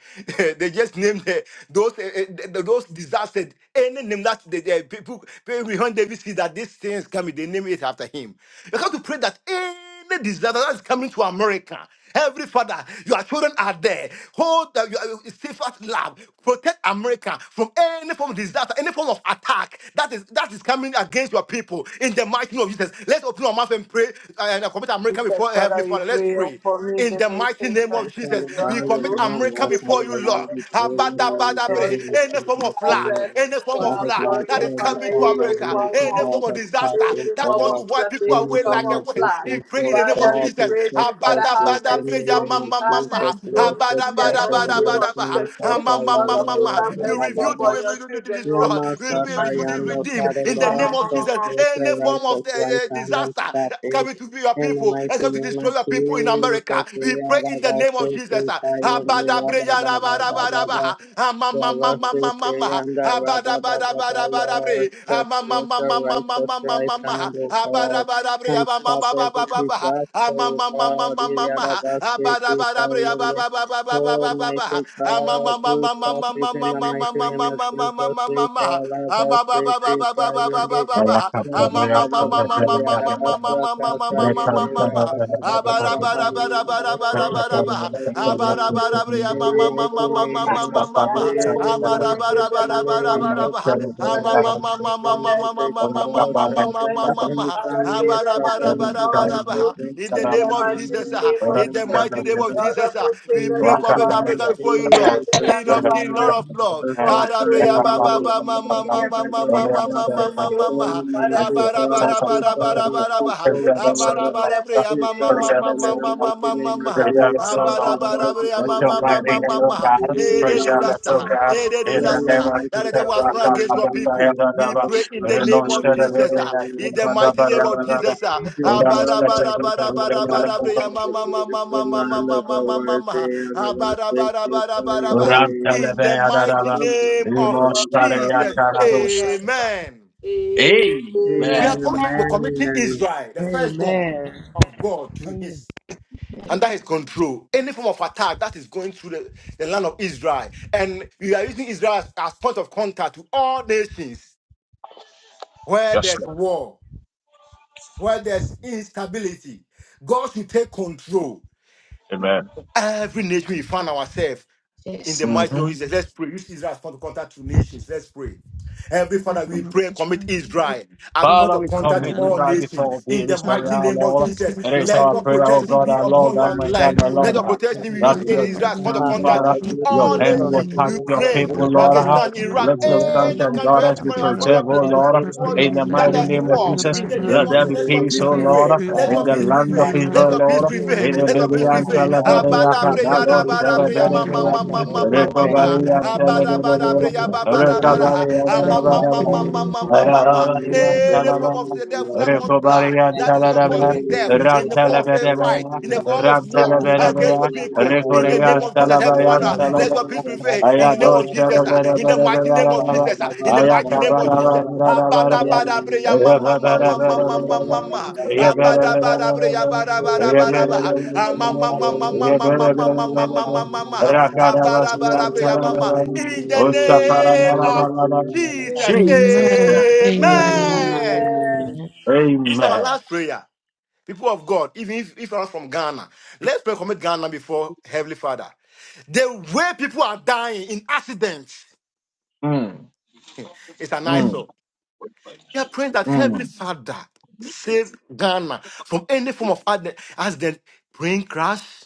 C: they just named uh, those uh, uh, th- th- those disasters. Any name that the, the people, people behind David see that these things coming, they name it after him. You have to pray that any disaster that is coming to America, every father, your children are there. Hold the, your safest love. Protect America from any form of disaster, any form of attack that is that is coming against your people. In the mighty name of Jesus, let's open our mouth and pray uh, and commit America
D: Jesus,
C: before Heavenly
D: Father, we
C: Father. Let's
D: pray
C: pray
D: for me,
C: in
D: the
C: the mighty
D: nations,
C: name
J: I'm
C: of
D: and
J: from
C: Jesus.
D: to
J: the
D: your
C: We
J: band of
C: commit
D: hand,
J: Ram.
C: America
J: I have
C: before you,
J: a
C: Lord.
D: you.
J: wonderful in the
D: Lord, for
J: mighty
C: Abadabadabre.
J: name
C: Any
D: your
C: form
J: of
C: of flood,
J: Jesus.
D: presence,
C: any form
D: for
C: of
J: Father
D: our
C: flood
J: God,
D: glory,
C: that
D: and
C: is
J: every
D: Father,
C: coming to
J: form
D: in
J: of
D: the
C: America,
D: form
J: religion,
C: any
D: of
J: God,
C: form of
J: that's
C: disaster
D: in
J: happening,
D: the
C: that
D: form
C: wants
D: of
C: to
J: God,
C: wipe
D: flesh,
C: people
D: in the
J: every
C: away
D: form
J: form
C: like
D: of
C: a
J: of
C: wind.
D: flesh.
C: We
J: business,
C: pray in
J: oh
C: the name
D: Father,
C: of
J: God,
D: we
J: we
C: Jesus.
D: pray thee, Father,
J: protect
D: have
J: us in
D: mercy,
J: the
C: Abadabadabre, ya
D: O,
J: name
C: ma-
J: of
C: ma- ma-
D: have
J: Jesus,
C: ma.
D: mercy, O,
J: Lord,
D: in the
J: protect our
D: mighty name of
C: Abadabadabadabadaba.
J: nation,
D: Jesus,
C: Ah,
D: O.
C: ma-
J: father,
C: ma-
D: Lord,
C: ma-
D: of
C: ma-
D: course,
C: ma.
D: have
C: You
D: mercy
C: reveal to
D: upon
C: us,
D: your
C: you to
D: children, O,
C: destroy,
D: in
J: Yama
C: we
D: the
C: reveal
D: mighty
C: to
D: name
J: Sakayanda,
D: of
C: redeem
D: Jesus,
J: Father
D: O,
C: in the
J: Lord,
C: name
D: Mama,
C: of
D: Mama,
C: Jesus.
D: Mama.
J: sustain the
C: Any form of
J: righteous
C: eh,
J: right
C: eh,
J: hand and
C: disaster
J: stop it.
C: coming to be your
J: In the
C: people.
J: mighty
C: That's going to
J: name
C: destroy
J: of
C: your people in America.
J: Jesus,
C: We
J: we are
C: pray in the
J: about
C: name of Jesus.
J: thinking,
C: ah.
J: Father, we are about, about, about, about,
C: Abadabreyarabarabaraba, ah, ma, ma, ma, ma, ma, ma, ma,
J: Yanda
C: ah,
J: Rabba Baba Lord,
C: abadabarabarabre, ah,
J: Stretch
C: ma, ma,
J: forth
C: ma,
J: your
C: ma, ma, ma,
J: righteous
C: ma, ma, ma,
J: right
C: ma,
J: hand, O
C: ah,
J: God,
C: abadabarabre, ah,
J: and
C: ma, ma,
J: stop
C: ma, ba, ba,
J: every
C: ba, ba,
J: disaster,
C: ah, ma,
J: O
C: ma, ma, ma,
J: God.
C: ma, ma, ma, ah, abadabarabre, ah, ba,
J: Yadabastikitayele.
C: ba, ba, ba, ba, ba,
J: Oh,
C: ba, ba,
J: mighty
C: ah, ma,
J: God,
C: ma, ma,
J: do
C: ma, ma,
J: stop
C: ma,
J: it
C: ma,
J: in
C: ma,
J: the
C: ma, ma,
J: mighty
C: ma, ma, ma,
J: name of
C: ma,
J: Jesus.
C: ma, ma, ma, ma,
J: Yada
C: in
J: Basiki Kayele
B: Thank
J: in the mighty name of Jesus,
D: Daddy, the boys, can I give the lamb?
J: we hope for
D: Father,
J: God.
D: we pray
J: We
D: for
J: will take
D: mercy. We
J: all
D: pray for
J: sexual
D: mercy.
J: misdemeanors
D: Father,
J: and
D: save the land. For us
J: misdemeanors
D: through.
J: against
D: In
C: the
J: the
B: you.
C: name
D: the
C: of
D: mighty
J: man,
C: Jesus, ah,
D: name
J: mighty
D: of
B: Let your
C: in
J: name
B: mighty
C: the
J: of
D: Jesus.
B: hand,
C: mighty name of
J: Jesus.
B: oh
D: Lord,
C: Jesus,
D: of
C: ah,
D: hosts,
J: Oh,
D: save
C: we
D: the
C: pray,
J: my
D: land
B: God,
D: for
C: commit
J: God,
D: us
C: Africa
D: through.
C: before you, Lord.
J: please,
D: Save the
J: God,
D: land
C: King
D: of
C: of
D: our
C: King, Lord
D: origin.
C: of
D: For us through, Lord of
C: Lord ba
D: hosts.
C: ma ma
D: In
C: ma
D: the
C: ma ma ma ma ma ma
D: mighty
C: Abara bara
J: please,
C: bara bara bara bara.
J: God, God.
C: Abara bara bria
J: Jesus,
C: ma ma ma
B: preserve
C: ma
J: and
B: us,
C: ma
J: in the
C: ma ma ma
J: mighty
C: ma
J: name of
C: ma.
J: Jesus,
C: Abara
J: we
C: bara
J: love you,
C: bria
J: we
C: ma ma
J: love
C: ma ma ma
J: you, we love
C: Any
J: you,
C: disaster,
B: oh
J: Jesus.
B: God,
C: any
B: in
J: Thank
B: the
C: disaster
B: name of
C: that the
B: Jesus,
C: was
B: rock
C: thrown
B: on
C: against
B: my
C: your
B: back, I am
C: people,
B: the
C: we
B: devil.
C: pray in the name
B: Renounce
C: of
B: to the
C: Jesus.
B: very
C: ah.
B: end, the
C: In the
B: bada,
C: mighty name
B: bada,
C: of
B: bada, bada.
C: Jesus. ah.
B: Lord,
C: Abara
B: touch
C: bara bara bara bara
B: every
C: bria ma ma ma ma ma ma ma ma ma ma ma. Abara bara bara bara bara.
J: Amen.
C: In the mighty
B: Rantelebeyadadaba,
C: name of
D: name
C: Jesus.
D: of Jesus.
B: Rimostareyataradoshadaba.
C: Amen. We
D: Amen.
C: are
B: Amen.
C: committing, we're committing Israel, the firstborn
L: Amen.
C: of God, to
K: Amen.
C: his under his control. Any form of attack that is going through the, the land of Israel. And we are using Israel as, as point of contact to all nations where
B: Yes,
C: there's
B: Lord.
C: war, where there's instability. God should take control.
B: Amen.
C: Every nation we find ourselves. in the mighty name
B: hmm
C: of Jesus. Let's pray. Use Israel as point of contact to nations. Let's pray. Heavenly
G: Amen.
C: Father, we pray and commit Israel as
G: Mm.
C: point
B: Father,
C: of
B: we
C: contact to
B: commit
G: that
B: this
G: is
C: all
B: right
G: the
B: before
C: nations.
B: thee,
C: In the
B: this
G: son
B: very
G: of
C: mighty
B: hour,
C: name
G: his
C: of
B: Lord.
G: children,
B: It
C: Jesus,
G: your
B: is
C: let
B: our
C: your
G: holy
B: prayer, oh
C: protection
B: God,
G: people
C: be
B: our
G: can
B: Lord,
C: upon
G: be
C: your
B: and my God,
G: formed
C: land.
B: my
G: and
C: Let
B: Lord,
C: your
G: known.
C: protection be
B: that
C: used
G: Father,
C: in
B: your
C: Israel
G: Lord,
C: as
G: we
C: point of
B: hand,
J: Father
G: pray
C: contact
J: God,
B: Father,
G: for
C: to
J: you
B: your
G: upon
J: say
C: all
G: your
B: hand
G: holy
B: will
C: nations.
J: something
B: touch
G: name.
B: your
J: over
C: Ukraine,
B: people,
G: We are
J: Israel
B: Lord.
G: about
J: right
C: Pakistan,
G: to
C: Iraq,
B: Let
J: now.
B: your
J: We
B: sons
J: come
G: the
C: any
B: and
J: in
C: country,
B: daughters
C: every
B: be
C: Father,
G: blood
C: for
G: of
C: your
B: preserved, O
C: people,
J: Israel,
G: Jesus,
C: we
B: Lord,
G: Father,
C: want
B: in
J: MCM,
G: Lord,
B: the
G: let
C: that
G: it
B: mighty
J: Nancy,
C: there's
J: and
G: under
B: name of
C: war
G: the
B: Jesus.
J: Nancy,
C: in the
G: Bible,
C: name
B: Let
J: and
C: of
B: there
G: Bible.
C: Jesus.
B: be
C: Let your
B: peace,
C: peace
J: Spirit
B: O
G: Father,
J: of
G: we
B: Lord,
C: prevail.
J: the
G: pray
C: Let
G: for
B: in
J: God.
C: your
B: the
C: peace
G: peace
B: land
G: in
B: of
G: the
C: prevail.
J: Father,
C: Let
G: land
B: Israel,
G: of
C: your
J: Lord, we
C: peace
B: Lord.
G: Israel,
J: take
C: prevail.
B: In the
G: Lord.
C: Let
K: Thank
J: over
C: your peace
K: you.
J: for
B: Bidian
G: Father,
C: prevail.
G: let there
J: myself,
G: be
B: Talaberia,
J: take
C: Abada
G: peace,
J: over
C: breya
G: let
J: this
G: there
C: da
B: Cadados,
G: be
C: bada
J: people,
G: peace
C: breya
G: in
J: God,
C: ma
G: the
C: ma
B: Televeria,
J: Father,
C: ma
G: land of
C: ma
J: unto
C: ma ma
G: Israel,
C: ma
G: in the
J: repent,
C: ma.
B: Recovarian
J: Lord.
G: mighty name
C: Abada
G: of
J: We will
C: bada
G: Jesus.
B: Televeria,
C: breya ba
J: continue
G: We
J: to
C: bada
G: pray
C: bada
G: that,
C: ha.
J: repent
C: Ah, ma
J: and
C: ma
G: Father,
J: not
C: ma
G: for
C: ma
B: Recovarian
G: your
J: long
C: ma
G: own
J: with
C: ma ma
G: good,
J: God
C: ma
J: in the
C: ma.
J: name of
G: Father,
C: Any form of
B: Talaberia,
C: the
J: the
C: devil that
J: Lord.
C: wants blood
B: Recobarian
J: Thank
C: that is
J: you,
G: let
B: Taladaba,
J: dear,
G: there
C: causing
G: be
C: death
J: we
G: peace in
J: use
C: in
J: the
C: the form of a fight
B: Rantalabedabaya,
J: Lord,
C: in the
G: the
C: form of war
G: kingdom.
J: Yanamanti
C: against the
B: Rantalabedabaya,
C: people in
J: Yamanchile
C: the name
B: Recorian
C: of Jesus.
J: Vaisakya
C: Heavenly
B: Talabayan
C: Father,
G: Amen.
C: let your
B: Talabaya,
C: peace prevail in the name
B: Ayado
C: of Jesus, ah, in the mighty name of
B: Sharaberabaya,
C: Jesus, ah, in the mighty name of Jesus.
J: Yanaka
C: Abada
B: Ayakabarabaya,
C: bada breya mama mama mama mama
B: Ayabarabaya,
C: mama. Abada bada breya bada bada bada
B: Ayabarabaya,
C: ba. Ah, Mama mama mama mama mama mama
B: Ayabarabaya,
C: mama mama. Abada
B: Rakarabasian
C: bada breya mama.
B: Talabaya,
C: In the
K: Amen.
C: name of
B: Ochaparabaya,
C: Jesus,
B: Jesus Christ.
G: Amen.
C: Amen.
J: Satayana
C: This is our
B: Amen.
C: last prayer. People of God, even if, if I'm from Ghana, let's pray commit Ghana before Heavenly Father. The way people are dying in accidents
B: Mm.
C: is an
B: Mm,
G: Mm.
C: eyesore. We are praying that
B: mm.
C: Heavenly Father save Ghana from any form of accident, accident, plane crash,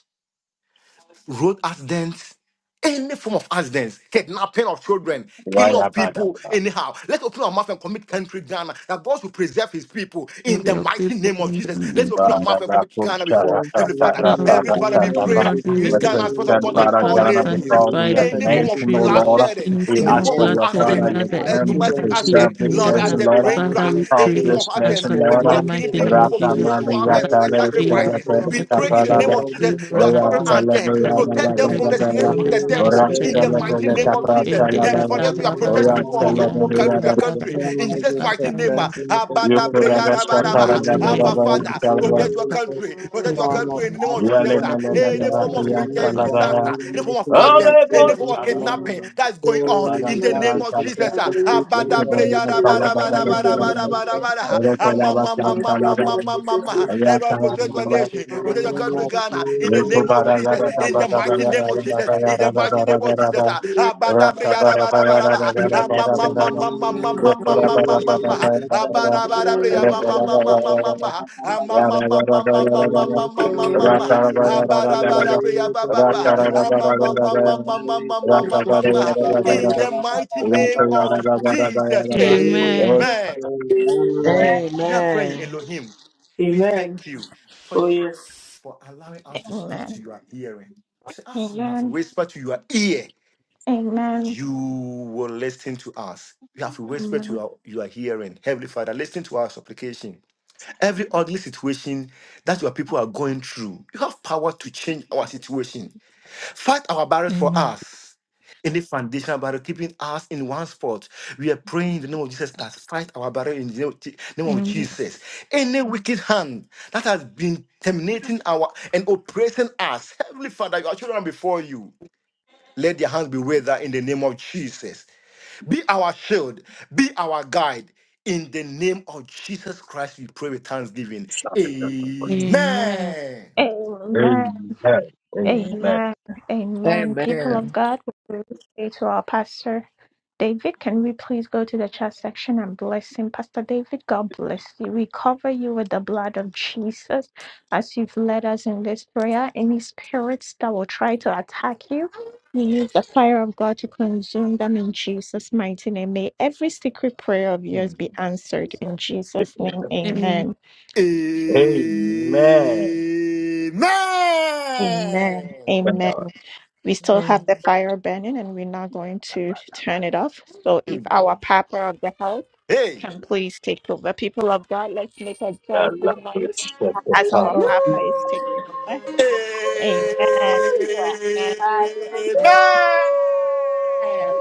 C: road accidents, any form of accidents, kidnapping of children, killing of people,
B: Wayabadaba.
C: anyhow. Let's open our mouth and commit country Ghana. That God should preserve his people in
G: We
C: the
G: are
C: mighty
G: people
C: name of
G: in the
C: Jesus. Let's
G: name
C: open
G: of
C: our
G: the
C: mouth and commit Ghana before
J: From
C: every
J: any
C: father. Every
G: Lord.
C: father, we
G: I
C: pray,
G: cannot
B: Ba-da-da-ku-cha-ra-ta-ta-ra-ta-ra-ta-ra-ta.
G: do
C: use
G: without.
C: Ghana as point of
B: Represent
G: Lord
C: contact to
B: Father
C: all
G: Father,
B: Ghana
C: nations
B: before
G: sanctify
B: thee as
G: the
B: a
C: any form of
B: nation,
G: country,
B: O
G: Lord.
B: Lord.
C: bloodshedding,
B: We
C: in the
G: Anything of
B: ask
C: form
B: for
C: of
B: your
J: form
G: bloodshedding
B: Father,
C: accident,
J: of
G: that
B: your
G: the
C: uh,
B: term
G: enemy
B: to
C: domestic
G: has
J: accident, yes,
G: placed
C: accident,
B: preserve this
G: in
C: lorry
J: Lord,
G: Ghana,
J: we
B: nation,
C: accident,
B: Lord.
C: brain
J: blind
G: Father,
C: crash,
G: we
J: these
B: Of
C: any
G: pray
C: form
J: two.
C: of
B: this
G: and
J: In
C: accident.
B: nation,
G: so
J: the
B: Lord.
G: in
C: People
G: the
C: are
J: mighty
C: killing
G: mighty name
J: name
C: people
G: of
J: of
C: for
G: Jesus,
J: Jesus,
C: spiritual
B: Rakamani
C: uh,
G: Father,
J: Lord,
C: uh,
J: we
B: Yatare
G: favor
J: preserve
C: sacrifices.
J: your
G: on the
C: We
J: people's
C: pray in the
G: country,
B: Telepedapada.
C: name
G: have
C: of
J: soul,
C: Jesus,
G: favor
J: mighty
C: your
G: on us,
B: Oyan
C: children
J: God.
G: Lord.
C: are dead.
J: In the
B: Telepeya
G: Father,
C: Protect
J: mighty
C: them
G: protect
C: from the
J: name of
G: us
C: snares
B: Badabadabaya.
G: from
C: of
G: the
C: the
J: Jesus,
G: snares
J: Lord,
C: devil
B: Oras
G: of the
C: in
J: I
C: the
J: love
G: enemy,
C: mighty
J: you,
G: Lord.
C: name
B: Telepeleta
J: son,
C: of
J: la,
C: Jesus.
G: In
J: la,
G: the da-
B: Pratalavaya.
C: Everybody
J: la, la, la,
G: da-
C: else, you are
G: ba-
C: protect
J: la, la, la, la,
B: Oyan
J: la,
C: people of
J: la, la,
C: our
G: and the
C: country,
J: la.
G: da-
C: your
G: da-
B: Telepeleta
G: da-
C: country.
G: ba-
C: In
J: Lord, I
C: Jesus'
J: just
C: mighty mighty name. ah.
J: confess
G: and
J: and I thank
B: Yo
C: Abada
J: you, God,
C: breya
J: and I
C: da ba
G: the
J: thank
C: ah.
G: mighty name
C: Abba
G: of
C: Father,
G: Jesus, have
C: protect your
J: you,
G: Father,
J: Jesus,
C: country,
G: we
C: protect
G: pray
C: your
G: for the
J: form of
C: country in the name
G: country.
C: of Jesus. ah.
J: accident
G: In
J: is
G: the
C: Any
G: da-
J: God
C: form
G: da-
C: of
J: in this
C: major
J: form
C: disaster,
J: in the
C: any form of
J: mighty name of
C: accident, any form
J: Jesus,
C: of
J: Lord.
C: kidnapping that is going
J: Oh
C: on
J: my
C: in the
J: God,
C: name
J: we
C: of
J: protect
C: Jesus. ah.
J: these people,
C: Abada
J: Lord,
C: breya da ba
J: protect
C: da ba
J: them,
C: da ba da ba
J: Lord,
C: da ba da
J: protect
C: ba da,
J: them,
C: ah. Ah, ma
J: Lord.
C: ma ma ma ma ma ma ma ma. ah. Everyone protect your nation, protect your God to Ghana in the name of Jesus, in the mighty name of Jesus, in the mighty name of Jesus. ah. ah, bada bria, da Abadabriyadabarabaraba, ah, ma, ma, ma, ma, ma, ma, ma, ma, ma, ma, ma, ma, ah. Abadabarabriya, ma, ma, ma, ma, ma, ma, ma, ah,
J: Thank
C: ma,
J: you.
C: ma, ma, ma, ma, ma, ma, ma, ma,
J: Amen.
C: ma, ma, ma,
B: Amen.
C: ah.
B: Amen.
J: Amen.
B: Amen. Amen.
C: Abadabarabriya, ba, ba, ba, ah,
J: Amen.
C: ma, ma, ma, ma, ma, ma, ma, ma, ma, ma, ma. In the mighty name of Jesus,
G: Amen.
C: amen.
D: Amen.
C: We are praying,
L: Amen.
C: Elohim. We
D: Amen.
C: thank you for
D: Oh,
C: your
D: yes.
C: for allowing us to speak to
A: Amen.
C: your hearing. Say, as we have
A: Amen.
C: whispered to your ear,
A: Amen.
C: you will listen to us. You have whispered to
A: Amen.
C: your, your hearing. Heavenly Father, listen to our supplication. Every ugly situation that your people are going through, you have power to change our situation. Fight our battles for
G: Amen.
C: us. Any foundational battle keeping us in one spot. We are praying in the name of Jesus that fight our battle in the name of Je- name of
G: Amen.
C: Jesus. Any wicked hand that has been terminating our and oppressing us, Heavenly Father, your children are before you. Let their hands be withered in the name of Jesus. Be our shield, be our guide. In the name of Jesus Christ, we pray with thanksgiving.
G: Amen.
C: Amen.
A: Amen. Amen. Amen. People
L: Amen.
A: of God, we will say to our pastor, David, can we please go to the chat section and bless him? Pastor David, God bless you. We cover you with the blood of Jesus as you've led us in this prayer. Any spirits that will try to attack you, we use the fire of God to consume them in Jesus' mighty name. May every secret prayer of yours be answered in Jesus' name.
G: Amen.
A: Amen.
C: Amen.
A: Amen. Amen. We
E: Amen.
A: still have
E: Amen.
A: the fire burning and we're not going to turn it off. So if
C: Mm.
A: our Papa of the house
C: Hey.
A: can please take over. People of God, let's make a joyful noise as our
D: Hallelujah.
A: Papa is taking over. Amen. Yes.
D: Hallelujah.
A: Amen.
C: Amen.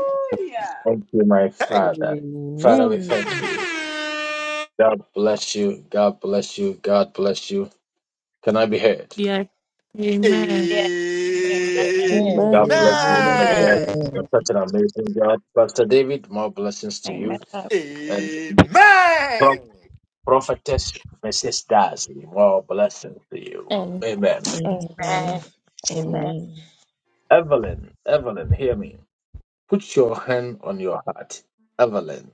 B: Thank you, my
C: Hey.
B: Father. Father, we thank you. God bless you. God bless you. God bless you. Can I be heard?
G: Yeah. Amen.
A: Yes. Amen.
K: Amen.
H: Amen.
B: God bless you, man of God.
C: Amen.
E: Amen.
B: You're such an amazing God. Pastor David, more blessings to you. And Pro-
C: Amen.
B: Prophetess Mrs. Darcy, more blessings to you.
A: Amen.
B: Amen.
E: Amen.
A: Amen.
E: Amen.
A: Amen.
B: Evelyn, Evelyn, hear me. Put your hand on your heart. Evelyn,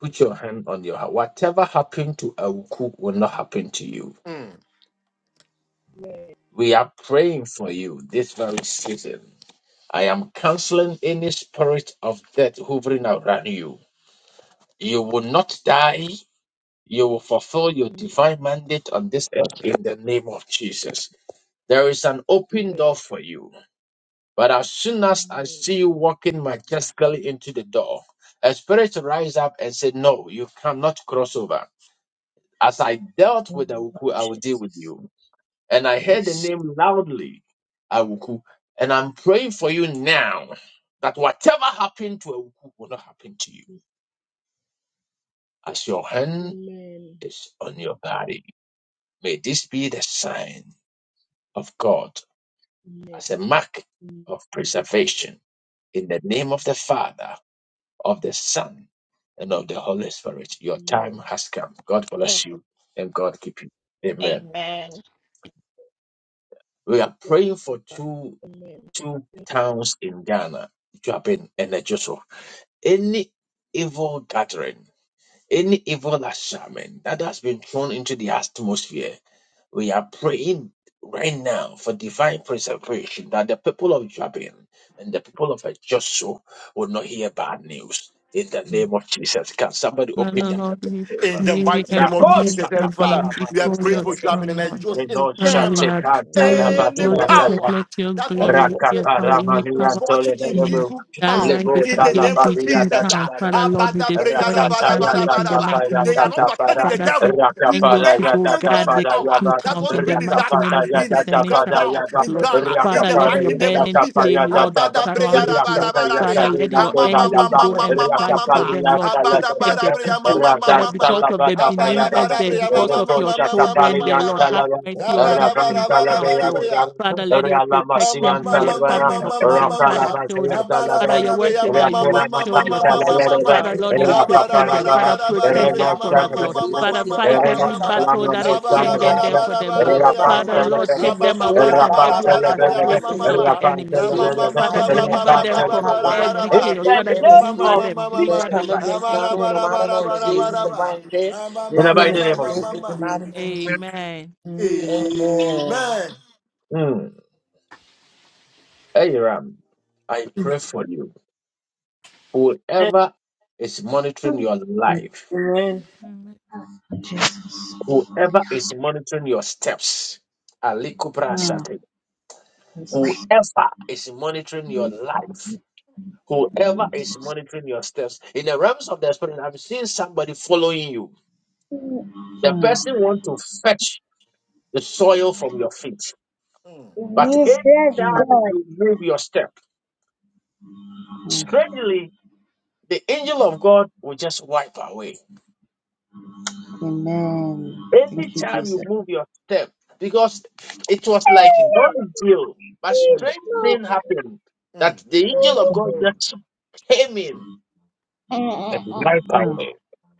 B: put your hand on your heart. Whatever happened to Awuku will not happen to you.
C: Mm.
B: We are praying for you this very season. I am canceling any spirit of death hovering around you. You will not die You will fulfill your
M: Amen.
B: divine mandate on this earth in the name of Jesus. There is an open door for you. But as soon as I
M: Amen.
B: see you walking majestically into the door, a spirit rise up and say, No, you cannot cross over. As I dealt
E: Oh,
B: with Awuku, I will deal with
E: Jesus.
B: you. And I heard the
E: Yes.
B: name loudly, Awuku. And I'm praying for you now that whatever happened to Awuku will not happen to you.
M: Just
B: As your hand
M: amen.
B: is on your body, may this be the sign of God
M: Amen.
B: as a mark
M: Amen.
B: of preservation. In the name of the Father, of the Son, and of the Holy Spirit, your time
M: Amen.
B: has come. God bless you and God keep you. Amen.
A: Amen. Amen.
B: We are
M: Yes,
B: praying for
M: Papa.
B: two two
M: Amen.
B: towns in Ghana, Joburg and Ejoso. Any evil gathering Any evil assignment that has been thrown into the atmosphere, we are praying right now for divine preservation that the people of Jabin and the people of Joshua will not hear bad news. In the name of Jesus, can somebody open
G: Father,
B: the
G: Lord, we
C: In the
G: pray
C: mighty
G: and
C: name of
G: commit
C: Jesus,
G: our
C: Heavenly Father,
G: being
C: we are
G: before
C: praying
G: your
C: for
E: Yes.
C: Gavin
G: throne, Lord.
C: and just in
G: Father, we
C: Ghana.
G: are
E: We
G: praying that
E: be
C: Any
G: Lord
E: aware of
G: Jesus,
E: it.
C: power
B: them?
G: reflect your
C: that want
E: Uh,
C: to
G: glory, let
E: Bible for
C: bring
G: your
E: the
B: Rakata
G: power,
E: day.
C: bring
G: any power
B: Ramania
G: of
E: So,
C: misfortune
E: there
G: the
C: in
E: is
G: enemy
C: this
B: Toledo,
E: no
G: that
E: peace.
C: town
G: rises
C: in
B: Lebota
C: the
B: La
C: name
G: against
C: of
G: these
B: Babia
G: two
C: Jesus. ah.
G: towns,
B: Dachara,
G: Father, Lord, we
E: Bible
G: destroy
E: for the
G: and
B: Ratata
G: cancel
E: day.
G: it in the
B: Yatata
C: Abadabreyadabadabarabadaba.
G: mighty name
C: They
G: of
C: are not
G: Jesus.
B: Payatata
C: attacking
B: Para,
C: the
G: Father, send
C: devil. We
G: angels
C: pray
B: Rakapara
G: to
E: So,
G: go
C: against
B: Yatata
E: there
G: guard
C: any
G: the
B: Para
C: power
G: two
B: Yaba,
E: is
C: that
G: towns
C: want to
G: in the
C: bring
G: mighty
C: disaster
G: name
B: Rakapata
G: of
C: in
G: Jesus
C: this
G: and
B: Yatata
G: they
B: Para
G: surround
C: town,
B: Yaba,
G: the
C: in
G: Lord.
C: Ghana, in
G: Father,
C: the
G: let
B: Rakapara
G: your
C: mighty name of
G: burning
B: Yatata
C: Jesus.
G: flame, Lord,
B: Payatata,
G: surround it, Lord.
B: Rakata
G: Father,
C: Abadabreyadabadabadabreya.
G: let
B: Yatadina
G: your
B: Doza
G: angels
B: Yaba,
G: go and fight for
C: Amamamamamamamamama.
B: Rakapali
G: them, Lord.
B: Yatala
G: Protect the
B: Dada,
C: Abadabarabreya
G: people. Father,
B: Ratanta
C: mamamamama.
G: because
B: La
G: of the believers there, because of
B: Payaba,
G: your
B: in the
G: children
B: name
G: there, Lord,
C: Abarabarabreyamamamamamamamamama.
G: have mercy on these two towns, Lord.
C: Abarabarabarabarabreyamamamamamamama.
G: Father, let your
C: Ama
G: protection be a
C: mama mama
G: covering
C: mama
G: upon them. Father,
C: mama
G: shield them.
C: abara
G: Father, your
C: bara,
G: word
C: bria
G: says that
C: mama
G: you will
C: mama mama
G: shield your
L: God,
C: mama
L: I
G: people.
L: ask you to
C: mama
G: Father,
L: forgive me
G: Lord,
L: my
G: you
L: body,
C: abara
L: thank
G: protect them.
C: bara,
L: you.
G: Father,
C: bara, bara,
L: In
G: protect
L: the
C: bria
G: them
L: mighty
G: for
C: mama
G: us,
L: name
G: Lord.
L: of
C: mama mama
L: Jesus,
G: Father,
C: mama
L: yes,
G: fight
C: mama
L: I talk
G: every
L: about
C: mama
G: battle
L: for
G: that is
L: shit in
C: abara
L: the
G: pending
C: bara,
G: there for
C: bara,
G: them,
L: eye.
C: bara,
G: Lord.
L: In the
C: bria
L: mighty
G: Father,
L: name
C: mama
L: of
G: Lord, take them
L: Jesus,
C: ababa
L: yes,
G: away
L: I
C: bara,
G: from
L: ba ba
C: bara,
G: every
L: ba
C: bara,
L: ba ba
C: bria
L: ba
C: mama
G: orchestrations
C: mama
L: see.
G: of the
L: In
G: enemies, Lord.
C: mama mama
L: Jesus'
G: Father,
C: baba
L: mighty
C: baba
L: name,
G: deliver
L: oh
G: them
C: baba
L: God,
G: from
L: I
C: bara,
L: bind and
C: bara,
G: every
L: I
C: bara,
G: chaos.
L: rebuke
G: Father,
L: every
C: mama
G: deliver
B: of
C: mama
L: spirit
G: them,
L: that
G: deliver
C: mama
B: Jesus
G: them
L: come
G: in
B: Christ.
G: the
L: against
C: abara
G: mighty
L: Ghana in the
G: name
C: bara,
G: of
L: mighty
C: bara,
L: name
G: Jesus.
L: of
C: bara,
L: Jesus
C: bara
L: to
G: Amen.
C: bara
L: bring death
C: mama
B: In
L: and
B: the
C: mama
B: mighty
L: premature
B: name of
C: mama
L: death
B: Jesus.
L: in the
C: mama
L: mighty name of Jesus. Amen.
C: Amen.
B: Mm. Aram, I pray for you. Whoever is monitoring your
N: Mhm.
B: life,
D: Amen.
G: Amen.
B: whoever is monitoring your steps, Alikubra
N: Mhm.
B: Sate, whoever is monitoring your life, whoever is monitoring your steps, in the realms of the spirit, I'm seeing somebody following you. The person wants to fetch the soil from your feet,
C: Mm,
B: but
N: Jesus Mhm.
B: anytime
N: God.
B: you move your step,
N: Mhm.
B: strangely, the angel of God will just wipe away.
N: Amen. Thank you,
B: Anytime you
N: Jesus.
B: move your step, because it was like done deal. But
C: mm.
B: strange thing happened
C: Mm,
B: that the
C: mm,
B: angel of God
N: Mhm.
C: mm,
B: just came in
C: mm.
N: Amen.
B: and wiped away.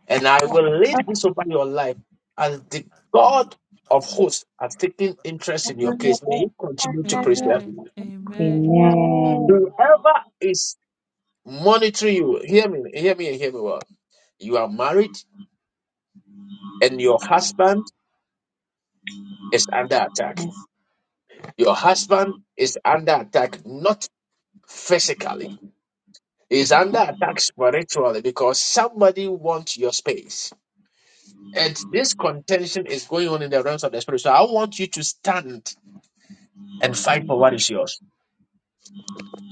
B: And I will lead this over your life as the God of hosts has taken interest in your case. May He continue
G: Amen.
B: to preserve
G: Amen.
B: you.
G: Amen.
B: Whoever is monitoring you, hear me, hear me, hear me well. You are married and your husband is under attack.
N: Yes,
B: Your husband is under attack, not physically. He's under attack spiritually because somebody wants your space. And this contention is going on in the realms of the spirit. So I want you to stand and fight for what is yours.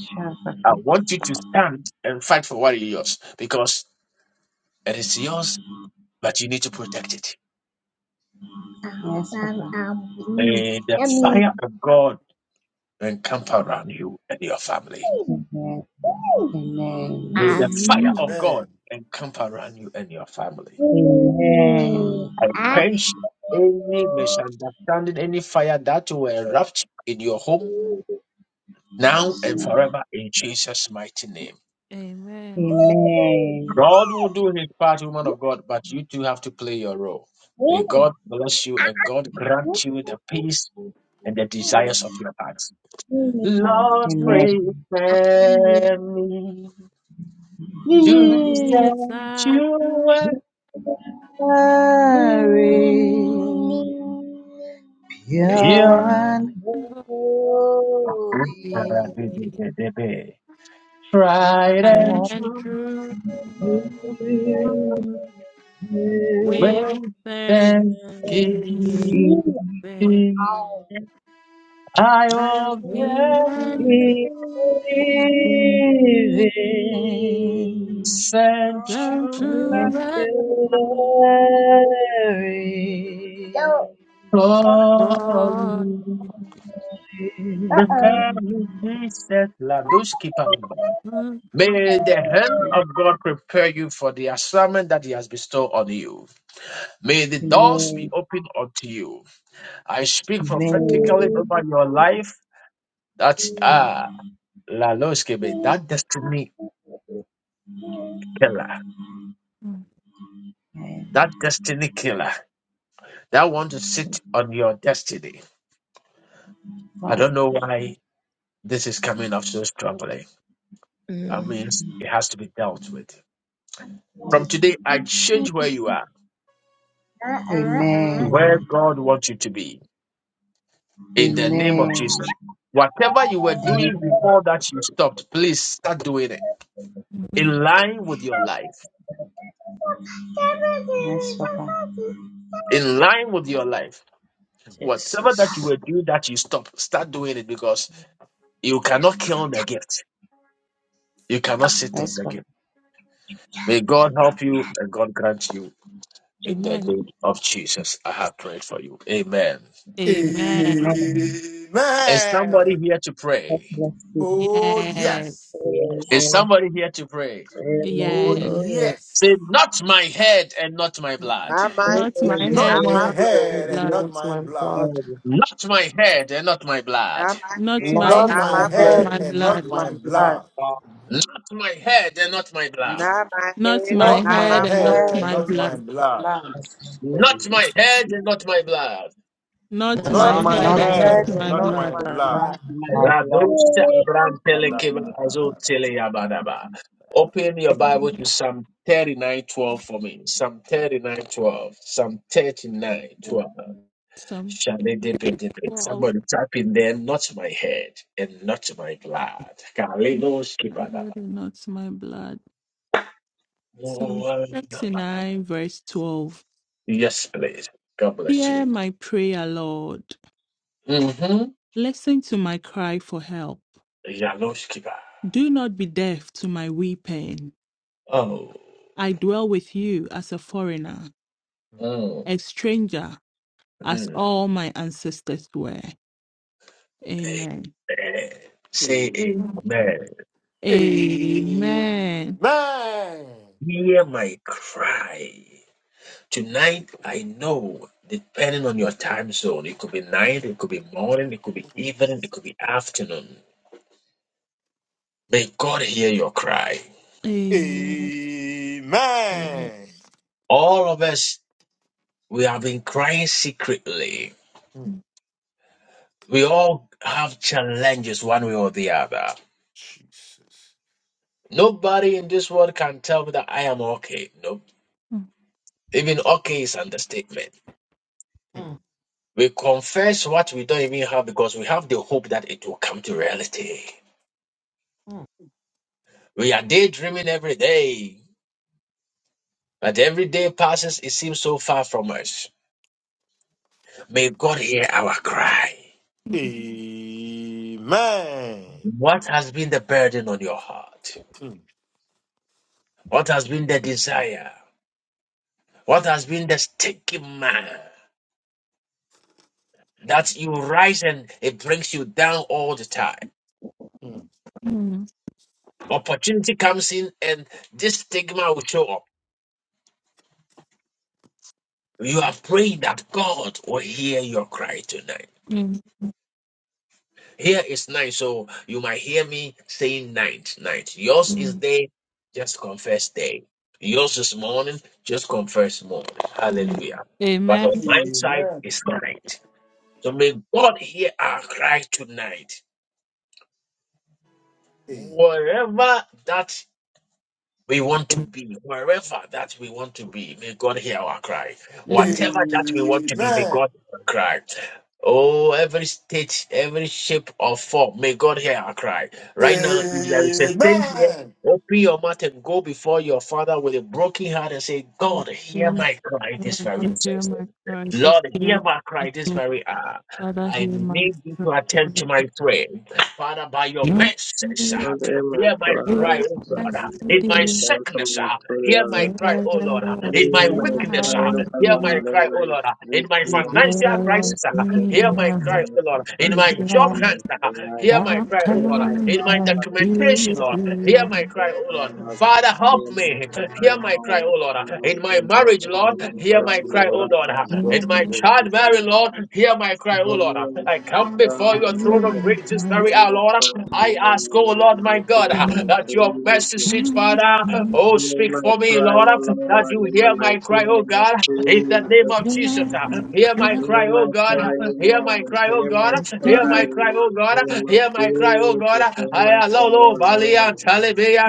N: Shabbat.
B: I want you to stand and fight for what is yours because it is yours, but you need to protect it.
N: Yes,
B: May the
N: Yummy.
B: fire of God encamp around you and your family.
N: Amen.
B: May
N: Amen.
B: the fire of God
C: Amen.
B: encamp around you and your family.
N: Um. Amen.
B: I quench any misunderstanding, any fire that will erupt in your home
N: Ah.
B: now and
N: Amen.
B: forever in Jesus' mighty name.
G: Amen.
B: God will do his part, woman of God, but you too have to play your role. May
N: Amen.
B: God bless you and God grant you the peace and the desires of your heart. Lord, prepare me to be
G: Yes, I do.
B: sanctuary
N: Mary,
B: pure.
N: pure
G: Your
N: and
G: holy
N: holy,
B: tried
G: I
B: and
G: am
B: true.
G: true
E: no
G: with
B: With
E: Mm.
G: thanksgiving.
B: thanksgiving,
N: is
G: I
B: I will
G: am being
N: living.
B: send you
G: untrue, but
N: Sanctuary. Don't.
B: for
G: God.
N: Uh-oh.
B: prepare you, he said, Laduski Palabala. May the hand of God prepare you for the assignment that He has bestowed on you. May the doors
N: Amen.
B: be opened unto you. I speak prophetically over your life. That ah. Laloske be
N: Amen.
B: that destiny killer,
N: Amen.
B: that destiny killer, that want to
N: To
B: sit on your destiny. I
N: God.
B: don't know why this is coming up so strongly. That means it has to be dealt with. From today, I change where you are,
N: Amen.
B: where God wants you to be, in the name of
N: Amen.
B: Jesus. Whatever you were doing
N: Amen.
B: before that you stopped, please start doing it in
G: Amen.
B: line with your life.
N: Yes, Papa.
B: In line with your life. Whatever that you
E: Jesus.
B: were doing that you stopped, start doing it because you cannot kill the gift. You cannot sit
N: Yes,
B: on the
N: Papa.
B: game. May God help you and God grant you in the
G: Amen.
B: name of Jesus. I have prayed for you. Amen.
G: Amen.
N: Amen.
B: Is somebody
C: Amen.
B: here
N: God
B: today?
N: bless you.
C: Oh,
G: Yes.
C: yes.
E: Oh
B: Is
E: yes.
B: say
C: Oh,
G: Yes.
J: Amen.
E: Oh
C: yes.
E: yes.
B: not my head and blood,
L: Not my
J: With
G: Not
J: my
L: head
G: my
L: and
C: Not
G: head
L: not
C: my
J: head,
G: and
L: my
G: not my
H: I
L: blood.
C: head and
G: blood.
J: not
C: not
H: pronounce
C: my
H: my
C: blood.
H: blood.
J: head.
B: not my head and not my blood,
L: Not my
G: Not
L: head
G: my
J: Not
L: and
C: Not
O: Not
G: head,
L: not
J: my
C: my
O: my
L: my
O: head
C: head
L: blood.
G: my
J: head.
O: and
C: and
O: not
C: not
G: blood.
C: my
O: my
J: Not my
O: blood.
C: blood.
J: God.
B: not my head and not my blood,
L: Not my
G: Not
L: head
G: my
L: and
O: Not
C: Not
L: not
C: my
O: my
G: head
L: my
G: and not
C: head
L: blood.
O: head
C: and
G: my
C: not
O: and
C: my
O: not
G: blood.
O: my
C: blood.
O: blood.
B: not
J: Not
B: my head and not my blood.
G: Not
E: That's
G: my
C: Not
O: Not
E: my
C: my
O: my
G: head
N: Not,
J: my
G: and
E: head.
N: not
G: not
C: head
O: head
C: and
G: my
O: and
J: head.
C: not
O: not
E: My
G: blood.
C: my
O: my
E: blood.
N: my
C: blood.
J: Not
O: blood.
J: my
N: life.
J: blood.
B: Rados Abraham Telekeva Azo
C: Adabadabadaba.
B: Teleyabadaba. Open your Bible to Psalm 39:12 for me. Psalm 39:12. Psalm 39:12.
G: Some
B: Shalidibidibid.
G: twelve.
B: Somebody type in there, not my head and not my blood. Kalino
G: My head
B: skibadaba.
G: and not my blood. Psalm
B: Muwanama.
G: 39, verse 12.
B: Yes, please. God bless
G: Hear
B: you.
G: my prayer, Lord.
B: Mm-hmm.
G: Listen to my cry for help.
B: Yaloskiba.
G: Do not be deaf to my weeping.
B: Oh.
G: I dwell with you as a foreigner,
B: Mm.
G: a stranger, as
B: Mm.
G: all my ancestors were. Amen.
B: Eh. Say
G: Amen.
B: amen.
C: Amen.
G: Amen.
C: Amen.
B: Hear my cry. Tonight, I know, depending on your time zone, it could be night, it could be morning, it could be evening, it could be afternoon. May God hear your cry.
G: Amen.
E: Amen.
C: Amen.
B: All of us We have been crying secretly.
C: Mm,
B: We all have challenges one way or the other.
C: Jesus.
B: Nobody in this world can tell me that I am okay. No, even okay is understatement.
C: Mm,
K: Mm,
B: We confess what we don't even have because we have the hope that it will come to reality.
K: mm.
B: We are daydreaming every day, but every day passes, it seems so far from us. May
C: mm.
B: God hear our cry.
C: Amen.
B: What has been the burden on your heart?
C: Mm,
B: What has been the desire? What has been the stigma? that you rise and it brings you down all the time.
C: mm.
G: Amen.
B: Opportunity comes in and this stigma will show up. You are praying that God will hear your cry tonight.
G: Amen.
B: Here is night, so you might hear me saying night, night. Yours is day, just confess day. Yours is morning, just confess morning. Hallelujah. But on my side
C: Amen.
B: is night. So may God hear our cry tonight.
C: Amen.
B: Wherever that We want to be wherever that we want to be. May God hear our cry.
G: Amen.
B: Whatever that we want to be, may God hear our cry. Oh, every state, every shape or form, may God hear our cry. Right now, if there is a thing here, open your mouth and go before your Father with a broken heart and say, God, hear
G: Amen.
B: my cry this
G: My
B: very
G: God, hear
B: season.
G: my cry. This
B: Lord, hear
G: hearing
B: my
G: my
B: cry this
G: cry.
B: very hour.
G: Father, hear
B: I
G: my
B: need you
G: cry.
B: to attend
G: Lord,
B: to my prayer. Father, by your mercies, uh,
J: Not in my
B: hear my cry,
J: Christ.
B: oh God. uh,
G: I
J: Jesus,
B: In my
G: pray.
J: I'm
B: sickness, uh,
J: some
B: hear
J: prayer.
B: my cry, oh Lord. uh,
J: Thank
B: In my weakness, uh,
G: Thank
B: hear my cry, oh Lord. uh, In my
G: You
B: financial
G: love
B: crisis, uh,
G: me
B: hear my cry,
G: enough.
B: oh Lord. In
G: You
B: my job
G: love me.
B: hunt, uh, hear my
G: I'll
B: cry, oh Lord.
G: come
B: In my
G: and be
B: documentation, Lord, hear
G: you.
B: my cry, oh Lord. Father, help me. Hear my cry, oh Lord. In my
C: Amen.
B: marriage, Lord, hear my cry, O Lord. In my
G: Love
B: child, Mary, Lord, hear my cry, O Lord. I come before your throne of
G: you,
B: grace this very hour, Lord. I ask, O Lord, my God, that your mercy
J: you.
B: seat, Father,
G: yes.
B: oh,
J: In
B: speak
J: my
B: for me,
J: cry,
B: Lord,
J: O
B: that
J: Lord, in
B: you
J: the
B: hear my
J: mighty
B: cry, O
J: name of
B: God, in the name
J: Jesus.
B: of
G: Mm,
B: Jesus.
G: mm, yeah,
B: Hear my
G: cry,
B: cry,
J: In my
B: O God.
J: cry, O
B: Hear my
J: Lord,
B: cry, O
J: hear
B: God.
J: my
B: Hear. Hear
J: cry,
G: yeah,
B: my
J: in the
B: cry, oh
J: mighty
B: God.
J: name of
B: Hear my cry, oh God.
J: Jesus. In
B: I
J: my
B: allow
J: cry,
B: lo
J: O
B: balia
J: Lord.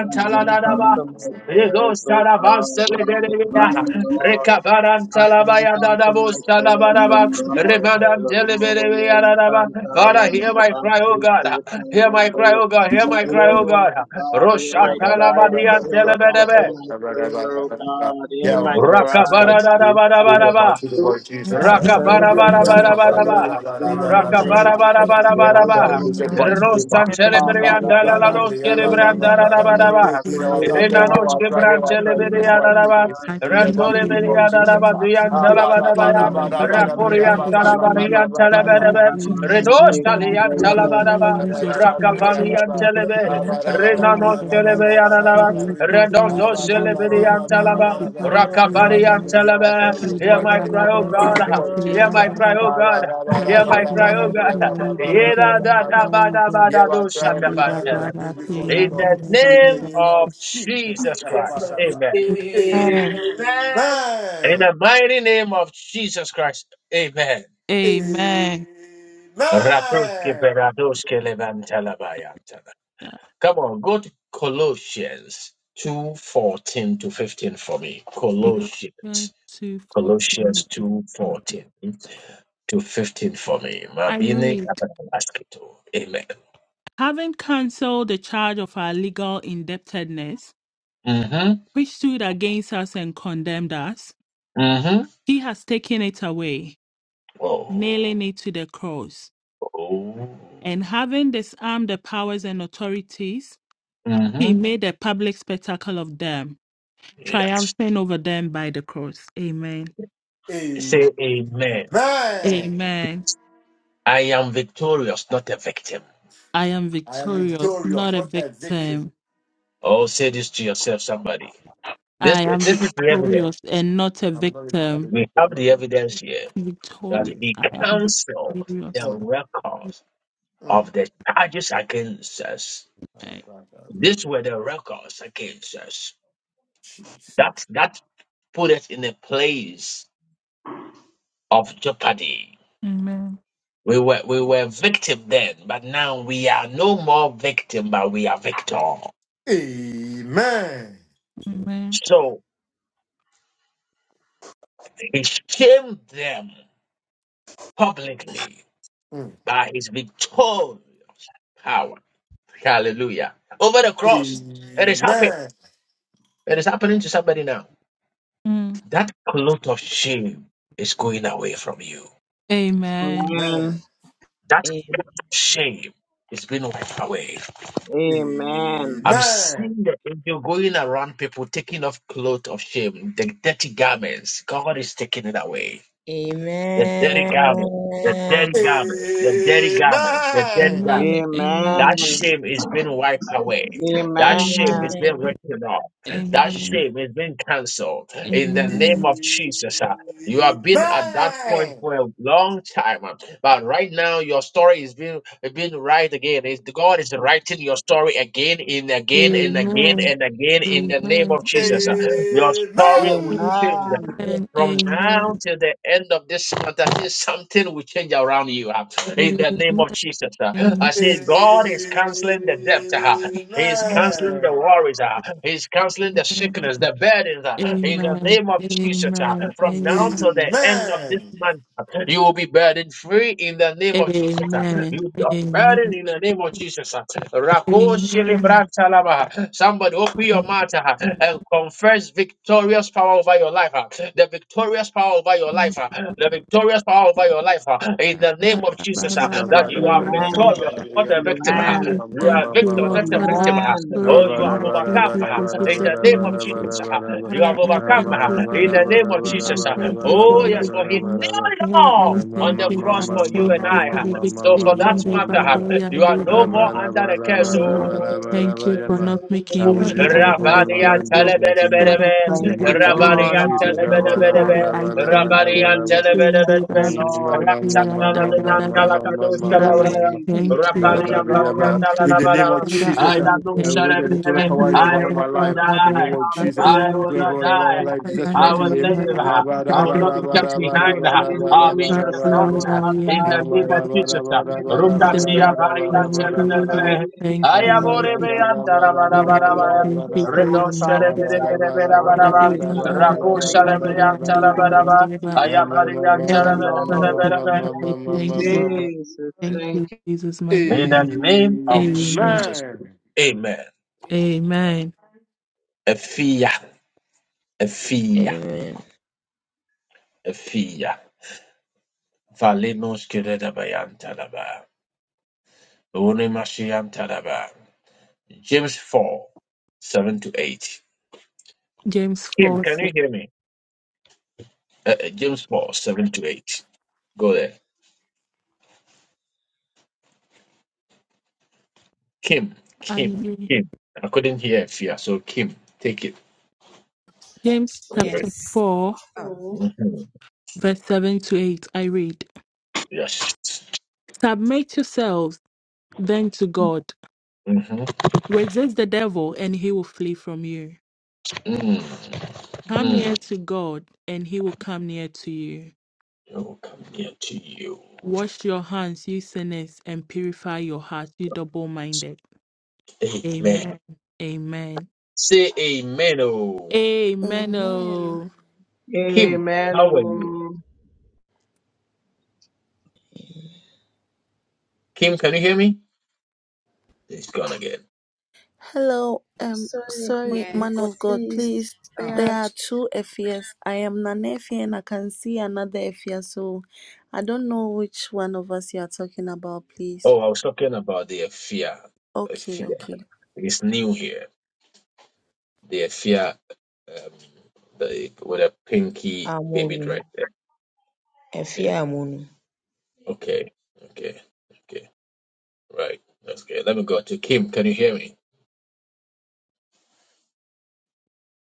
G: mm,
J: I
G: mm,
J: thank
B: taladaba.
J: unto my
B: Yego
J: prayers, O
B: saraban
J: God, Hear my cry,
B: celeberia.
J: O
G: mm,
J: Lord.
B: Recabaran
J: I thank
B: talabaya
J: unto my
B: dadabos
J: prayers, O
B: talabaraba.
G: mm, yeah,
J: God,
B: Remadan deliberia
J: hallelujah.
B: dadaba.
J: Santa,
B: Father,
J: Lord,
G: mm,
B: hear my
J: about
B: cry, oh God.
J: you,
B: Hear my cry,
J: Lord.
B: oh God. Hear my cry, oh
J: Oh
C: Amen.
B: God.
J: my God, hear
B: Rosha
J: my
C: Yeah,
J: cry and my
B: talabadian
J: sins unto
B: telebedebe.
J: my prayer, O God, hear my
C: our
J: cry,
C: precious light
B: Rakabara
J: hear
C: to
J: my
C: be with
J: cry.
C: the
B: dadabadabadaba.
C: mighty Lord
G: mm,
J: I
C: Jesus.
B: Raka
J: turn
G: mm,
J: to
B: bara
G: mm.
J: you
B: bara
J: for my
B: bara bara
J: prayers,
B: bara.
J: God, I
B: Raka
J: turn
B: bara
J: unto
B: bara
G: for
J: my
B: bara
G: them,
C: Yeah,
B: bara
J: prayer, O
C: sorry,
B: bara.
C: this is
G: every
C: what
J: Lord.
C: you do,
G: contribution
C: ba.
B: Rostan
G: for them,
C: Ah,
J: In the
G: maybe
C: ba,
B: celebrian
G: they
C: da,
J: mighty
B: dalla
C: ba,
G: feel
J: name
B: la
C: da,
J: of
C: ba,
G: low.
B: dos
C: da, ba,
G: Lord, I
C: ba,
B: celebran
J: Jesus,
G: am
C: ba,
B: dalla
G: not
C: ba,
B: la
J: I
C: da,
B: bara
G: coming
C: ba.
J: hear
G: to
J: my
B: bara.
C: You
G: pay
C: know
G: my
J: cry,
C: what
J: O
C: I'm
B: Rena
C: saying?
G: payment,
C: Here
J: God,
B: nos
C: I
G: I
B: que
J: I
C: pray,
G: can
J: turn
B: bran
C: here I
G: never
J: unto
C: pray,
G: heal
C: this
B: celebria
J: my
C: might
B: dalla
C: be
B: ba.
J: prayer,
C: this.
J: O
G: I
C: In
G: come
C: the
G: into
B: Rantore
C: mighty
G: you
C: name
G: in
C: of
B: beria
G: my
B: dalla
C: Jesus.
B: ba
G: in
C: Ah,
G: my
B: dian
G: dream
C: Ah,
G: to
B: dalla
C: ba,
B: ba
C: da,
B: da
G: declare
B: ba
J: Lord. In
C: ba,
G: you
B: ya.
C: da,
J: the
G: my
C: ba, da, ba,
G: business,
C: da,
G: I
C: ba,
J: mighty
C: da,
B: Rakoria
G: bring
J: name
G: to
C: ba, ba,
B: dalla ba
C: ba,
G: declare
C: ba,
G: you.
B: dian
C: ba,
J: of Jesus, I
C: ba,
B: dalla
G: But
J: pray,
C: ba,
G: I
B: ba
J: and
C: da.
B: da
G: don't
B: ba.
J: I
G: pray
J: will
G: in my
J: say,
C: Mm, ba,
G: dream
J: take
C: da,
G: them
J: all
C: ba, ba,
G: before they
J: the
C: ba,
B: Redos
G: tell you
C: da, ba, da,
G: use
C: ba,
G: your
C: da, ba, da, ba, da,
G: supernatural
C: ba,
B: Rakabalian
C: da.
G: strength, your
B: Telebe,
C: Ah, ba, da,
G: supernatural
C: ba, da, ba,
G: power
B: Renano
C: da,
G: over
C: ba, ba,
G: me.
B: Telebe
C: ba, ba, da, da, ba, da.
G: Father,
B: Yanaba,
G: let your glory
C: Ah,
B: Redondo
C: ba,
G: to
C: ba,
G: you,
C: ba,
G: to
C: ba,
G: me,
B: Celebrian
C: ba, ba, da,
B: Talaba,
G: mercy,
C: da, da, da.
G: Father, to
C: You know what
B: Rakabalian
C: I'm
G: me.
C: saying? Here I
B: Telebe.
C: pray,
G: Da
C: this
B: Hear
C: mighty
B: my
G: da
C: name.
G: da da
B: cry, O
C: In
G: da
B: God.
C: the name of
B: Hear my
C: Jesus.
B: cry,
C: Yeah,
B: O
C: I
B: God.
G: Hare
B: Hear
G: Krishna,
B: my cry, O
G: Hare
B: God. Yeda
G: Krishna,
B: da da ba
G: Hare
B: da ba
G: Krishna,
B: da do
C: cry every
B: shataban
C: father
G: Rambira
C: was
B: telebe.
G: Baba,
C: good before you,
B: In the
C: Lord.
G: Rambira
C: In the
B: name
C: name
G: Baba.
B: of
C: of Jesus.
B: Jesus
D: Jesus
C: Amen.
B: Christ.
D: Christ.
B: Amen.
G: Amen.
D: Amen.
B: In the mighty name of Jesus Christ. Amen.
G: Amen.
B: Rakoske
C: Amen.
B: peradoske levantalabaya. Come on, go to Colossians 2 14 to 15 for me.
G: Galatians
B: Colossians.
G: 2, 14,
B: Colossians
G: to
B: 2
G: 15.
B: 14 to 15 for me.
G: I
B: Mabini
G: read,
B: Abadabaskito. Amen.
G: having cancelled the charge of our legal indebtedness,
B: Mm-hmm.
G: which stood against us and condemned us,
B: Mm-hmm.
G: he has taken it away,
B: Oh.
G: nailing it to the cross.
B: oh.
G: And having disarmed the powers and authorities, he
B: Mm-hmm.
G: made a public spectacle of them
B: Yes.
G: triumphing over them by the cross. Amen.
B: Say
C: Amen.
B: amen.
G: Amen.
B: I am victorious, not a victim.
G: I am
C: I am
G: victorious,
C: victorious,
G: not a
C: not a victim.
G: victim.
B: Oh, say this to yourself, somebody.
G: I
B: This, this
G: am
B: is the evidence.
G: victorious and not a
C: I'm not a victim.
G: victim.
B: We have
C: I'm not
B: the
C: a
B: evidence
C: victim.
B: here that
G: Victorious.
B: he
G: I am
C: Ah,
B: cancelled
G: victorious.
B: the
C: mm,
B: records
C: mm.
B: of the charges against us.
C: Ah,
G: Amen.
C: bah, bah, bah.
B: These were the records against us.
C: Jesus.
B: That that put us in a place of jeopardy.
G: Amen.
B: We were we
C: Hmm.
B: were victim then, but now we are no more victim, but we are victor.
C: Amen.
G: Amen.
B: So he shamed them publicly
C: Hmm.
B: by his victorious power. Hallelujah. Over the
C: Amen.
B: cross. It is happening.
C: Amen.
B: It is happening to somebody now.
G: Mm.
B: That cloth of shame is going away from you.
G: Amen.
J: glory.
B: That
E: Amen.
B: shame is being wiped away.
C: Amen.
J: Amen,
B: I'm
C: Amen.
B: seeing the angel going around people taking off clothes of shame, the dirty garments. God is taking it away. The
E: Amen.
B: dirty garment, the dirty garment, the dirty garment, the dirty garment.
G: Amen.
J: amen,
G: Amen.
B: That
J: amen.
B: shame is being wiped away.
J: Amen.
B: That shame
G: Amen.
B: is being
E: Amen.
B: written off. That
G: Amen.
B: shame is being cancelled
G: Amen.
B: in the name
G: Amen.
B: of Jesus. ah. You have been at that point for a long time, ah, but right now your story is being being right again. It's, God is writing your story again and again and again
G: Amen.
B: and again in the name of Jesus. ah. Your story will change
J: Amen.
B: from now
G: Amen.
B: till the end of this month. I think something will change around you. uh.
G: Amen. Amen.
B: in the name of Jesus. uh. I say,
G: Amen.
B: God is canceling the debt. uh. He is
G: Amen.
B: canceling the worries. uh. He is canceling the
G: Amen.
B: sickness, the burdens. uh,
G: Amen.
B: In the
G: Amen.
B: name of Jesus, uh. from
G: Amen.
B: now till the end of this month, uh, you will be burden free in the name of Jesus. uh.
G: Amen.
B: You will be
G: Amen.
B: unburdened in the name of Jesus. uh. Rako
G: Amen.
B: Shilibran Talaba. Somebody open your mouth uh, and confess victorious power over your life uh, the victorious power over your life, ah, the victorious power over your life, ah, in the name of Jesus, ah, that you are
C: Amen.
J: Amen.
B: victorious, not a
C: Mm. Amen.
B: victim. ah.
G: Father, we
J: Amen.
B: You are
G: thank
B: a
G: you,
B: victor,
C: Amen.
G: Lord.
B: not a
G: Father,
C: Amen.
B: victim.
G: I'm
B: ah.
J: Amen.
C: I
B: Oh,
G: victorious
B: you
C: want
G: and
B: have
C: you
G: I
C: to go to
G: thank
B: overcome
C: God
G: you
B: ah,
G: for
C: and
B: in the
C: I
B: name
G: protecting
B: of
G: me safe.
B: Jesus. ah. You
G: Father,
B: have
G: I
B: overcome
G: thank
B: ah,
G: you for
B: in
G: the
B: the name of
G: victory.
B: Jesus.
G: I
B: ah.
G: thank you for
B: Oh,
G: the
B: yes, for he
G: victory.
B: nailed it
G: Father,
B: all
G: I
B: on
G: thank
B: the
G: you. I
B: cross for you
G: thank
B: and
G: you for
B: I. uh,
G: the
B: so
G: victory.
B: for that
G: In the
B: matter, you are no more
G: Baba
B: under the curse.
G: Father, Lord, I
B: oh.
G: thank you for not making me be under the
B: Rabanian
G: curse,
C: bless
G: Lord.
C: my
G: God,
C: team.
G: I
B: telebelebelebe,
C: In
G: thank
C: the
J: Thank
G: you
J: you,
C: mighty
G: for
C: name
G: your
C: of
J: Lord.
B: Rabanian
G: mercy,
C: Jesus.
G: mercy,
B: telebelebelebe,
G: Father.
J: Hallelujah.
G: I
J: Thank you,
G: thank you.
B: Rabanian
J: Jesus.
G: Thank
J: Thank
B: telebelebelebe,
J: you,
G: you,
J: Lord.
C: Mama, Mama, Mama, Mama,
G: Lord, da, da,
B: Ratsakalabian
G: da, da.
J: Thank
C: Mama,
J: you,
B: talakadus
G: Father,
C: Mama,
G: I
C: Mama,
B: kalabaya,
J: Jesus.
G: thank you,
C: in
J: Thank
G: Lord.
J: you,
B: Rabanian
G: I
B: palian
J: Lord.
G: thank you.
J: Thank
C: the
J: you,
C: name of
B: talanabaraba.
G: Father,
B: I
C: Jesus,
B: am
G: I
C: I
B: no
C: I
J: Jesus.
G: thank
C: read the
G: you.
C: total
B: cerebelebe.
G: And
C: power
G: the
C: over
B: I
G: da,
C: all
G: da,
J: Thank
B: will
C: my
J: you,
B: not
G: da,
C: life.
G: da, da,
C: In the
G: da,
J: Lord.
B: die.
C: name of
G: da,
C: Jesus,
B: I
C: the
B: will
G: da.
C: total
J: Hallelujah.
B: not
C: power over
J: Thank
C: all my
J: you,
B: die.
C: life.
J: thank
C: Jesus'
G: And
B: I
J: you,
C: mighty
B: will
G: the
C: name.
G: da,
B: live.
G: da,
C: Ah,
B: uh,
C: ba,
J: Jesus.
C: da,
B: I
G: da, da,
B: will
C: ba,
B: not
C: da,
B: be
G: da, da,
C: ba,
B: kept
C: da,
J: Thank
C: ba,
G: da.
J: you,
C: da,
B: behind.
C: ba,
B: uh,
C: da, ba,
B: I'll be in
G: Father,
C: da, ba, da,
J: Jesus.
B: the
C: ba,
J: I
C: da,
B: front.
C: ba.
G: Lord,
J: will
G: I
B: uh,
J: not
G: am
B: In
G: da,
J: die,
B: the
C: Ah,
J: but
G: da,
B: name
C: ba,
B: of
J: live
C: da,
G: da.
J: to
C: ba, da,
B: Jesus. uh,
C: ba, da,
J: declare
C: ba,
J: the
C: da,
G: In
J: name
C: ba,
J: of
C: da, ba,
G: the
J: the
B: Rukatia
G: mighty
C: da,
J: Lord.
G: name of
C: ba,
J: Thank
C: da,
J: you,
C: ba,
G: Jesus,
C: da,
G: I
B: Bariantelebelebe.
G: thank
J: Jesus.
G: you,
B: Ayaborebe
G: Lord.
C: ba,
J: Because the name of
G: Thank
J: the
B: andarabarabarabaya.
J: Lord is a
C: da,
G: you
C: ba.
G: for
J: strong
G: your
J: tower,
C: Ah,
G: mercy.
J: the
C: ba,
G: sweet
C: da, ba,
J: righteous
C: da, ba, da, ba, da, ba, da, ba, da, ba. Ah, ba, da, ba, da, ba, da,
J: running
G: God.
B: Redosherebelebelebelebelaba.
C: ba,
G: Do
C: da, ba,
J: faith,
C: da,
G: do
J: and
C: ba,
J: they
G: da
C: da, ba, da,
J: are free.
C: ba, da, ba, da,
J: Thank
C: ba.
B: Rakusharebelebelebelebeleba.
J: you,
C: Ah, ma,
J: Jesus.
C: ma, ma,
J: Thank
G: Lord,
C: ma,
J: you,
G: I
C: ma, ma,
G: thank
J: Lord.
C: ma, ma,
G: you. Lord,
B: Ayabariantelebelebelebelebe.
C: ma,
G: I
J: Thank you,
C: ma, ma,
G: thank you.
C: ma, ma, ma.
J: Jesus.
G: Thank
J: Thank
G: you,
J: you.
G: Jesus, my
B: In the
G: God.
B: name of
C: Amen.
G: Amen.
B: Jesus.
C: Amen.
B: Amen.
C: Amen.
G: Amen.
B: Efia, Efia,
E: Amen.
B: Efia. Valenos keredabayantalaba. Onimashiam Tadaba. James 4, 7 to 8.
G: James
B: Kim,
G: 4.
B: can
G: se-
B: you hear me? Uh, uh, James 4, 7 to 8. Go there. Kim,
G: I
B: Kim,
G: read.
B: Kim. I couldn't hear Fia, so Kim, take it.
G: James
B: Alright.
G: chapter
P: Yes.
G: 4,
P: Oh,
B: Mhm.
G: verse 7 to 8. I read
B: Yes.
G: Submit yourselves then to God.
B: Mm-hmm.
G: Resist the devil, and he will flee from you.
B: Mm,
G: Come
B: mm.
G: near to God, and he will come near to you.
B: I will come near to you.
G: Wash your hands, you sinners, and purify your hearts, you double minded.
B: Amen.
G: Amen. Amen.
B: Say amen. Oh,
G: Amen.
I: Amen.
G: Oh.
B: Kim,
J: Amen.
B: how are you?
J: Oh.
B: Kim, can you hear me? It's gone again.
I: Hello, um,
P: So, sorry, my
I: sorry,
P: yes.
I: man
P: God,
I: of God,
P: please.
I: please.
P: Oh,
I: There
P: Yeah,
I: are two Ephias. I am an Ephia and I can see another Ephia, so I don't know which one of us you are talking about, please.
B: Oh, I was talking about the fear.
I: Okay,
B: Fear.
I: okay.
B: It's new here. the fear um the with a pinky baby dress.
E: Amonu. Efi
B: Yeah.
E: Amonu.
B: Okay. Okay. Okay. Right. That's good. Let me go to Kim. Can you hear me?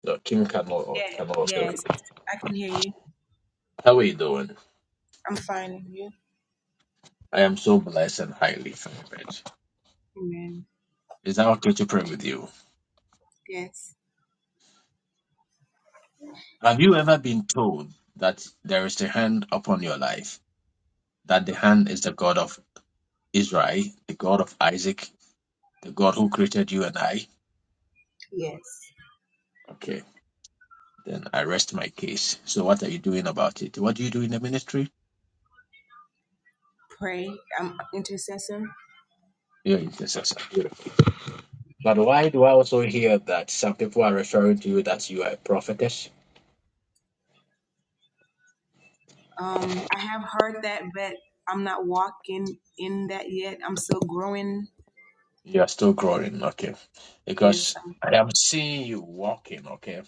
B: No, Kim cannot
P: yeah.
B: cannot also.
P: Yes. I can hear you.
B: How are you doing?
P: I'm fine. You?
B: I am so blessed and highly favored.
P: Amen.
B: Is that okay to pray with you?
P: Yes.
B: Have you ever been told that there is a hand upon your life? That the hand is the God of Israel, the God of Isaac, the God who created you and I?
P: Yes.
B: Okay. Then I rest my case. So what are you doing about it? What do you do in the ministry?
P: Pray. I'm an intercessor.
B: You're intercessor. Beautiful. But why do I also hear that some people are referring to you that you are a prophetess?
P: Um, I have heard that, but I'm not walking in that yet. I'm still growing.
B: You are still growing, okay.
P: Yes.
B: Because
P: Um,
B: I am seeing you walking, okay.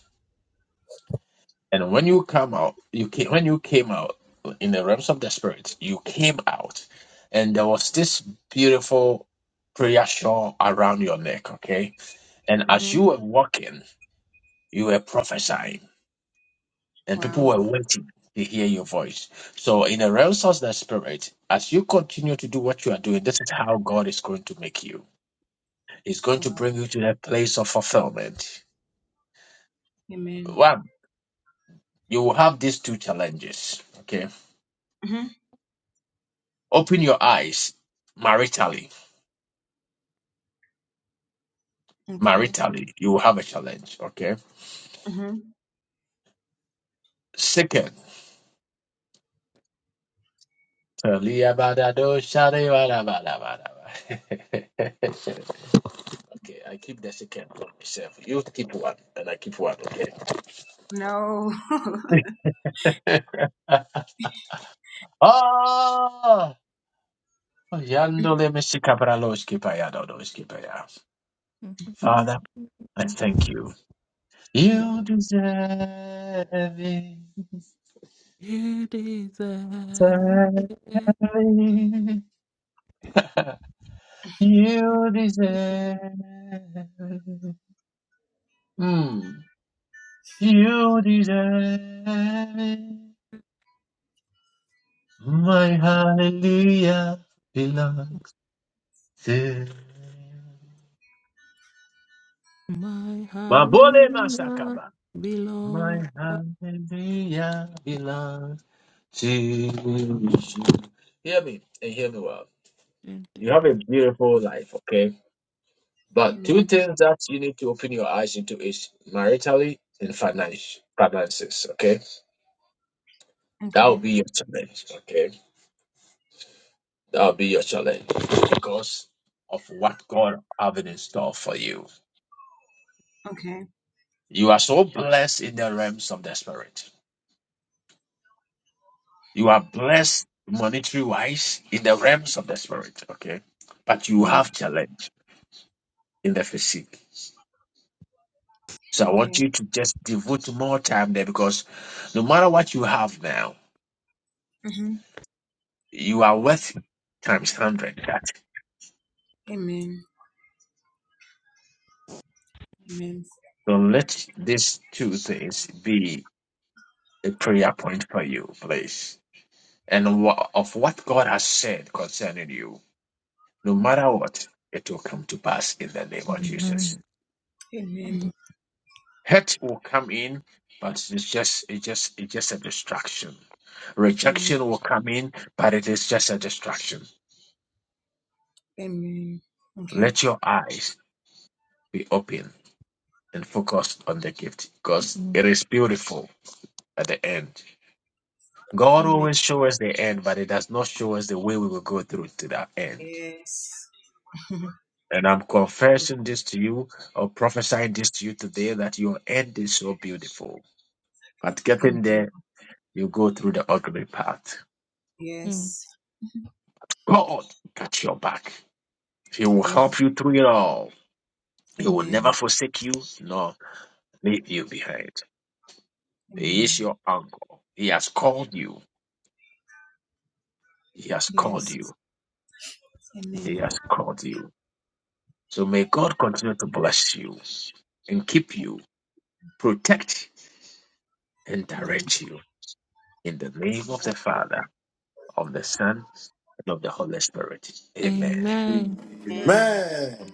B: And when you come out, you came, when you came out in the realms of the spirit, you came out, and there was this beautiful prayer shawl around your neck, okay. And as
P: hmm
B: you were walking, you were prophesying and people
P: Wow.
B: were waiting to hear your voice. So, in a resource that spirit, as you continue to do what you are doing, this is how God is going to make you. He's going to
P: Wow.
B: bring you to that place of fulfillment.
P: Amen.
B: One, you will have these two challenges. Okay,
P: hmm
B: open your eyes maritally.
P: Okay.
B: Maritally, you will have a challenge. Okay.
P: hmm
B: Second, okay, I keep the second for myself. You keep one, and I keep one. Okay.
P: No.
B: Ah, Yandole Mishikabraloski Payadodoski Paya. Father, I thank you. You deserve it.
G: You deserve
B: deserve
G: it.
B: it. You deserve it. Hmm. You deserve it. My hallelujah belongs to you.
G: my
B: Mabole
G: hallelujah
B: Masakaba. My
G: belongs.
B: hallelujah belongs. Jesus. Hear me and hear me well.
G: to
B: You
G: you.
B: have a beautiful life, okay? But two
P: Amen.
B: things that you need to open your eyes into is maritally and finance, finances, okay? That will
P: Okay.
B: be your challenge, okay? That will be your challenge because of what God have in store for you.
P: Okay.
B: You are so blessed in the realms of the spirit. You are blessed monetary wise in the realms of the spirit, okay? But you
P: Amen.
B: have challenge in the physique. So I want
P: Okay.
B: you to just devote more time there because no matter what you have now,
P: hmm
B: you are worth times hundred. That
P: Amen. Amen.
B: so let these two things be a prayer point for you, please. And wha- of what God has said concerning you, no matter what, it will come to pass in the name of Jesus.
G: Amen.
P: Amen.
G: Amen.
B: Hurt will come in, but it's just it's just it's just a distraction.
P: Mm,
B: Rejection will come in, but it is just a distraction.
P: Amen. Okay.
B: Let your eyes be open and focus on the gift because it is beautiful at the end. God
P: Amen.
B: always shows us the end, but it does not show us the way we will go through to that end.
P: Yes. Amen.
B: And I'm confessing this to you or prophesying this to you today that your end is so beautiful. But getting there, you go through the ugly path.
P: Yes.
B: God got your back. He will
P: Thank you.
B: help you through it all. He will
P: Amen.
B: never forsake you nor leave you behind. He
P: Amen.
B: is your uncle. He has called you. He has called
P: Yes.
B: you. He
P: Amen.
B: has called you. So may God continue to bless you and keep
P: Thank-
B: you, protect and
P: Amen.
B: direct you in the name of the Father, of the Son, and of the Holy Spirit. Amen.
G: Amen.
C: Amen.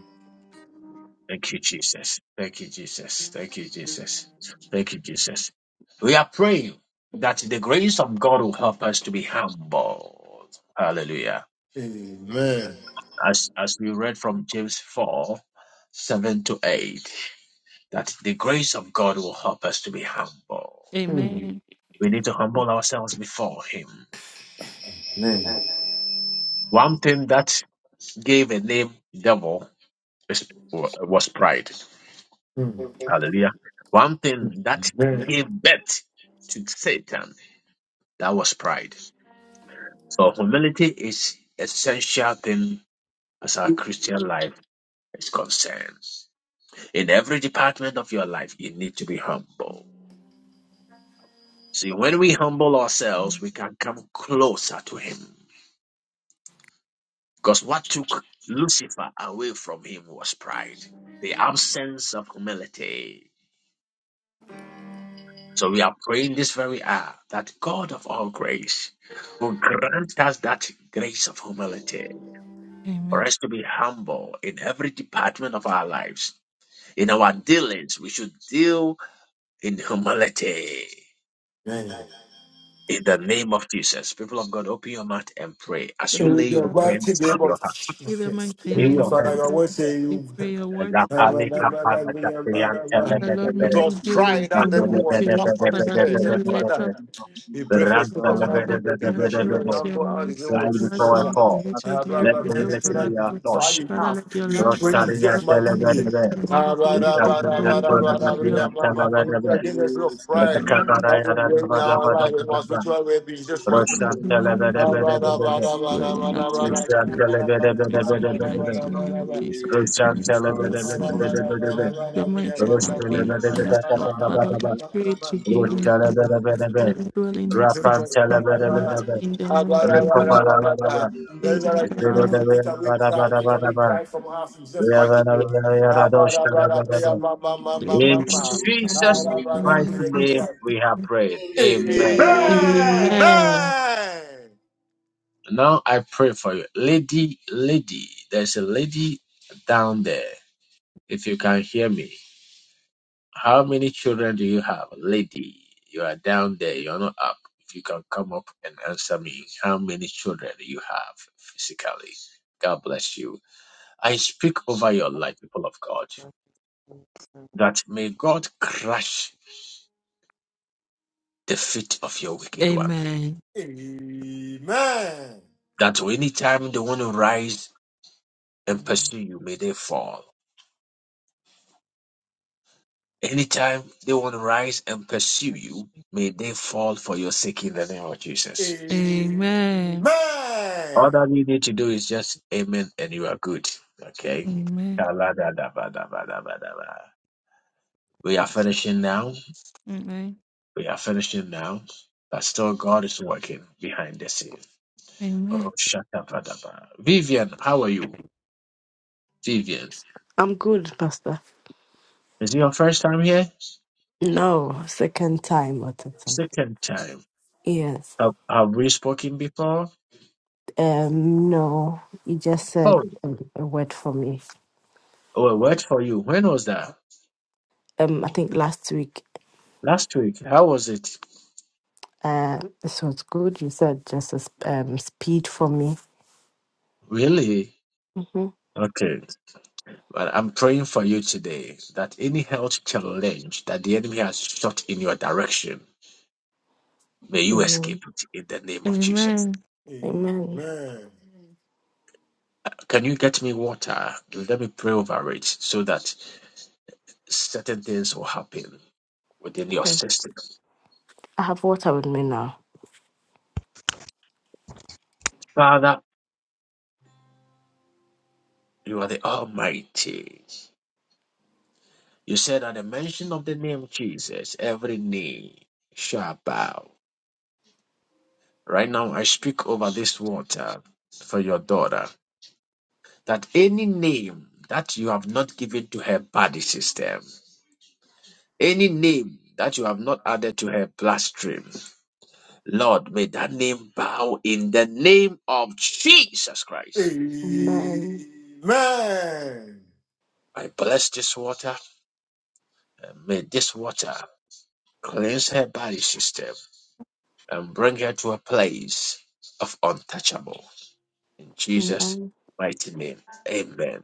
B: Thank you, Jesus. Thank you, Jesus. Thank you, Jesus. Thank you, Jesus. We are praying that the grace of God will help us to be humble. Hallelujah.
C: Amen.
B: As, as we read from James 4 7 to 8, that the grace of God will help us to be humble.
G: Amen.
B: We need to humble ourselves before Him. One thing that gave a name devil is, was pride.
C: Amen.
B: Hallelujah. One thing that gave birth to Satan that was pride. So humility is essential thing as our Christian life is concerned. In every department of your life, you need to be humble. See, when we humble ourselves, we can come closer to Him. Because what took Lucifer away from him was pride, the absence of humility. So we are praying this very hour that God of all grace will grant us that grace of humility for
G: Amen.
B: us to be humble in every department of our lives. In our dealings, we should deal in humility.
C: Amen.
B: In the name of Jesus, people of God, open your mouth and pray as you
C: In
B: lay your
C: the mighty
B: hands on
C: name
B: your
C: of
B: heart.
G: In the
C: Jesus.
G: mighty
B: Lay
C: Mm,
G: name
B: your
G: of
C: Father, I
G: Jesus,
C: will
B: hands.
C: say
G: we
C: you.
G: pray your words.
B: La
C: It
B: palika parata priyan tele
G: Father,
J: Thank
B: bede
J: you,
G: Lord, may
B: bede.
J: Lord.
G: we
C: was
G: build in
J: Thank
C: pride
B: La
J: you,
C: that devil
J: Father.
B: dole
C: was
G: community,
B: bede bede
G: Lord.
J: Thank
C: cast on
B: bede
C: his
G: Father,
C: head.
G: do
B: bede
J: you,
G: not
J: Lord.
G: let
B: bede
C: Father,
J: Thank
G: us
B: bede.
J: you, Father.
C: We
B: The
C: pray
J: Thank
C: for
J: you,
C: the
B: ram
C: spirit of
J: Lord.
B: tele
G: Baba,
B: bede
C: harmony.
B: bede
C: We pray for
J: Thank
B: bede
G: show
C: the
B: bede.
G: us your
C: humble heart in the name
G: mercy,
C: of
B: Glide
G: show us
B: before
C: Jesus.
B: I
G: mercy,
B: fall.
G: let your
C: Ah, blah,
G: glory
B: Let
C: blah, blah,
G: prevail
C: anything
B: humility
G: for
C: that
G: us,
B: be
C: you
B: our
G: Lord.
C: desire in
B: portion.
G: Father,
C: us,
G: let your
C: we
G: light
C: pray in
G: shine
B: Rostaria
G: for
C: Jesus'
G: us
B: tele
C: mighty
G: in the
B: bede
C: name.
B: bede.
G: mighty name
C: Ah,
G: of
C: blah,
G: Jesus,
C: blah, blah,
G: Christ of
C: blah,
G: the
B: Ikaminan
C: blah, blah,
G: living
B: tole
C: blah,
G: God,
C: blah, blah,
G: Lord,
B: mabiyan tele
C: blah, blah, blah. We
B: bede
C: pray
B: bede.
C: Against the spirit of
G: your
C: pride
G: name, Baba.
C: that
B: Rekabaraya
C: will
B: da da
C: reign in
B: ba da
C: our
B: ba da
C: life
B: ba
C: and
B: da
C: our
B: ba.
C: spiritual
J: you.
C: well being, Jesus'
G: In
C: mighty
B: Roshan
C: name.
G: the
B: tele
G: name of
B: bede
C: Ah,
B: bede
C: blah,
G: Jesus,
C: blah,
B: bede
C: blah,
B: bede.
C: blah, blah, blah,
G: Lord, and
C: blah, blah,
G: that's
C: blah, blah, blah,
G: your
B: Lishan
G: grace,
C: blah,
B: tele
C: blah,
B: bede bede
G: in
B: bede
G: the
B: bede
C: blah,
B: bede.
G: mighty name of Jesus, we
B: Roshan
G: come
B: tele
G: before
B: bede
G: your
B: bede bede
G: throne,
B: bede bede.
G: Your mighty
B: Rosh
J: Amen.
G: hand
B: tele
G: be
B: bede bede
G: on us, Lord.
B: bede
G: Father,
B: bede
G: let's
B: bede.
C: blah, blah,
G: pray
C: blah, blah.
G: to be on us.
C: This
B: Roshalabarabarabe,
G: Father, dwell in us.
C: Take away pride,
B: Rapantalabarabarabe,
G: In the mighty name
B: Rikobarabarabe,
G: of
C: take away
B: Zerobarabarabarabe,
C: pride from us in Jesus'
P: Amen.
C: mighty name.
B: Yabarabarayaradoshtarabarabarabe. In Jesus' mighty name we have prayed. Amen.
P: Amen.
G: Amen.
C: Amen.
B: Now I pray for you. Lady, lady, there's a lady down there. If you can hear me. How many children do you have? Lady, you are down there, you're not up. If you can come up and answer me, how many children do you have physically? God bless you. I speak over your life, people of God, that may God crush the
G: Amen.
B: wicked one.
G: Amen.
C: Amen.
B: That anytime they want to rise and pursue you, may they fall. Anytime they want to rise and pursue you, may they fall for your sake in the name of Jesus.
C: Amen.
G: Amen.
B: All that you need to do is just amen and you are good. Okay. Kaladadabadabadabadaba. We are finishing now.
G: Amen.
B: We are finishing now. But still, God is working behind the scenes.
G: Amen.
B: Roshatabadaba. V for you, Vivian.
H: I'm good, Pastor.
B: Is it your first time here?
H: No, second time at a time.
B: Second time.
H: Yes.
B: Have, have we spoken before?
H: Um, no, you just said
B: Oh,
H: a, a word for me.
B: well, wait for you. When was that?
H: Um, I think last week,
B: Last week. How was it?
H: uh, this was good. You said just a sp- um, speed for me.
B: Really?
H: Mm-hmm.
B: Okay. But I'm praying for you today that any health challenge that the enemy has shot in your direction, may you
H: Amen.
B: escape it in the name of Jesus.
G: Amen.
H: Amen.
B: Can you get me water? Let me pray over it so that certain things will happen within your
H: Okay.
B: system.
H: I have water with me now.
B: Father, you are the Almighty. You said at the mention of the name Jesus, every knee shall bow. Right now, I speak over this water for your daughter. that any name that you have not given to her body system, any name that you have not added to her bloodstream, Lord, may that name bow in the name of Jesus Christ.
H: Amen.
C: Amen.
B: I bless this water and may this water cleanse her body system and bring her to a place of untouchable. In Jesus'
H: Amen.
B: mighty name, amen.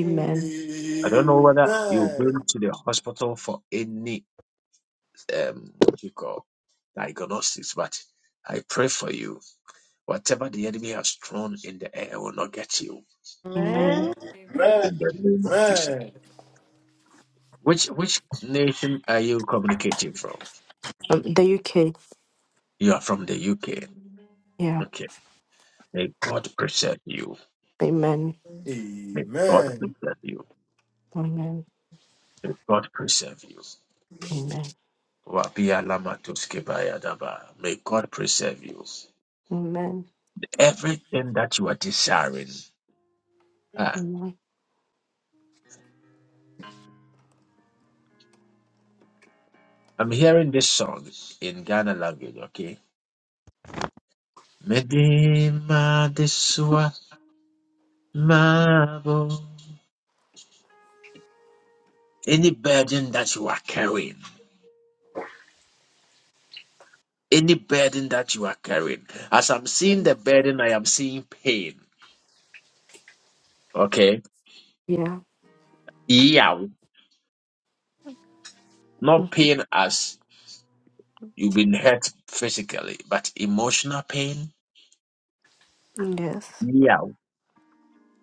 K: Hey,
B: I don't know
C: Amen.
B: whether you've
C: Amen.
B: been to the hospital for any, um, what you call, I pray for you. Whatever the enemy has thrown in the air will not get you.
H: Amen.
B: In the name of Jesus.
C: Amen.
B: Which which nation are you communicating from?
H: Um, the UK.
B: You are from the UK.
H: Yeah.
B: Okay. May God preserve you.
H: Amen.
B: May God
C: Amen.
B: preserve you.
H: Amen.
B: May God preserve you.
H: Amen.
B: Wabia lama tuskebaya daba. May God preserve you.
H: Amen.
B: Everything that you are desiring. Ah,
H: Amen.
B: I'm hearing this song in Ghana. Okay. Medi Sua Mabo. Anything that you are carrying. Any burden that you are carrying. As I'm seeing
H: Right.
B: the burden, I am seeing pain. Okay?
H: Yeah.
B: Yeah. Not
H: Mm.
B: pain as you've been hurt physically, but emotional pain.
H: Yes.
B: Yeah.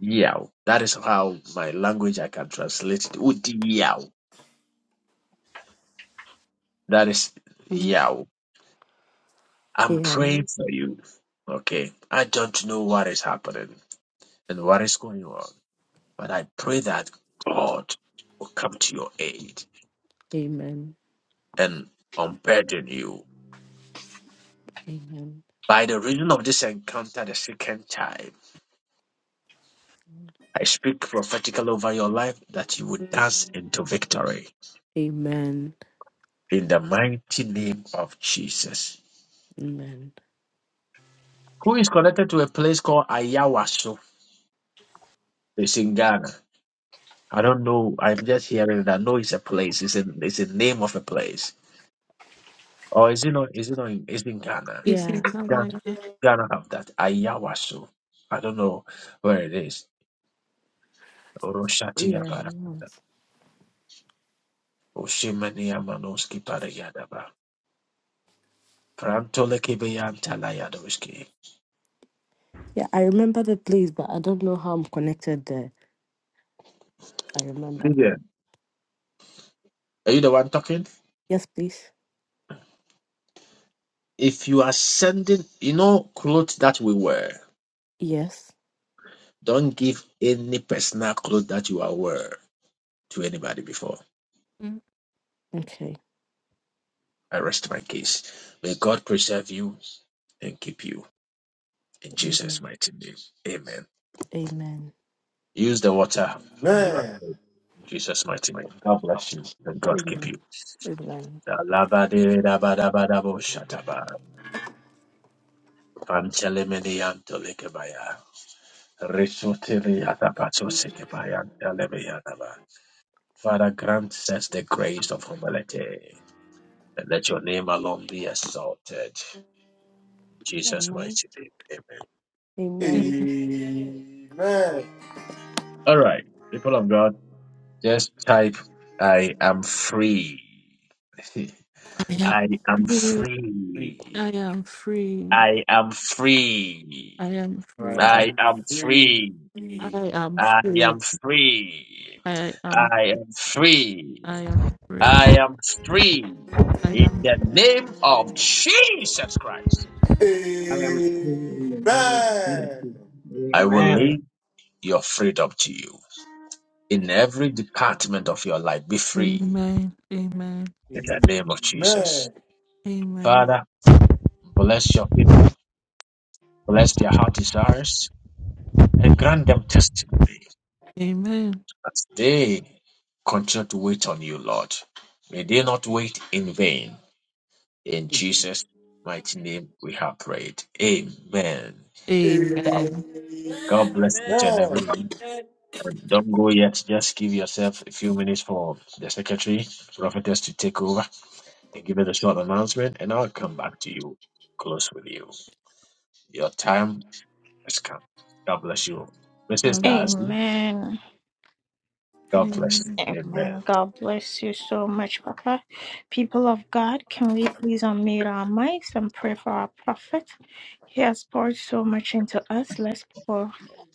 B: Yeah. That is how my language I can translate it. Udi Yeah. That is
H: Mm.
B: yeah. I'm
H: Yeah.
B: praying for you. Okay. I don't know what is happening and what is going on, but I pray that God will come to your aid
H: Amen.
B: and unburden you
H: Amen.
B: By the reason of this encounter the second time, I speak prophetically over your life that you will dance into victory
H: Amen.
B: in the mighty name of Jesus.
H: Amen.
B: Who is connected to a place called Ayawaso? It's in Ghana. I don't know. I'm just hearing that. No, it's a place. It's a it's a name of a place. Or is it not? Is it not? In, it's in Ghana.
H: Yeah.
B: Ghana, Ghana have that Ayawaso. I don't know where it is. Oroshati
H: Yeah.
B: Yabara.
H: Yes.
B: Oshimani Yamanoski Parayadaba. Prantolekebeyantalayadoski.
H: Yeah. I remember the place, but I don't know how I'm connected there. I remember that.
B: Vivian. Are you the one talking?
H: Yes, please.
B: If you are sending, you know, clothes that we wear,
H: Yes.
B: don't give any personal clothes that you are wearing to anybody before.
G: Mm.
H: Okay.
B: I rest my case. May God pray you and keep you. In Jesus'
H: Amen.
B: mighty name. Amen.
H: Amen.
B: Use the water and you are
C: Amen.
B: saved. In Jesus' mighty name. God bless you and God keep you.
H: Amen. Amen.
B: Alabadabadabadabo Panchelemeniantolekebaya. Father, grant us the grace of humility and let your name alone be exalted. In Jesus'
H: Amen.
B: mighty name, amen.
H: Amen.
C: Amen.
B: All right, people of God, just type, I am free.
G: I
B: I
G: am
B: am
G: free.
C: Free.
B: free.
G: I am free.
B: I am
G: I
B: free.
G: am
C: Right.
G: free.
B: I
C: I'm
B: am
C: free.
B: free.
G: I am
B: I
G: free.
B: am free.
G: I am
B: I am
G: I
B: free.
G: am free.
B: I am free
G: I
B: in
G: am
B: the name of Jesus Christ.
J: I am free in the name of
C: Amen.
J: Jesus.
B: I will
J: Amen.
B: leave your freedom to you in every department of your life. Be
G: free.
B: free
G: Amen. Amen.
B: in the name of Jesus.
C: Amen.
G: Amen.
B: Father, bless your people, bless their heart desires, and grant them testimony
G: Amen.
B: as they continue to wait on you, Lord. May they not wait in vain. In Jesus' mighty name, we have prayed. Amen.
G: Amen.
C: Amen.
B: God bless each and
C: Amen.
B: everyone. Don't go yet. Just give yourself a few minutes for the secretary, prophetess, to take over and give us a short announcement, and I'll come back to you, close with you. Your time has come. God bless you. Mrs.
G: Hallelujah.
B: Darcy,
A: Amen.
B: God bless
G: Amen.
B: you. Amen.
A: Amen. God bless you so much, Papa. People of God, can we please unmute our mics and pray for our prophet? He has poured so much into us. Let's pour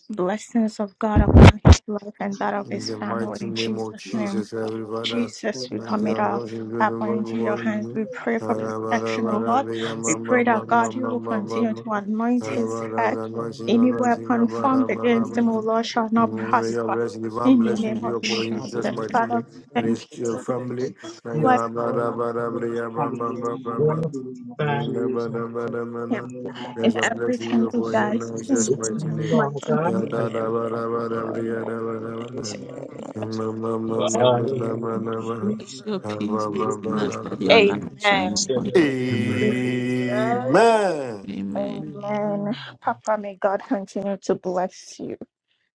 A: blessings of God upon his life and that of
C: In
A: his
C: the
A: family
C: mighty
A: in
C: name of
A: Jesus' name.
C: Jesus, Heavenly Father,
A: Jesus, we
C: thank
K: all
C: you
A: commit
K: the
C: and
A: our
C: what you do and
A: Papa
C: what
K: people of
C: you
A: into
C: want
A: your
C: to
K: God,
A: hands.
C: do.
A: We
K: the
A: pray for
K: world,
C: Ara bara
A: protection, O
C: bara
A: Lord.
C: bara
K: yes,
A: We
C: ma ma
K: give
A: pray
C: ma
A: that
C: ma
K: us
A: God, you
C: ma
A: will
C: ma
K: faith,
C: ma
A: continue
C: ma.
A: to
K: the
A: anoint
C: Ara
K: faith
A: his
K: that
C: bara
K: we
A: head.
C: bara
K: may
C: anointing,
K: make
A: Any
K: Jesus
C: anointing, ara
A: weapon
C: bara
A: formed
C: bara
A: against him, O
C: bara.
K: the
A: Lord,
K: obstacle
A: shall not
C: Mm, May your
A: prosper.
C: blessing,
K: and
C: divine
A: In the
K: the
C: blessing
A: name
C: be
A: of
C: upon him,
A: Jesus,
K: I
C: Jesus
K: can never
C: mighty
A: Father,
C: name,
A: we
C: and
K: remember
A: thank
C: his
A: you
K: to
C: uh,
K: touch for
C: family.
K: the
A: Lord,
C: Ara
K: dignity in the
C: bara
K: mighty
C: bara
K: name of
C: bara ma
K: Jesus
C: ma
K: Christ.
C: ma
K: of
C: ma ma.
K: Nazareth.
B: Well, bye.
C: Mm, Ara bara bara
A: for him.
C: bara.
K: lapha
A: In
C: There's a blessing be
A: everything
K: kusemamakethe
A: he
C: upon him
A: does,
C: now,
K: alezitulo
C: in
E: Yes,
A: in
C: Jesus
K: lapho
B: It's
A: Jesus'
C: mighty
E: Lord.
B: been a
K: njalo
C: name.
B: long
A: mighty
E: Father,
C: Ya
K: kukhona
B: time.
E: give
C: da da
E: him
B: Amen.
K: iyabukwa
C: bara
E: more
C: bara
E: oil,
C: bara
E: more
C: da, bara bara.
E: anointing, O Lord,
C: Amen. Amen.
E: in the
K: besifakwa
E: name
B: Amen.
E: of
K: kwengxenye
E: Jesus.
G: Your
C: Amen.
G: peace,
K: umfundiso
G: not let your
K: lapho
A: name.
G: light shine
A: Amen.
G: upon your
F: Amen.
B: Amen.
D: Amen.
G: Amen.
A: Amen.
K: amen
A: Papa, may God continue to bless you.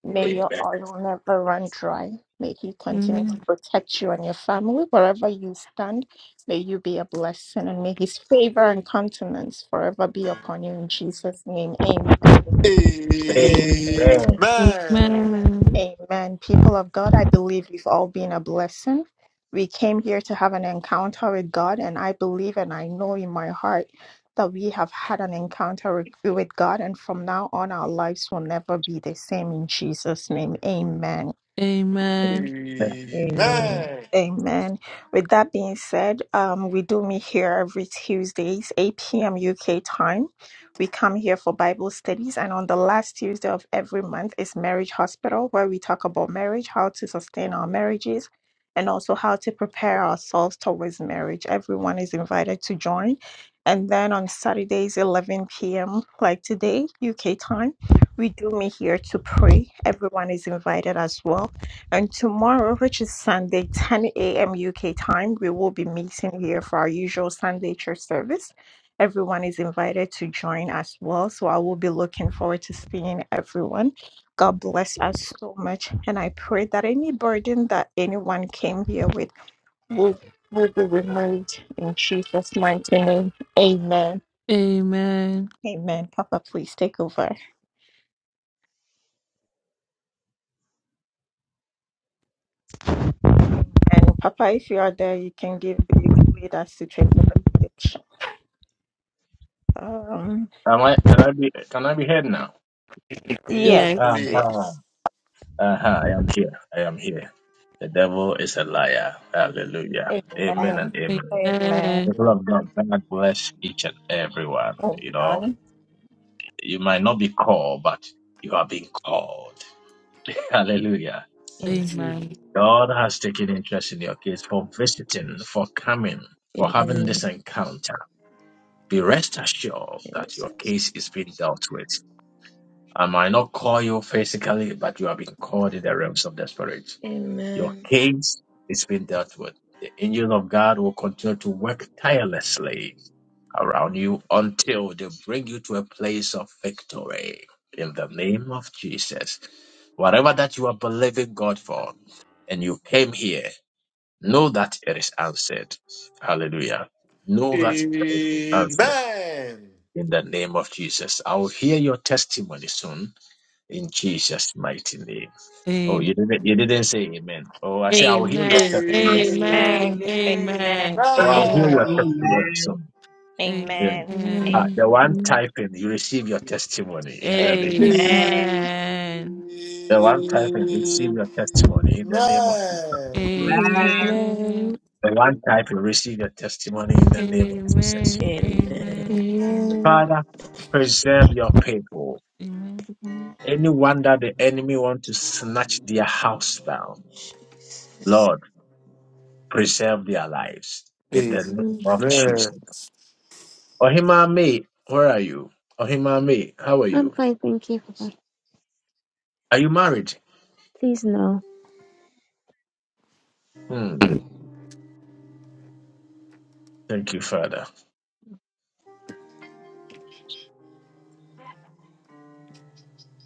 A: May your oil never run dry. May He continue to
G: Amen.
A: protect you and your family wherever you stand. May you be a blessing and may His favor and countenance forever be upon you in Jesus' name. Amen.
E: Amen.
G: Amen.
A: Amen. People of God, I believe we've all been a blessing. We came here to have an encounter with God, and I believe and I know in my heart that we have had an encounter with with God, and from now on, our lives will never be the same in Jesus' name. Amen.
G: Amen.
E: Amen.
A: Amen. With that being said, um, we do meet here every Tuesdays, 8 p.m. UK time. We come here for Bible studies, and on the last Tuesday of every month is Marriage Hospital, where we talk about marriage, how to sustain our marriages, and also how to prepare ourselves towards marriage. Everyone is invited to join. And then on Saturdays, 11 p.m., like today, UK time, we do meet here to pray. Everyone is invited as well and tomorrow, which is Sunday, 10 a.m. UK time, we will be meeting here for our usual Sunday church service. Everyone is invited to join as well. So I will be looking forward to seeing everyone. God bless us so much. And I pray that any burden that anyone came here with will, will be removed in Jesus' mighty name. Amen.
G: Amen.
A: Amen. Papa, please take over. Amen. Papa, if you are there, you can give you can lead us to take over the message. Um
B: Am I, can I be can I be heard now?
C: Yes,
A: Yes,
G: Yes.
C: please.
B: Uh-huh.
A: yes.
B: Uh-huh, I am here. I am here. The devil is a liar. Hallelujah. Amen and
A: Amen.
B: amen.
A: Amen.
G: Amen.
B: People of God, God bless each and everyone. You know,
A: Amen.
B: you might not be called, but you are being called. Hallelujah.
E: Amen.
G: Amen.
B: God has taken interest in your case for visiting, for coming, for having
E: Amen.
B: this encounter. Be rest assured that your
E: Jesus.
B: case is being dealt with. I might not call you physically, but you have been called in the realms of the spirit. Your
E: Amen.
B: case is being dealt with. The angels of God will continue to work tirelessly around you until they bring you to a place of victory. In the name of Jesus, whatever that you are believing God for and you came here, know that it is answered. Hallelujah. Know that it is answered.
C: Amen.
B: In the name of Jesus, I will hear your testimony soon. In Jesus' mighty name. Oh,
G: Amen.
B: you didn't you didn't say amen. Oh, I say I will hear
C: Amen.
A: Amen.
B: your
G: Amen.
B: testimony.
E: Amen.
C: Amen.
A: Amen.
G: Amen.
A: Amen.
P: Amen.
G: Amen.
B: I'll hear
G: Amen.
B: your
J: Amen.
B: testimony soon. Yeah.
A: Amen.
H: Amen.
B: Ah,
G: Amen.
H: Amen.
B: the
A: Amen.
B: one typing, you receive your testimony in the name.
H: Amen.
G: Amen.
B: The one typing, receive your testimony in the name of Jesus.
J: Amen.
G: Amen.
B: The one typing, receive your testimony in the name of Jesus.
G: Amen. Amen.
E: Amen.
H: Amen.
B: Father, preserve your people.
H: Amen.
B: Anyone that the enemy want to snatch their house down,
E: Jesus.
B: Lord, preserve their lives in the name
H: Amen.
B: of
C: Amen.
B: Jesus. Ohimame, where are you? Ohimame, how are
Q: I'm
B: you?
Q: fine, thank you. Papa.
B: Are you married?
Q: Please no.
B: Hmm. Thank you, Father.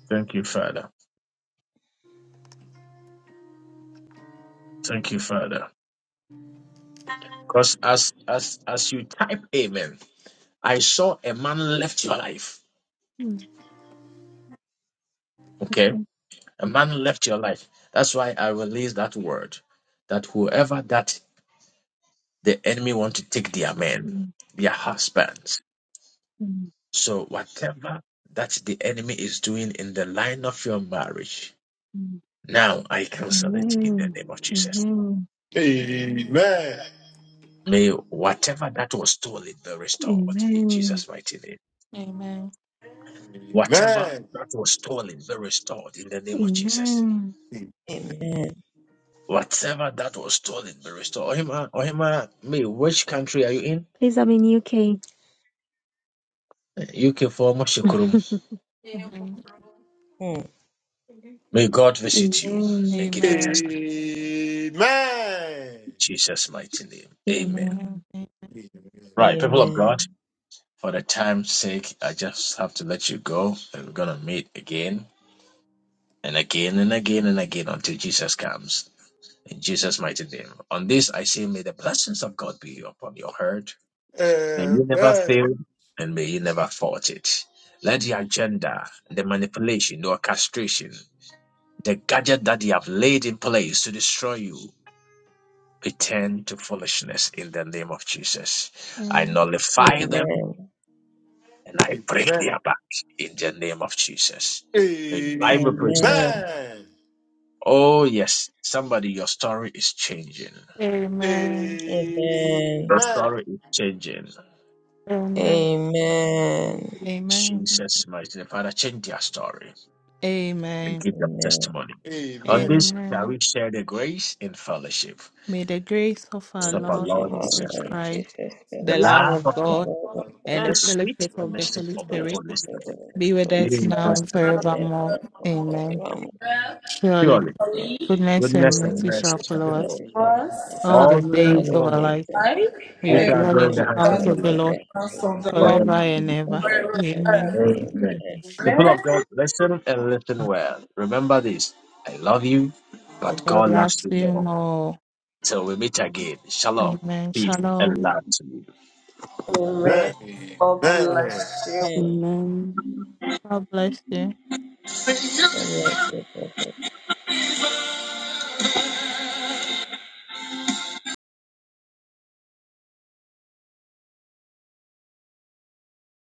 B: Thank you, Father. Thank you, Father. Because as as as you type amen, I saw a man left your life.
Q: Mm,
B: Okay?
Q: mm,
B: A man left your life. That's why I release that word. That whoever that the enemy want to take their men,
Q: mm,
B: their husbands.
Q: mm,
B: So whatever that the enemy is doing in the line of your marriage,
Q: mm.
B: now I cancel it in the
Q: Amen.
B: name of Jesus.
Q: Amen.
C: Amen.
B: May whatever that was stolen be restored in
Q: Amen.
B: Jesus' mighty name.
G: Amen. Amen.
B: Whatever
C: Amen.
B: that was stolen be restored in the name of Jesus.
Q: Amen.
E: Amen.
B: Whatever that was stolen be restored. Ohima, Ohima, me, which country are you in?
Q: Please, I'm in UK.
B: UK for Moshukurum.
G: Mhm.
E: Mm.
B: May God visit you
Q: Amen.
B: and
C: Amen.
B: give
C: Amen.
B: you
G: Amen.
B: testimony. In Jesus' mighty name. Amen.
G: Amen.
Q: Amen.
G: Amen.
B: Right, people of God,
E: Amen.
B: for the time's sake, I just have to let you go and we're going to meet again and again and again and again until Jesus comes. In Jesus' mighty name. On this, I say, may the blessings of God be upon your heart May
C: Amen.
B: you never fail and may you never fault it. Let the agenda, the manipulation, the orchestration, the gadget that they have laid in place to destroy you return to foolishness in the name of Jesus. I
G: Amen.
B: nullify them
E: Amen.
B: and I break
C: Amen.
B: their back in the name of Jesus. May your life be preserved.
E: Amen.
B: Oh, yes, somebody, your story is changing.
G: Amen.
E: Amen.
B: Your
C: Amen.
B: story is changing.
E: Amen.
G: Amen.
E: Amen.
G: Amen.
B: Jesus, mighty name. Father, change their story and give them
E: In
B: testimony. On this shall
G: Amen.
B: we share the grace in fellowship
G: May the grace of our
B: of our
E: the
G: Lord
E: name
B: Lord
E: of our
B: Jesus
G: Jesus
E: Lord
B: Christ,
E: Jesus
G: Christ,
B: the
G: the
E: Christ.
G: love
B: love
G: of
B: of God,
G: God
E: Lord, we
B: and
G: and
B: the
G: the
B: sweet
G: fellowship of the
B: fellowship
G: Holy
B: of the
E: praise
G: Spirit
B: Holy
E: you, we love you, we love you, we love you, we love you, we love you,
B: Spirit.
G: be with
B: Be
G: us
B: with
G: now
B: us
G: and forevermore. Amen. Surely
B: Surely,
G: goodness
E: we
G: and
B: goodness
E: love
B: and
E: you,
G: mercy
B: mercy
G: shall
B: shall
G: follow
E: we love
B: follow
G: us
B: us
E: you, we
D: was
E: love you.
G: all
B: all
G: the
B: the
E: All
B: days
G: days
B: of
E: the
G: of
B: our
G: our
E: days
B: life.
G: life.
E: that
D: I
E: follow,
G: We
B: We
G: will
D: and
B: shall
G: dwell
B: dwell
G: in
B: in
E: and
G: the
B: the
E: we
B: hands
G: house
B: of
E: shall
D: that's
B: the
G: of the
E: dwell
B: Lord
E: in
G: Lord
E: the house of the
D: what the
E: Lord
D: Lord.
G: forever
B: forever
G: and
B: and
G: ever.
E: forever
G: Amen.
B: ever.
E: and ever.
C: Amen.
B: Amen.
E: Amen.
B: People
D: Amen.
B: of God, listen and listen well. Remember this: I love you,
G: The
B: but
G: God
B: God loves
G: loves
B: you
G: you
B: more.
G: more.
B: Till we meet again. Shalom,
G: Amen.
B: peace, and
G: Shalom.
B: love to you.
D: Amen. God
C: Amen.
D: bless you.
E: Amen.
H: Amen.
G: God bless you.
E: God bless you, Prophet.